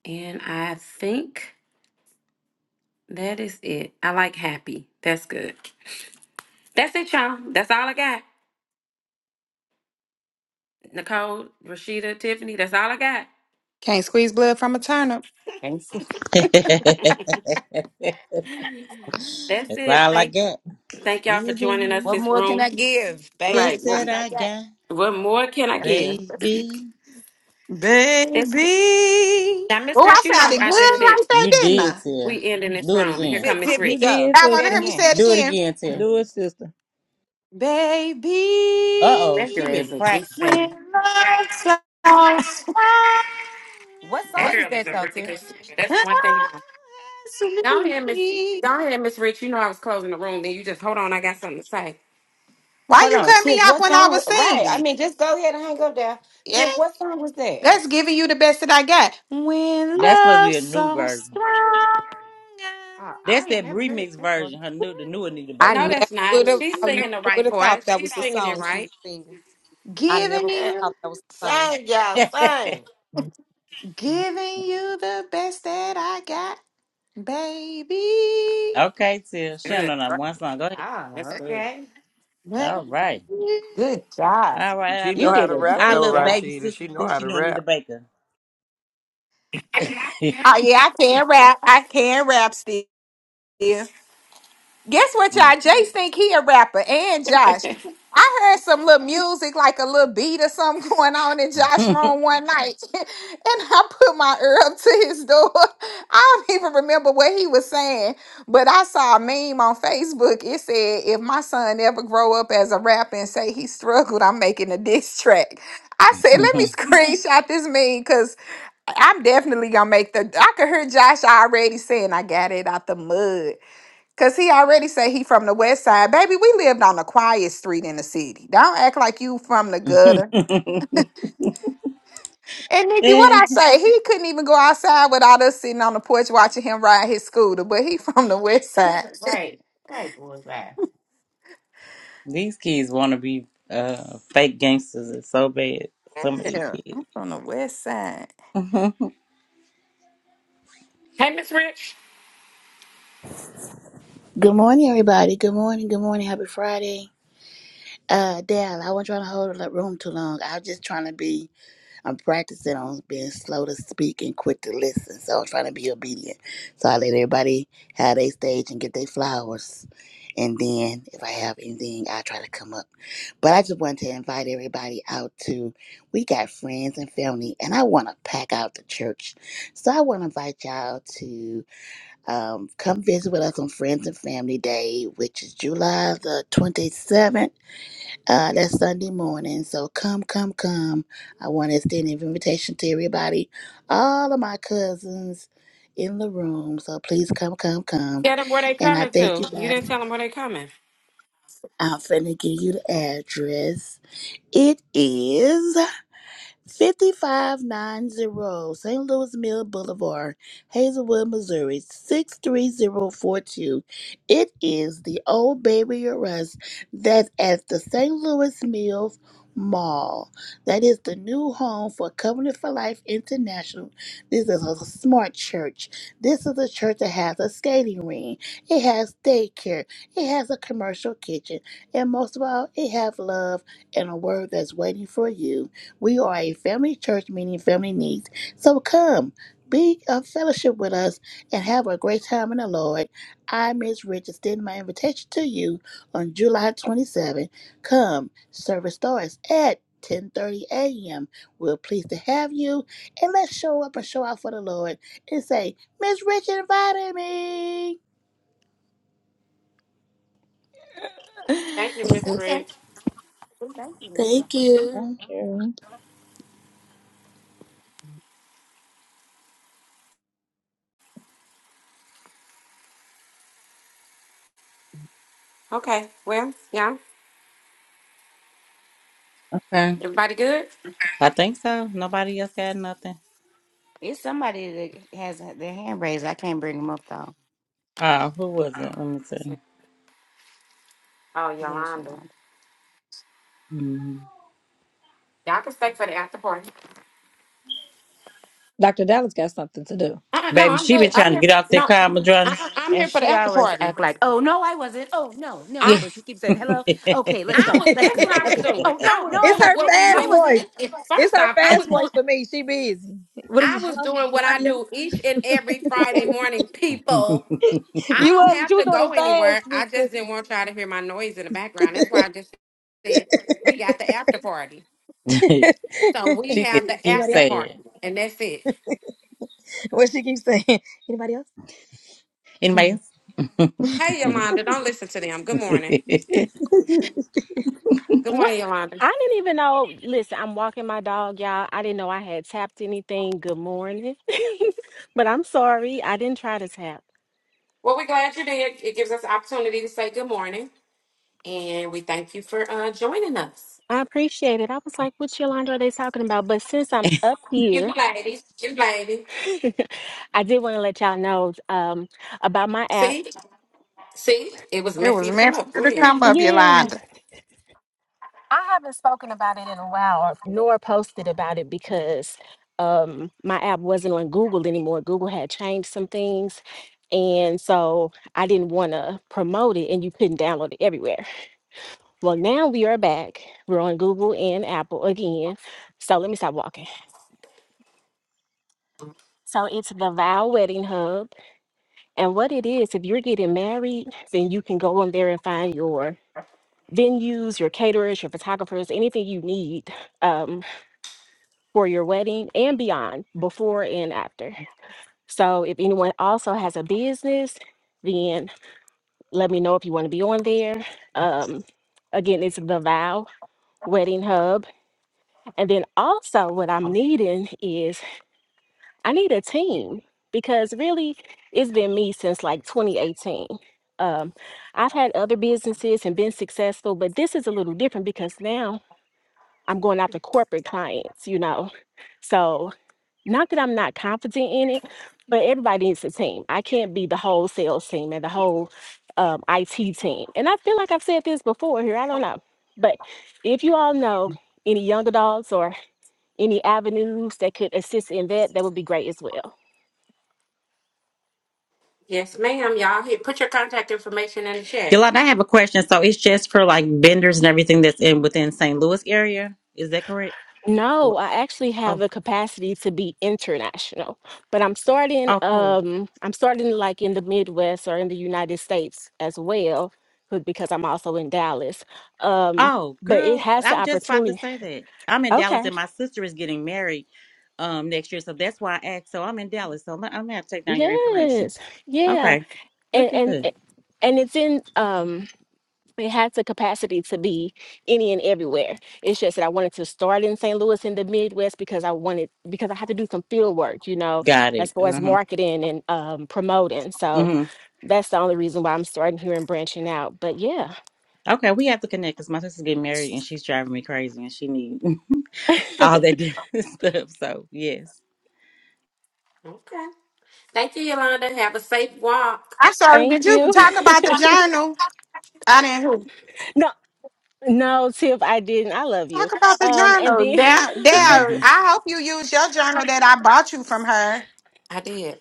And I think that is it. I like happy. That's good. That's it, y'all. That's all I got. Nicole, Rashida, Tiffany, that's all I got.
Can't squeeze blood from a turnip.
Thanks.
[LAUGHS] That's it.
all I
Thank
got.
Thank y'all for joining us
What
this
more can I
room.
give, baby?
Guess
Right.
That's all
that
What,
I
I
got.
got,
what more can I give?
baby.
This
Baby.
now, Miss
Oh, I
Rich, you know
sounded good
I just said
right there,
You
didn't
did,
I?
Tia.
we ending this
Do it
room, and here
again.
come
Tip,
Miss
Tiffany,
You
Rich.
go.
did,
I want
Say
to
it
hear
sister.
me
again.
say it
Do it
again.
again, Tia.
Do it, sister.
Baby,
Uh oh,
That
she
girl
been
is a good
practicing.
singer.
when love so sweet.
What
That
song is
girl is
that
a
though,
really
Tiff?
good singer. That's one thing. Go ahead, Miss. Go ahead, Miss Rich. You know I was closing the room, then you just hold on. I got something to say.
Why
Hold
you
on,
cut me
Tiff.
off
What
when I
song?
was
Right. I
singing?
mean, just go ahead and hang up there. Tiff, what song was that?
That's giving you the best that I got. When
Oh,
That must
love
be a new
so
version.
strong. I-
oh I
That's
ain't
that
never heard
remix
that before.
version. Her new, the new Anita
I never
No, that's
would
not.
have.
She's
I never
singing the
would
right
have
part.
thought that
She's
was the
singing it
song she was
right.
singing. I never
Giving
would
[LAUGHS]
you,
have thought that was the song.
Sing, y'all,
Baker.
sing.
giving you the best that I got,
[LAUGHS]
baby.
okay, Tia. She don't
Good.
know that one song. Go ahead.
That's
Oh,
good.
okay.
Oh
All right.
yeah,
Good job.
All right, our
She
You
know
little,
how
did
to
a
rap
our
great
though,
little
job.
baby
Rashida.
sister
She know
thinks
how
she
to
know Anita
rap.
Baker. [LAUGHS]
Ah, yeah, I can rap. I can rap still. Guess what, y'all?
Mm.
Jace think he a rapper and Josh.
[LAUGHS] hey,
I heard some little music, like a little beat or something [LAUGHS] going on in Josh's room one night. [LAUGHS] and I put my ear up to his door. [LAUGHS] I don't even remember what he was saying, but I saw a meme on Facebook. It said, if my son ever grow up as a rapper and say he struggled, I'm making a diss track. I said, let me [LAUGHS] screenshot this meme because I'm definitely gonna make the I could hear Josh already saying I got it out the mud. Cause he already say he from the west side. Baby, we lived on the quiet street in the city. Don't act like you from the gutter. And
[LAUGHS]
Nikki, what
Eh,
I say, he couldn't even go outside without us sitting on the porch watching him ride his scooter, but he [LAUGHS] from the west
[LAUGHS]
side.
Right. Right, boy. Right.
these kids want to be uh, fake gangsters. It's so bad. Some of these
Yeah,
kids.
I'm from the west side.
Miss Rich.
Good morning, everybody. Good morning. Good morning. Happy Friday. Uh, Dal, I wasn't trying to hold the room too long. I was just trying to be, I'm practicing on being slow to speak and quick to listen. So I'm trying to be obedient. So I let everybody have their stage and get their flowers. And then if I have anything, I try to come up. But I just wanted to invite everybody out to, we got friends and family, and I want to pack out the church. So I want to invite y'all to. Um, come visit with us on Friends and Family Day, which is July the 27th. Uh, that's Sunday morning. So come, come, come. I want to extend an invitation to everybody, all of my cousins in the room. So please come, come, come.
Tell them where they
And I
coming
thank you
to. You didn't
guys.
tell them where they coming.
I'm finna give you the address. It is 5590 St. Louis Mill Boulevard, Hazelwood, Missouri, 63042. It is the Old Baby Arrest that's at the St. Louis Mills Mall. That is the new home for Covenant for Life International. This is a smart church. This is a church that has a skating ring. It has daycare. It has a commercial kitchen. And most of all, it has love and a word that's waiting for you. We are a family church meeting family needs. So come, be a fellowship with us and have a great time in the Lord. I, Miss Rich, extend my invitation to you on July 27. Come, service starts at 10:30 a.m. We're pleased to have you, and let's show up and show out for the Lord and say, Miss Rich invited me.
Thank you, Miss
Okay.
Rich.
Thank you,
Thank
Mister.
you.
Thank you.
Okay. Well, yeah.
[LAUGHS] okay.
Everybody good?
I think so. Nobody else got nothing.
It's somebody that has their hand raised. I can't bring them up though.
Uh, who was it? Let me see.
Oh,
Yeah, she
Yolanda.
won.
Mm.
Y'all can stay for the after party.
Dr. Dallas got something to do.
Uh-uh, no,
Baby,
I'm
she
good.
been
I'm
trying to
here.
get off that
No,
car, Madrona.
I, I'm
And
here for the
she
after
always
party.
act like, oh no, I wasn't. Oh no, no.
Yeah.
I
[LAUGHS]
But she keeps saying, hello. Okay,
[LAUGHS]
let's
[LAUGHS]
I
go.
it's
was
Let's
guess
go.
what I was
Okay.
doing.
Oh
I
no, no,
was
I
doing
her
what
wasn't.
we
No, I
fast
do.
wasn't.
voice.
[LAUGHS]
It's
First
her
off, I
fast
was doing
voice for me. She busy. What are
I
you?
was
Hello?
doing what I
Anybody
do each and every Friday
else?
morning. People,
[LAUGHS]
I
you
don't
was, but
have
you was
to
doing
go
it
anywhere. I just
fast,
didn't want y'all to hear my noise in the background. That's why I just said we got the after party.
big
So
sister.
we
she just
have the
[LAUGHS]
keeps
Anybody
after
else?
saying.
party, and that's it.
What she keeps saying? Anybody else?
Anybody
[LAUGHS]
Hey,
else?
Yolanda, don't listen to them. Good morning.
[LAUGHS]
Good
What?
morning, Yolanda.
I didn't even know. Listen, I'm walking my dog, y'all. I didn't know I had tapped anything. Good morning. [LAUGHS] but I'm sorry. I didn't try to tap.
Well, we're glad you're there. It gives us the opportunity to say good morning, and we thank you for uh, joining us.
I appreciate it. I was like, what Yolanda are they talking about? But since I'm up
You
here,
ladies, you ladies.
[LAUGHS] I did want to let y'all know um, about my app.
See, see, it was
It
meant for
was
you to come
meant for
up. Go
you to
ahead.
come up,
Yeah.
Yolanda.
I haven't spoken about it in a while, nor posted about it because um, my app wasn't on Google anymore. Google had changed some things. And so I didn't want to promote it, and you couldn't download it everywhere. Well, now we are back. We're on Google and Apple again. So let me stop walking. So it's the Vow Wedding Hub. And what it is, if you're getting married, then you can go on there and find your venues, your caterers, your photographers, anything you need. Um, for your wedding and beyond, before and after. So if anyone also has a business, then let me know if you want to be on there. Um, again, it's the Vow Wedding Hub. And then also, what I'm needing is I need a team because really it's been me since like 2018. Um, I've had other businesses and been successful, but this is a little different because now I'm going after corporate clients, you know. So Not that I'm not confident in it, but everybody needs a team. I can't be the whole sales team and the whole um, IT team. And I feel like I've said this before here. I don't know. But if you all know any young adults or any avenues that could assist in that, that would be great as well.
Yes, ma'am, y'all. Here, put your contact information in the chat.
Yolanda, I have a question. So it's just for like vendors and everything that's in within St. Louis area. Is that correct? Wh-
No, I actually have
Oh,
the capacity to be international, but I'm starting
oh, cool.
um I'm starting like in the Midwest or in the United States as well, but because I'm also in Dallas. Um,
Oh,
but it
girl,
has
I
the
was just about
opportunity
to say that. I'm in Dallas
Okay.
and my sister is getting married um next year, so that's why I asked. So I'm in Dallas, so I'm gonna have to take down your information.
Yes. Yeah.
Okay,
And
look at
and
this.
it- and it's in um it has the capacity to be any and everywhere. It's just that I wanted to start in St. Louis in the Midwest because I wanted because I had to do some field work, you know,
Got
as
it.
far as
Uh-huh.
marketing and um promoting. So
hmm
that's the only reason why I'm starting here and branching out. But yeah,
Okay, we have to connect because my sister's getting married and she's driving me crazy and she needs [LAUGHS] all that different [LAUGHS] stuff. So yes.
Okay. Thank you, Yolanda. Have a safe walk.
I'm sorry, did
thank
you
you.
talk
[LAUGHS]
about the journal? I didn't hear.
No, no, Tiff, I didn't. I love
Talk
you.
about the
Um, and
journal.
then
There,
[LAUGHS]
there.
hmm
I hope you use your journal that I bought you from her.
I did.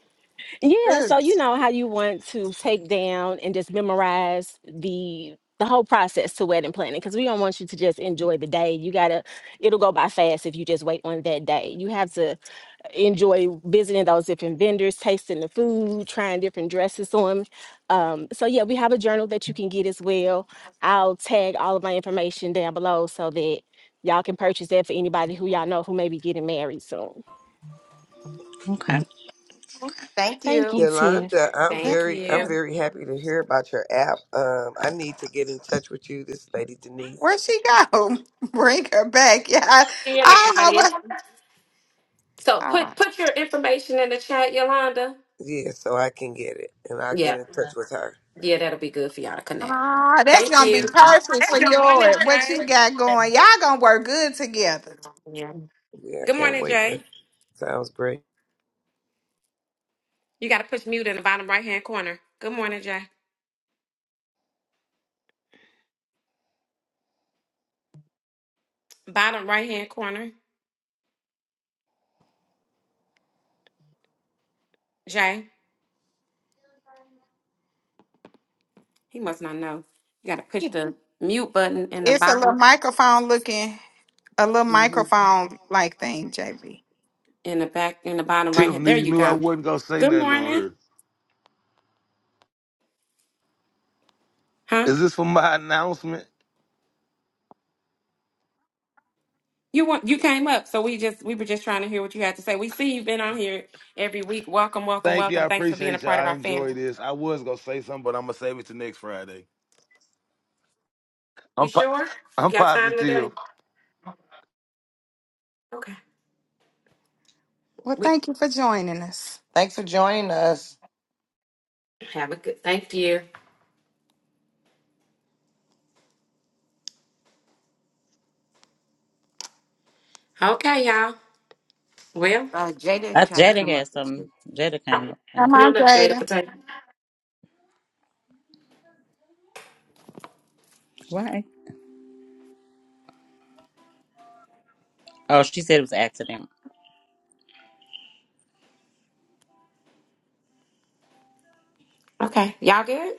Yeah,
Good.
so you know how you want to take down and just memorize the the whole process to wedding planning because we don't want you to just enjoy the day. You gotta, it'll go by fast if you just wait on that day. You have to enjoy visiting those different vendors, tasting the food, trying different dresses on. Um, so yeah, we have a journal that you can get as well. I'll tag all of my information down below so that y'all can purchase that for anybody who y'all know who may be getting married soon.
Okay.
Thank
Thank you,
you.
Tiff.
Yolanda, I'm
Thank
very I'm
you.
very happy to hear about your app. Um, I need to get in touch with you, this lady Denise.
Where she go? [LAUGHS] Bring her back. Yeah, I,
See you in the
I don't know
audience.
what.
So
Hold
put
on.
put your information in the chat, Yolanda.
Yeah, so I can get it, and I'll get
Yeah,
in touch with her.
yeah, that'll be good for y'all to connect.
Ah, that's
Thank
gonna be
hmm
you.
perfect for
Good morning,
your what
Jay.
you got going. Y'all gonna work good together.
Yeah, I
Good
can't
morning,
wait. That
Jay.
sounds great.
You got to push mute in the bottom right hand corner. Good morning, Jay. Bottom right hand corner, Jay. He must not know. You got to push the mute button in the
It's a little
bottom,
microphone looking, a little
Mhm.
microphone like thing, JB.
in the back, in the bottom right
Tiff
hand.
knew
There
you
you
knew I
go.
wasn't gonna say
Good
nothing on her.
morning, huh?
Is this for my announcement?
You want you came up, so we just we were just trying to hear what you had to say. We see you've been on here every week. Welcome, welcome,
Thank you, I
welcome. Thanks for being a
appreciate you. all
part of
I
our family.
enjoy this. I was gonna say something, but I'm gonna save it to next Friday.
You
I'm po-
sure? We
I'm
got time
positive.
today. Okay.
Well,
We
thank you for joining us.
Thanks for joining us.
have a good. Thank you. Okay, y'all. Well.
Uh, Jada
I,
tried to
Jada
come up.
had some.
you.
Jada came
Um,
up with
Come
them.
Come
on,
on up, Jada
Jada.
Potato.
Why? Oh, she said it was an accident.
Okay, y'all good?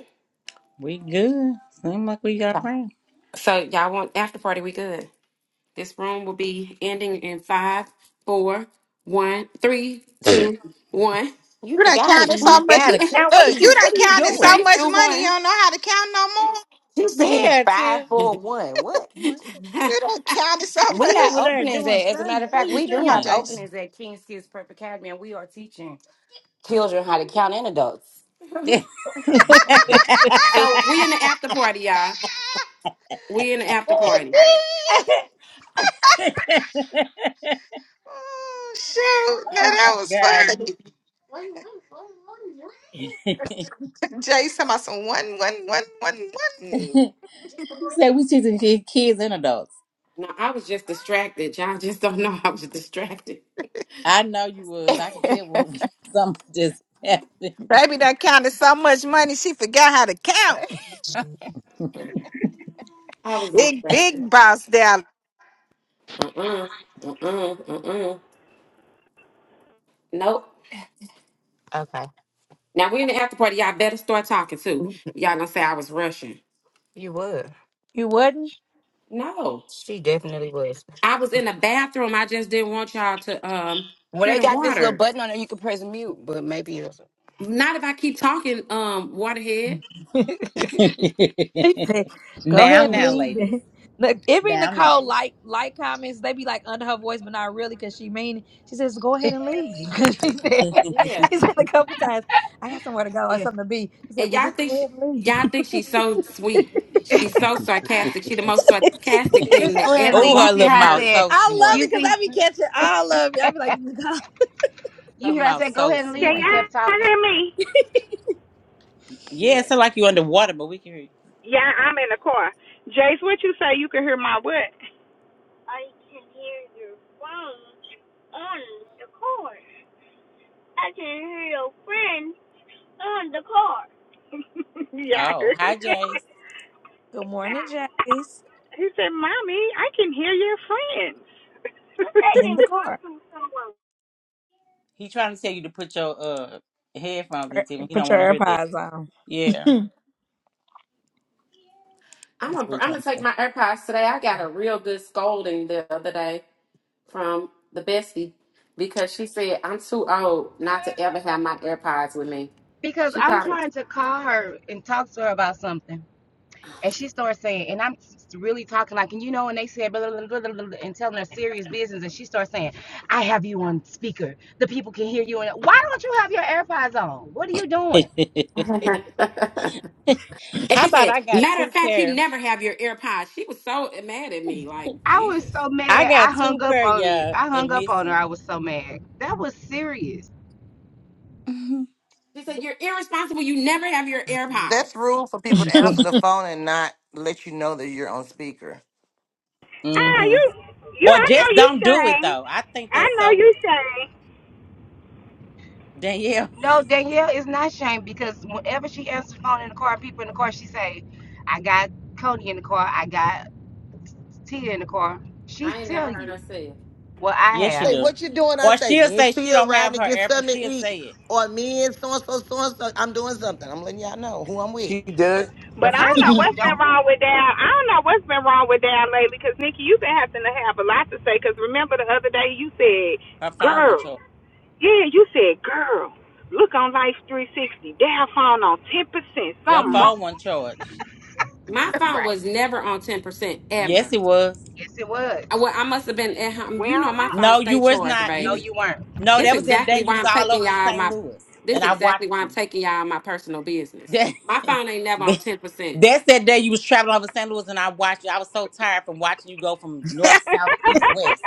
We good. Seem like we got around.
So y'all want after party? We good. This room will be ending in five, four, one, three,
Gotta
two, one.
You
You done
forgot how to
counted so
count.
much.
[LAUGHS]
count. What
Look,
is
you
you?
done
What are you
counted so
three,
doing?
much
two,
money. You
one.
don't know how to count no more.
She said
Yeah,
[LAUGHS] five,
Tim.
four, one. What?
What?
[LAUGHS]
You done counted so
She
We
much.
have
over there
openings at,
doing
as a matter
something.
of
What are
fact,
you
we do
Come on,
have
doing?
Jace.
openings at King's Kids Prep Academy, and we are teaching children how to count and adults.
[LAUGHS]
so we in the after party, y'all.
[LAUGHS]
We in the after
oh
party.
shoot! Now
oh
that was
my god.
funny.
[LAUGHS]
[LAUGHS] Jay talking about some one, one, one, one, one.
she said we teaching ki- kids and adults.
No, I was just distracted. Y'all just don't know I was distracted.
I know you was. I can tell when [LAUGHS] something just happened.
Baby, that counted so much money she forgot how to
[LAUGHS]
count.
I was
Big,
distracted.
big boss down.
Uh uh-uh, uh. Uh uh. Uh uh. Nope.
Okay.
Now we're in the after party. Y'all better start talking too. Y'all gonna say I was rushing.
You would.
you was
No.
She definitely was.
I was in the bathroom. I just didn't want y'all to um
Well,
hear
they
the
got this little
water.
button on there you can press mute, but maybe it's
Not if I keep talking, um, waterhead.
not [LAUGHS]
[LAUGHS]
He said, go
now,
ahead and
now,
leave.
ladies.
it." Look, every
Now, now.
Nicole like like comments, they be like under her voice, but not really because she mean it. She says, go ahead and leave. [LAUGHS] 'Cause she said
Yeah.
[LAUGHS] she said a couple times, I got somewhere to go or
Yeah.
something to be. She said,
And
Well
y'all
just go
think she,
ahead and leave.
y'all think she's so sweet.
[LAUGHS]
She's so sarcastic. She the most sarcastic thing
Just
that
go ahead and
ever
Oh,
leave. You
her
walked
see
this
little
how I
mouth
earth.
said,
[LAUGHS]
so
I love
smart.
you
it because
see,
I be catching all of you. I be like, "Nicole,
you
Her
hear I
mouth
said, go
so
ahead and
Can
leave and
smart.
kept
y'all
talking.
hear me?
Yeah,
Yeah.
it's like you underwater, but we can hear you.
Yeah, I'm in the car. Jace, what you say? You can hear my what? [LAUGHS] yeah.
Oh, hi,
[LAUGHS]
Jace.
Good morning, Jace.
He said, Mommy, I can hear your
In
friends.
the
[LAUGHS]
car.
He trying to tell you to put your uh headphones
Er,
in, Tim. He
Put
don't
your
want to hear that.
AirPods on.
Yeah,
[LAUGHS]
I'm
that's
gonna
what he
I'm gonna take my
trying
AirPods today. I got a real good scolding the other day. from the bestie because she said I'm too old not to ever have my AirPods with me.
Because
She
I'm
called me.
trying to call her and talk to her about something. And she starts saying, and I'm really talking like, and you know, and they said, blah, blah, blah, blah, blah, and telling her serious business. And she starts saying, I have you on speaker. The people can hear you. And why don't you have your AirPods on? What are you doing?
to say.
[LAUGHS] and
[LAUGHS] How
she
about
said,
I got
matter of
two
fact, you
pair?
never have your AirPods. She was so mad at me, like,
I was
Jesus.
so
I
mad.
got
I hung
two
up
pair,
on you.
y'all,
I hung
and
up on her.
missing.
I was so mad. That was serious.
She said, You're irresponsible. You never have your AirPods.
That's rude for people to
Mm-hmm.
answer
[LAUGHS]
the phone and not let you know that you're on speaker.
Ah, you, you,
Or
I know
just
you
don't do it
sang.
though. I think
I
that's
know
so
you sang.
Danielle.
No, Danielle is not shamed because whenever she answers the phone in the car, people in the car, she say, "I got Cody in the car. I got Tia in the car." She
I ain't never
tell
heard
you
her say it.
what I
Yes, she
have.
Say,
do.
what you doing? I
Or
say,
she'll
me and
say she
Tia
don't have
riding
her
to get
AirPods.
something to
She'll
eat.
say it.
Or me and so-and-so, so-and-so. I'm doing something. I'm letting y'all know who I'm with.
She does
The
But I don't
person
know
who
what's been
[LAUGHS]
don't,
wrong with Dad. I don't know what's been wrong with Dad lately, because Nikki, you've been having to have a lot to say. Because remember the other day you said,
Her phone won't
girl.
charge.
Yeah, you said, girl. Look on Life 360. Dad found on 10%.
Your
[LAUGHS]
Something wrong.
phone wasn't charged.
My phone
right?
was never on 10%
Yes,
ever.
it was.
Yes, it was.
I- Well, I must have been at home.
We
You know,
don't
my
know.
phone
No, you
stay
was
charged,
not. You
No,
baby.
was
you weren't.
no.
This
That was that day
exactly
you
why
was
I'm
all
taking
over the
y'all
St.
my.
Louis,
This
and I watched
exactly why I'm
you.
taking y'all my personal business.
That,
My
[LAUGHS]
phone ain't never on
that-
ten percent.
that's that day you was traveling over St. Louis, and I watched you. I was so tired from watching you go from north,
[LAUGHS] she
south, east, west.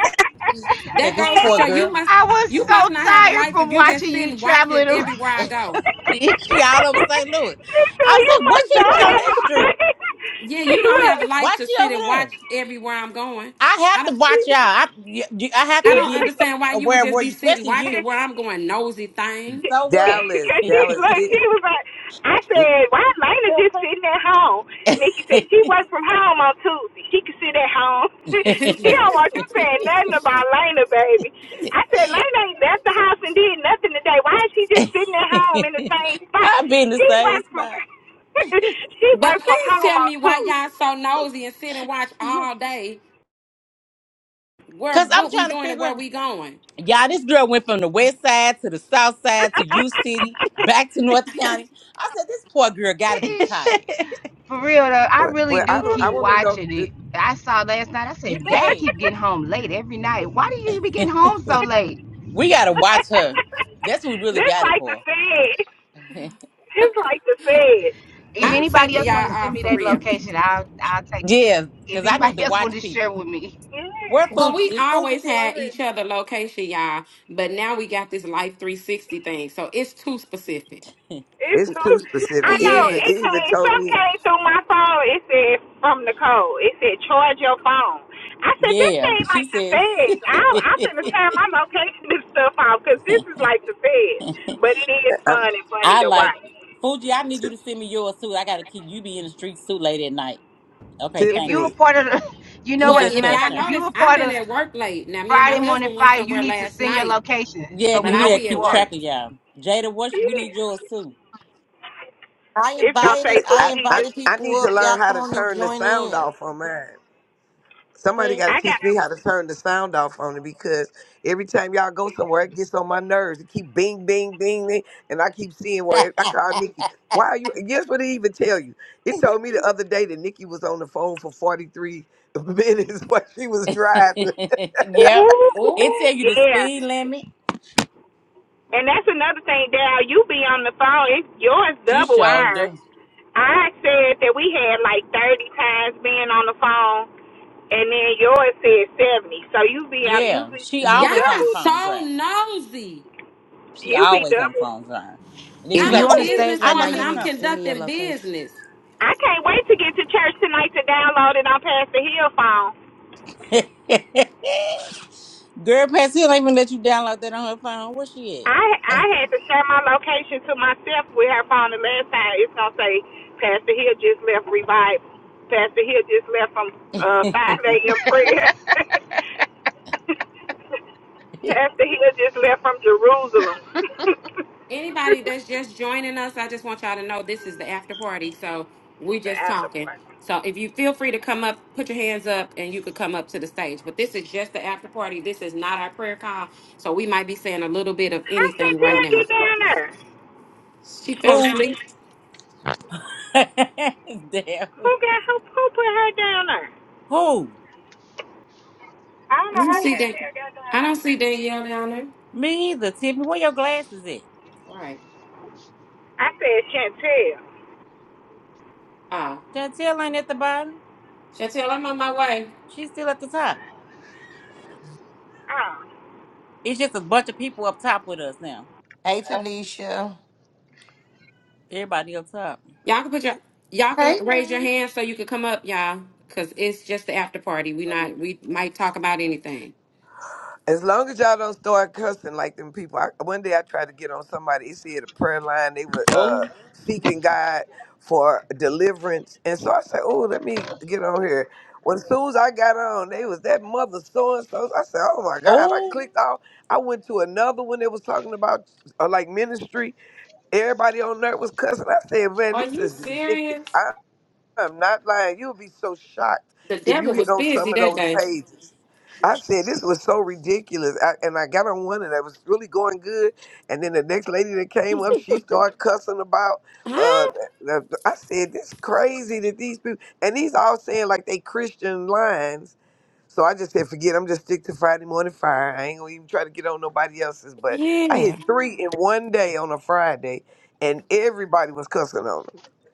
That
That
this
goes to
poor
show you
girl,
must
I was
you
so
must not have a
tired
life
from
if you just
watching you
sitting watching
traveling around.
everywhere
[LAUGHS]
I go.
she all over St. Louis.
said,
I was
you
like, what's
must
she
not
doing on
have a
that street?
[LAUGHS]
Yeah,
She
you don't have a life
Why
to
she
sit
over
and watch
there?
everywhere I'm going.
I have
I
to
don't
watch y'all.
looked.
I y- y- I have
I
to
She's
don't
be
like,
understand why you would
aware of
just
where you,
be sitting
especially
[LAUGHS]
watching
you.
because
where I'm going, nosy thing.
So what?
Dallas,
she
Dallas.
look,
It,
she was like, I
it
said, why Lena just sitting at home? Nikki
[LAUGHS]
said she works from home on Tuesday. She can sit at home.
[LAUGHS]
[LAUGHS]
I've
but
[LAUGHS] she don't want you saying nothing about Lena, baby. I said Lena ain't left the house and did nothing today. Why is she just sitting at home in the same spot?
been the
She
same
works from
spot.
[LAUGHS] she works from
please
home
tell
on
me why y'all
Tuesday.
so nosy and sit and watch
[LAUGHS]
all day where
Cause I'm
what we
trying to
doing and
figure
where
out.
we going.
Y'all, this girl went from the west side to the south side to U City, back to North County. I said, this poor girl gotta be
[LAUGHS]
tired.
For real though, I
well,
really
well,
do
I don't- I
keep
want to know.
watching it. I saw last night. I
You
said, "Dad,
[LAUGHS]
can't.
keep getting home late every night. Why do you be getting home so late?"
[LAUGHS] We gotta watch her. That's what we really
this
got it
like the
for.
Fed. This like the Fed.
If
I'm
anybody
taking
else
y'all
want to send
off
me
for
that
real.
location, I'll I'll
[LAUGHS]
take it.
yeah,
If
because I need
anybody [LAUGHS]
to
else
watch
want to share
people.
with me,
Where
Yeah,
Well,
Fuji?
we
Is Fuji
always
still
had
over
each other location, y'all, but now we got this Life 360 thing, so it's too specific.
here?
it's
It's too
true. I
specific. It
know
even
it
it
Yes.
even
came.
told
Some
me,
came through my phone. It said from Nicole. It said charge your phone. I
[LAUGHS]
said this
Yeah,
ain't
she
like the
says.
feds. I I finna turn my location and stuff off because this is like the feds.
[LAUGHS]
But it is
um,
fun and funny
I
to
like
watch.
it. Fuji, I need you to send me yours too. I gotta keep you be in the streets too late at night. Okay,
if
thank
you
you.
are a
Tiffany.
part of, the, [LAUGHS] you know
She
what?
Well,
As
just
a
if
matter of
thought
y'all
fact, if
shine.
you
notice,
are a
I've
part
been
of
at work late. Now, me and my
Friday Morning
husband went
Fire, you
somewhere
need to
last
send your
night,
location
Yeah,
so we
but
because we
I
know where
gotta
be
you
at
keep
are.
track
work.
of y'all. Jada, what we need
Yeah,
yours too.
I
it's
look,
gonna
invited
say
I
I,
Fuji.
I
Just
invited
I
people
need to
up.
[LAUGHS]
learn
Y'all
how
come
to
on and
turn the
join
sound
in.
off on mine. Somebody
Hmm.
got to
I got.
teach me how to turn the sound off on it because every time y'all go somewhere, it gets on my nerves. It keep bing, bing, bing, bing, and I keep seeing where it,
[LAUGHS]
I call Nikki. Why are you? Guess what? It even tell you. It told me the other day that Nikki was on the phone for forty three minutes [LAUGHS] while she was driving.
yep.
Ooh,
It
Oh,
tell you the
yeah.
speed limit.
And that's another thing, Dal. You be on the phone. It's yours
She
double
sure
ours.
do.
I said that we had like 30 times being on the phone, and then yours said 70. So you be out. You
Yeah.
be
She
you
always on
y'all
the
double.
phone
so
driving.
nosy.
She
You be
always on the
double.
phone driving. And then she
If
be
I'm
like,
you
a
on the
oh,
Yeah.
stage
I
right now,
almost
businesswoman.
you
hit
need
I'm
to
something.
send me your
conducting
location.
business.
I can't wait to get to church tonight to download it on Pastor Hill's phone.
[LAUGHS] Girl, Patsy don't even let you download that on her phone. Where she
I I had to share my location to myself with her phone the last time. It's gonna say Pastor Hill just left revive. Pastor Hill just left from uh, 5
at?
a.m. prayer. [LAUGHS]
[LAUGHS]
Pastor Hill just left from Jerusalem. [LAUGHS]
anybody that's just joining us, I just want y'all to know this is the after party. So we
it's the
just talking.
afterboy.
So if you feel free to come up, put your hands up and you could come up to the stage. But this is just the after party. This is not our prayer call. So we might be saying a little bit of
How
anything right
Chantel
now.
get down there?
She fell
Who?
asleep.
[LAUGHS] Damn.
Who got who who put her down there?
Who?
I don't
I
know
don't
how
Who?
see that.
Chantel got down
I don't
there.
see Danielle down there.
Me either, Tiffany. Where your glasses at?
All right.
I said Chantel.
Uh
Chantel ain't at the bottom.
Chantel, I'm on my way.
She's still at the top.
Oh.
It's just a bunch of people up top with us now.
Hey Tanisha.
Everybody up top.
Y'all can put your y'all can
Hey
raise your
guys.
hand so you can come up, y'all. Cause it's just the after party. We not we might talk about anything.
As long as y'all don't start cussing like them people. I, one day I tried to get on somebody. They said a prayer line. They were uh,
Oh,
seeking God for deliverance, and so I said, "Oh, let me get on here." When as soon as I got on, they was that mother so and so. I said, "Oh my God!" I
oh,
clicked off. I went to another one that was talking about uh, like ministry. Everybody on there was cussing. I said, "Man,
Are
this
you
is ridiculous."
serious?
I'm not lying. You'll be so shocked
The
if you
devil
hit
was
on some
busy
of
that
those
day.
pages. I said this was so ridiculous, I, and I got on one and I was really going good. And then the next lady that came up, she started cussing about. Uh,
Huh?
the- the- I said this crazy that these people and these all saying like they Christian lines. So I just said forget. I'm just stick to Friday morning fire. I ain't gonna even try to get on nobody else's. But I
Yeah.
hit three in one day on a Friday, and everybody was cussing on 'em.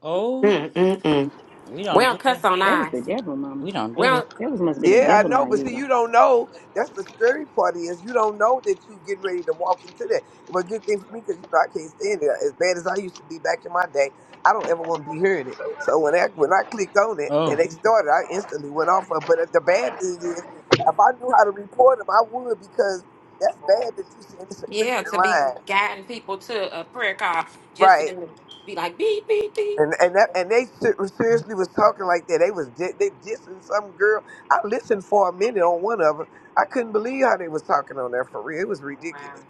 oh.
Mm-mm-mm.
We
We
don't do
don't
that.
cuss on
That was the
eyes.
devil, Mama.
We don't
We
do that.
don't,
That was must have been a
Yeah, I
devil
know,
I
but see,
using.
you don't know. That's the scary part is you don't know that you getting ready to walk into that. But good thing for me, because you know I can't stand it. As bad as I used to be back in my day, I don't ever want to be hearing it. So when I when I clicked on it and
Oh.
they started, I instantly went off. Of, but uh, the bad thing is, if I knew how to report them, I would because that's bad that you said it's a
yeah,
Christian
to be
line,
guiding people to a prayer call just for
right?
them to be like, beep, beep, beep.
And and that, and they se- seriously was talking like that. They was di- they dissing some girl. I listened for a minute on one of them. I couldn't believe how they was talking on there for real. It was
Wow.
ridiculous.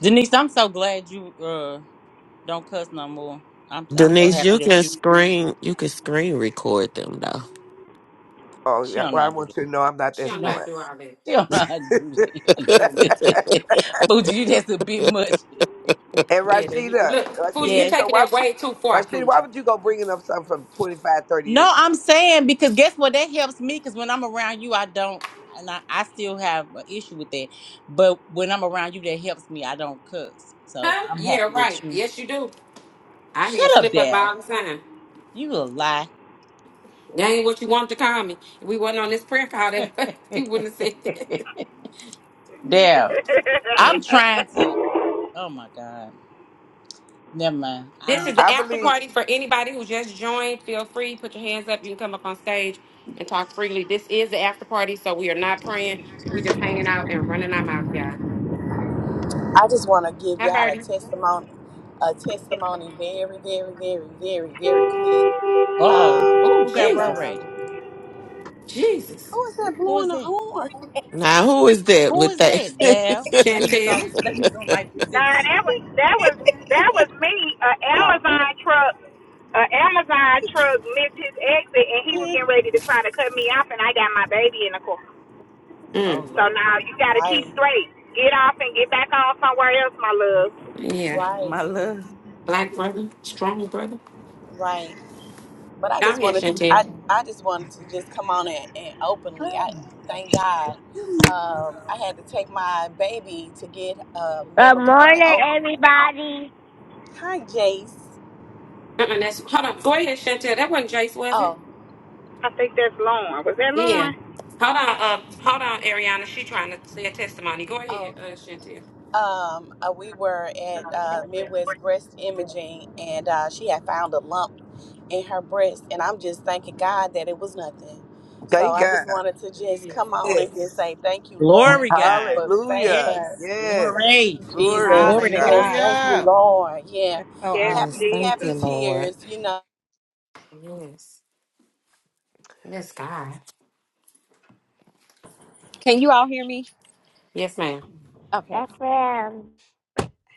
Denise, I'm so glad you uh don't cuss no more. I'm I'm so
Denise,
happy
you
that
can
you
screen you can screen record them though.
Oh,
she
yeah,
don't know
well,
how
I
to do
want
that.
you to know I'm not that
She
You
don't know
know
how to
smart.
do all that.
[LAUGHS] she don't know how to do
Mm.
that. [LAUGHS] Booty, you that's a bit much. [LAUGHS]
And
Yeah, the, you-
Rashida,
look, Fuji,
Rashida,
you
Yes,
and so
taking
why
that
would
way too far,
Rashida? Why
Fuji.
would you go bringing up something from twenty five, thirty
No,
years ago?
I'm saying because guess what? That helps me because when I'm around you, I don't, and I, I still have an issue with that. But when I'm around you, that helps me. I don't cuss, so
Huh?
I'm
Yeah,
happy that
right.
you
Yes, you do. I hear you
shut up,
slip up
Dale.
all the time.
You a lie,
That ain't what you want to call me. If we wasn't on this prayer call, that [LAUGHS] you
[LAUGHS]
wouldn't have said
Dale.
that. [LAUGHS]
I'm trying to. Oh my God, never mind.
[LAUGHS]
I
This
mm.
is
don't.
the
I
after
believe.
party for anybody who just joined. Feel free, put your hands up. You can come up on stage and talk freely. This is the after party, so we are not praying. We just hanging out and running our mouth, y'all.
I just want to give
Hi,
y'all a
Birdie.
testimony, a testimony very, very, very, very, very quick.
Uh oh,
Um,
Oh,
who got
but
road
Jesus.
um,
rage?
Jesus.
who is that
Who
blowing
is
the
that?
horn? [LAUGHS]
Now who is that
Who
with
is
that?
that, Dale? Let me look on.
Chantel.
Let me look
[LAUGHS]
on like
Nah,
360.
that was that was that was me. A
Oh,
Amazon truck, a Amazon truck missed his exit, and he was getting ready to try to cut me off, and I got my baby in the car.
oh
Mm,
So
Lord,
now you got to keep
Right,
straight. Get off and get back on somewhere else, my love.
yeah.
right,
my love.
Black brother. Strong brother.
right. But I
Down
just
here,
wanted to, I,
Chantel.
I just wanted to just come on and, and openly, I thank God. Um, I had to take my baby to get a
Good
mammogram and
morning,
oh,
everybody.
hi Jace.
Uh-uh, that's, hold on. Go ahead, Chantel. That wasn't Jace, was it?
Oh,
I think that's Lauren. Was that
Yeah.
Lauren?
Hold on. Uh, hold on, Ariana. She trying to say a testimony. Go
oh.
ahead, uh, Chantel.
um, uh, we were at uh, Midwest Breast Imaging, and uh, she had found a lump in her breast, and I'm just thanking God that it was nothing. So
Thank
I
God.
just wanted to just
Yes.
come on and just
Yes.
say thank you, Lord.
Glory,
Thank you
God.
for
Hallelujah.
Yes,
favor.
Yes.
Thank
glory.
you,
Glory.
Thank
to
Jesus.
God.
Glory to
God.
Yes,
God.
thank you,
Hallelujah.
Lord. Yeah,
That's so
Yes,
happy,
awesome.
yes, thank
happy
you,
Jesus,
Lord.
tears. You know.
Yes. Yes, God.
Can you all hear me?
Yes, ma'am.
Okay.
Yes, ma'am.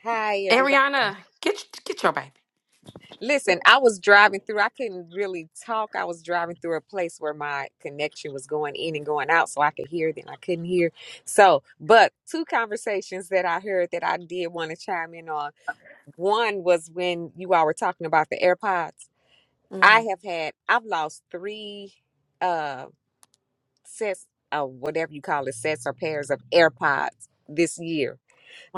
Hi, everybody.
Ariana, get get your baby.
Listen, I was driving through. I couldn't really talk. I was driving through a place where my connection was going in and going out, so I could hear. Then I couldn't hear. So, but two conversations that I heard that I did want to chime in on. One was when you all were talking about the AirPods. I
Mm,
have had. I've lost three uh sets of whatever you call it, sets or pairs of AirPods this year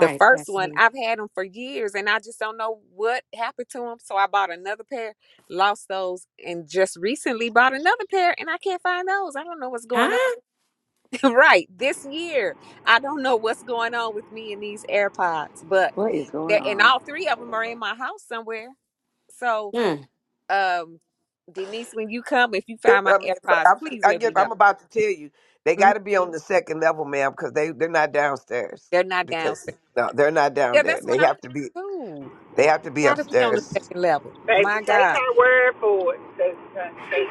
the first
That's
one,
it.
I've had them for years and I just don't know what happened to them. So I bought another pair, lost those, and just recently bought another pair and I can't find those. I don't know what's going on.
Huh?
[LAUGHS] right. This year, I don't know what's going on with me and these AirPods, but
What is going
they're, and
on?
all three of them are in my house somewhere. So,
Mm.
um, Denise, when you come, if you
If-
find my
I mean, if-
AirPods,
I'm,
please
I
let
get,
me know.
I'm about to tell you, they got
Mhm.
to be on the second level, ma'am, because they they're not downstairs.
They're not
Because
downstairs.
no, they're not down
Yeah,
there.
that's what
They
I'm
have to
thinking
be.
too.
They have to be
They gotta be on the
upstairs.
second level.
baby,
My
take
God.
her word for it. 'cause, uh, she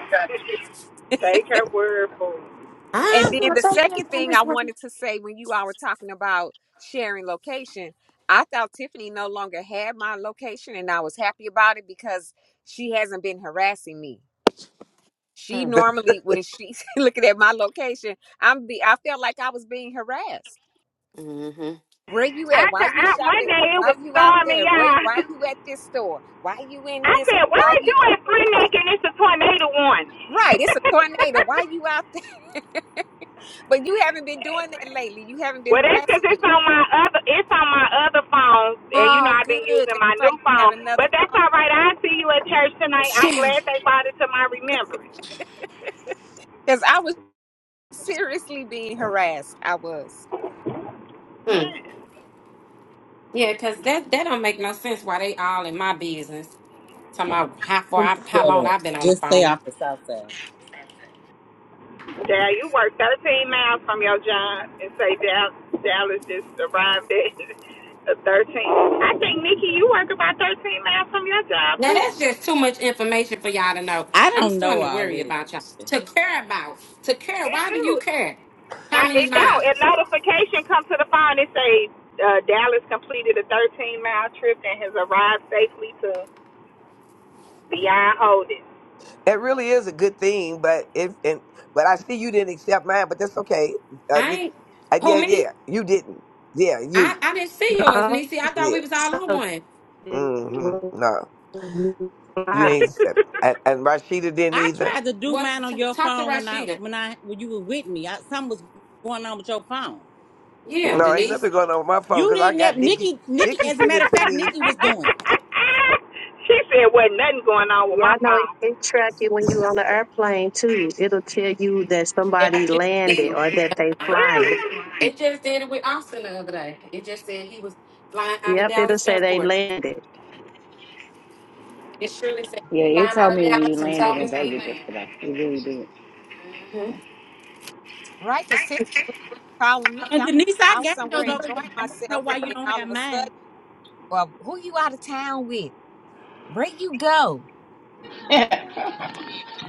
[LAUGHS]
[LAUGHS]
take her word for it.
And
I'm
then
gonna
the
take your
second thing
numbers
I
with me.
wanted to say when you all were talking about sharing location, I thought Tiffany no longer had my location and I was happy about it because she hasn't been harassing me. She
Mm.
normally when she's [LAUGHS] looking at my location, I'm be I felt like I was being harassed.
Mm-hmm. [LAUGHS]
Where you
I,
at? Why
ca-
you
I one
shopping?
day it
Why
was
you out
stormy,
there? Why
y'all.
why
[LAUGHS]
you at this store? Why you in
I
this
said, why
why
are you
you
at Freemac and it's a tornado warning? [LAUGHS]
Right, it's a tornado. Why you out there? [LAUGHS] But you haven't been doing that lately. You haven't been
well, that's because
harassing me.
it's on my other, it's on my other phone, and you know
Oh,
I've been
good.
using
That's
my
right.
new
You
phone.
got another
But that's all
phone.
right. I'll see you at church tonight. I'm
Yeah.
glad they brought it to my
[LAUGHS]
remembrance.
Because I was seriously being harassed. I was.
Mm.
Yeah,
Yeah, because that, that don't make no sense why they all in my business. Talking about how far I, how
Shut
long
up.
I've been on the
Just stay
phone.
off the south side.
Dad, you work 13 miles from your job and say Dallas Dallas just arrived at [LAUGHS] a 13. I think, Nikki, you work about 13 miles from your job,
Now
too.
that's just too much information for y'all to know.
I
I'm
don't
starting
know
to
all
worry
this.
about y'all. To care about. To care.
It
Why do you
do.
care? How
I-
many
It don't. A
miles?
notification comes to the phone and say uh, Dallas completed a 13 mile trip and has arrived safely to Beyond Holdings.
It really is a good thing, but if and but I see you didn't accept mine, but that's okay. Uh,
I
Nick,
ain't
uh,
who
yeah,
me?
yeah, you didn't. Yeah,
I,
you.
I didn't see yours, Niecy. I thought we
Yeah.
was all on one.
hmm No,
Also,
you
[LAUGHS] she
didn't accept. And, and Rashida didn't
I
either.
tried to do
What?
mine on
T-
your
talk to
phone when I
Rashida.
when I when you were with me. I, something was going on with your phone.
Yeah,
No, ain't
Denise.
nothing going on with my phone
You
because I
didn't have
got Nikki.
Nikki. Nikki,
Nikki
as a
sent
matter
it
of
to
fact,
me.
Nikki was doing it.
said wasn't nothing going on with
Yeah,
my
I know it,
phone.
it track you when you're on the airplane too. It'll tell you that
Yeah.
somebody landed
It,
or that they flying.
Really?
it just did it with Austin the other day. It just said he was flying out of
Yep, it'll
Dallas
say they
Airport.
landed.
It surely said
Yeah, it
flying
told
out of
me when you
Dallas and
landed
told
in
me where he
Vegas yesterday. It really did.
Mhm.
Right? Because Tiffany calling me.
And
I'm
Denise, I
out
got
somewhere
your location.
enjoying
I don't
myself.
know why
And
you
then
don't
all
have
of a sudden,
mine.
well, who you out of town with? Where you go?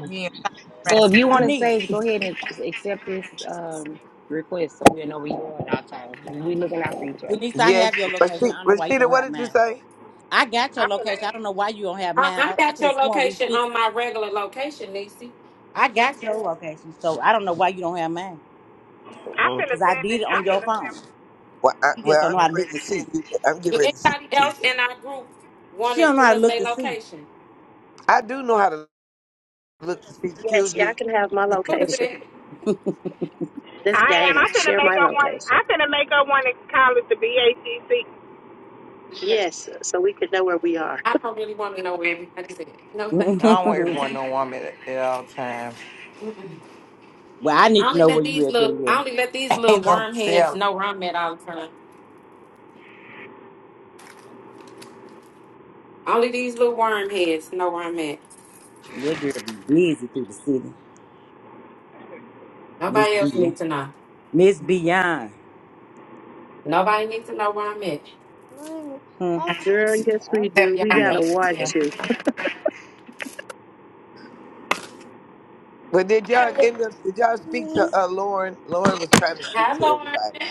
Yeah, that's
So if
harassment.
you want to
Denise,
stage, go ahead and accept this um, request so we know where you are at all times. We looking out for each other.
Denise, I
Yes,
have your location.
Rashida.
I don't know why you
Rashida
don't
what
have
did you
mine.
say?
I got your
I'm finna,
location. I don't know why you don't have
I,
mine.
I
I, I
got
could have
your
sworn we
location
fixed.
on my regular location, Niecy.
I
I
got
got
your
that.
location, so I don't know why you don't have mine.
I'm
mm
finna
Cause I
send
did
it.
it on
I'm
your
finna
phone.
send it.
Well, I,
You
well,
just don't
I'm
know how
getting
to look
ready to
to
send
see.
you. That. I'm getting
Does
ready to send it
anybody
to you.
else in our group want
She
to
don't know
give
how to
us
look
their
to see.
location?
I do know how to look to see.
Yes,
Excuse
y'all
you.
can have my
[LAUGHS]
Who is
location.
it?
That's
I am.
Dana.
I'm finna
Share
make
my
up one.
location.
I'm finna make up one college to BACC.
Yes, so we can know where we are.
I don't really want to know where everybody's at. No,
And
thank
I always
well,
want no woman at, at all times.
you. [LAUGHS]
I need
I
to
only
know where
let
you
these
at,
little I
Danielle.
only let these
[LAUGHS]
little
Ain't no
worm heads
tell.
know where I'm at all the time. Only these little worm heads know where I'm at.
That girl be busy through the city, Miss
Nobody else
Beyond.
needs to know.
Miss Beyond.
Nobody needs to know where I'm at.
Hmm.
Girl, yes we
Except
do. We
y'all
Yeah.
gotta
know.
watch
Yeah.
you.
But did
Okay,
y'all
well,
end up? Did y'all speak to uh, Lauren? Lauren was trying to speak
hi
to
Lauren.
everybody.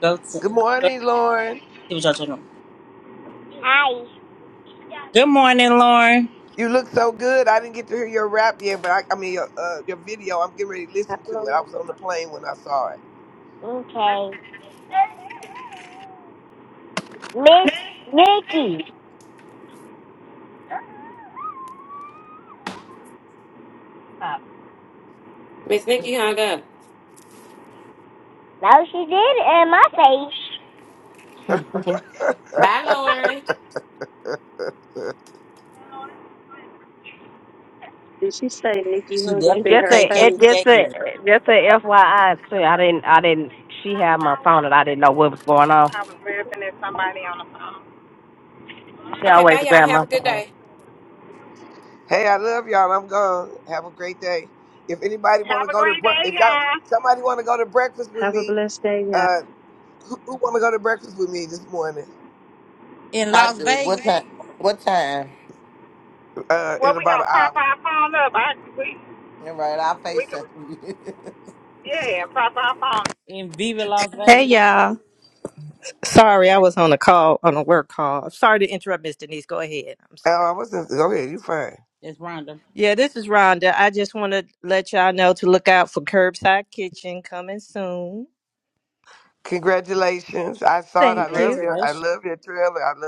Go to,
Good
go to
morning, Lauren.
see what y'all talking about.
Hi.
Good morning, Lauren.
You look so good. I didn't get to hear your rap yet, but I, I mean your, uh, your video. I'm getting ready to listen to it.
Hello.
I was on the plane when I saw it.
Okay. Miss Nikki. Uh,
Miss Nikki hung up.
No, she did it in my face.
[LAUGHS] bye Lauren.
Did she say Nikki
She
hung up
And
in
definitely
just
her
a
a, it
face?
just
KKPA
a,
girl
just a FYI too. I didn't, I didn't. She had my
I
phone, and I didn't know what was going on.
was laughing at somebody on the phone.
She
Okay,
always
bye y'all.
grabbed my
Have a good
phone.
day.
Hey, I love y'all. I'm gone. Have a great day. If anybody want
Have
to
a
go to,
great
bre-
day,
if y'all
guys.
somebody want to go to breakfast with
Have a
me,
blessed day, y'all.
uh, who, who want to go to breakfast with me this morning?
in
I
Las
do. What
Vegas,
time? What time?
Uh,
Well,
in
we
about an
gonna prop
hour.
our phone up. I we
All right, I'll
we can
FaceTime. you. [LAUGHS]
yeah, prop our phone
in Viva Las Vegas.
Hey y'all. Sorry, I was on a call, on a work call. Sorry to interrupt, Miss Denise. Go ahead. I'm
Oh,
sorry.
I was not go ahead. You fine.
It's Rhonda.
Yeah, this is Rhonda. I just want to let y'all know to look out for Curbside Kitchen coming soon.
Congratulations. I saw it.
Thank
I
you.
love your I
Congratulations.
love your trailer. I love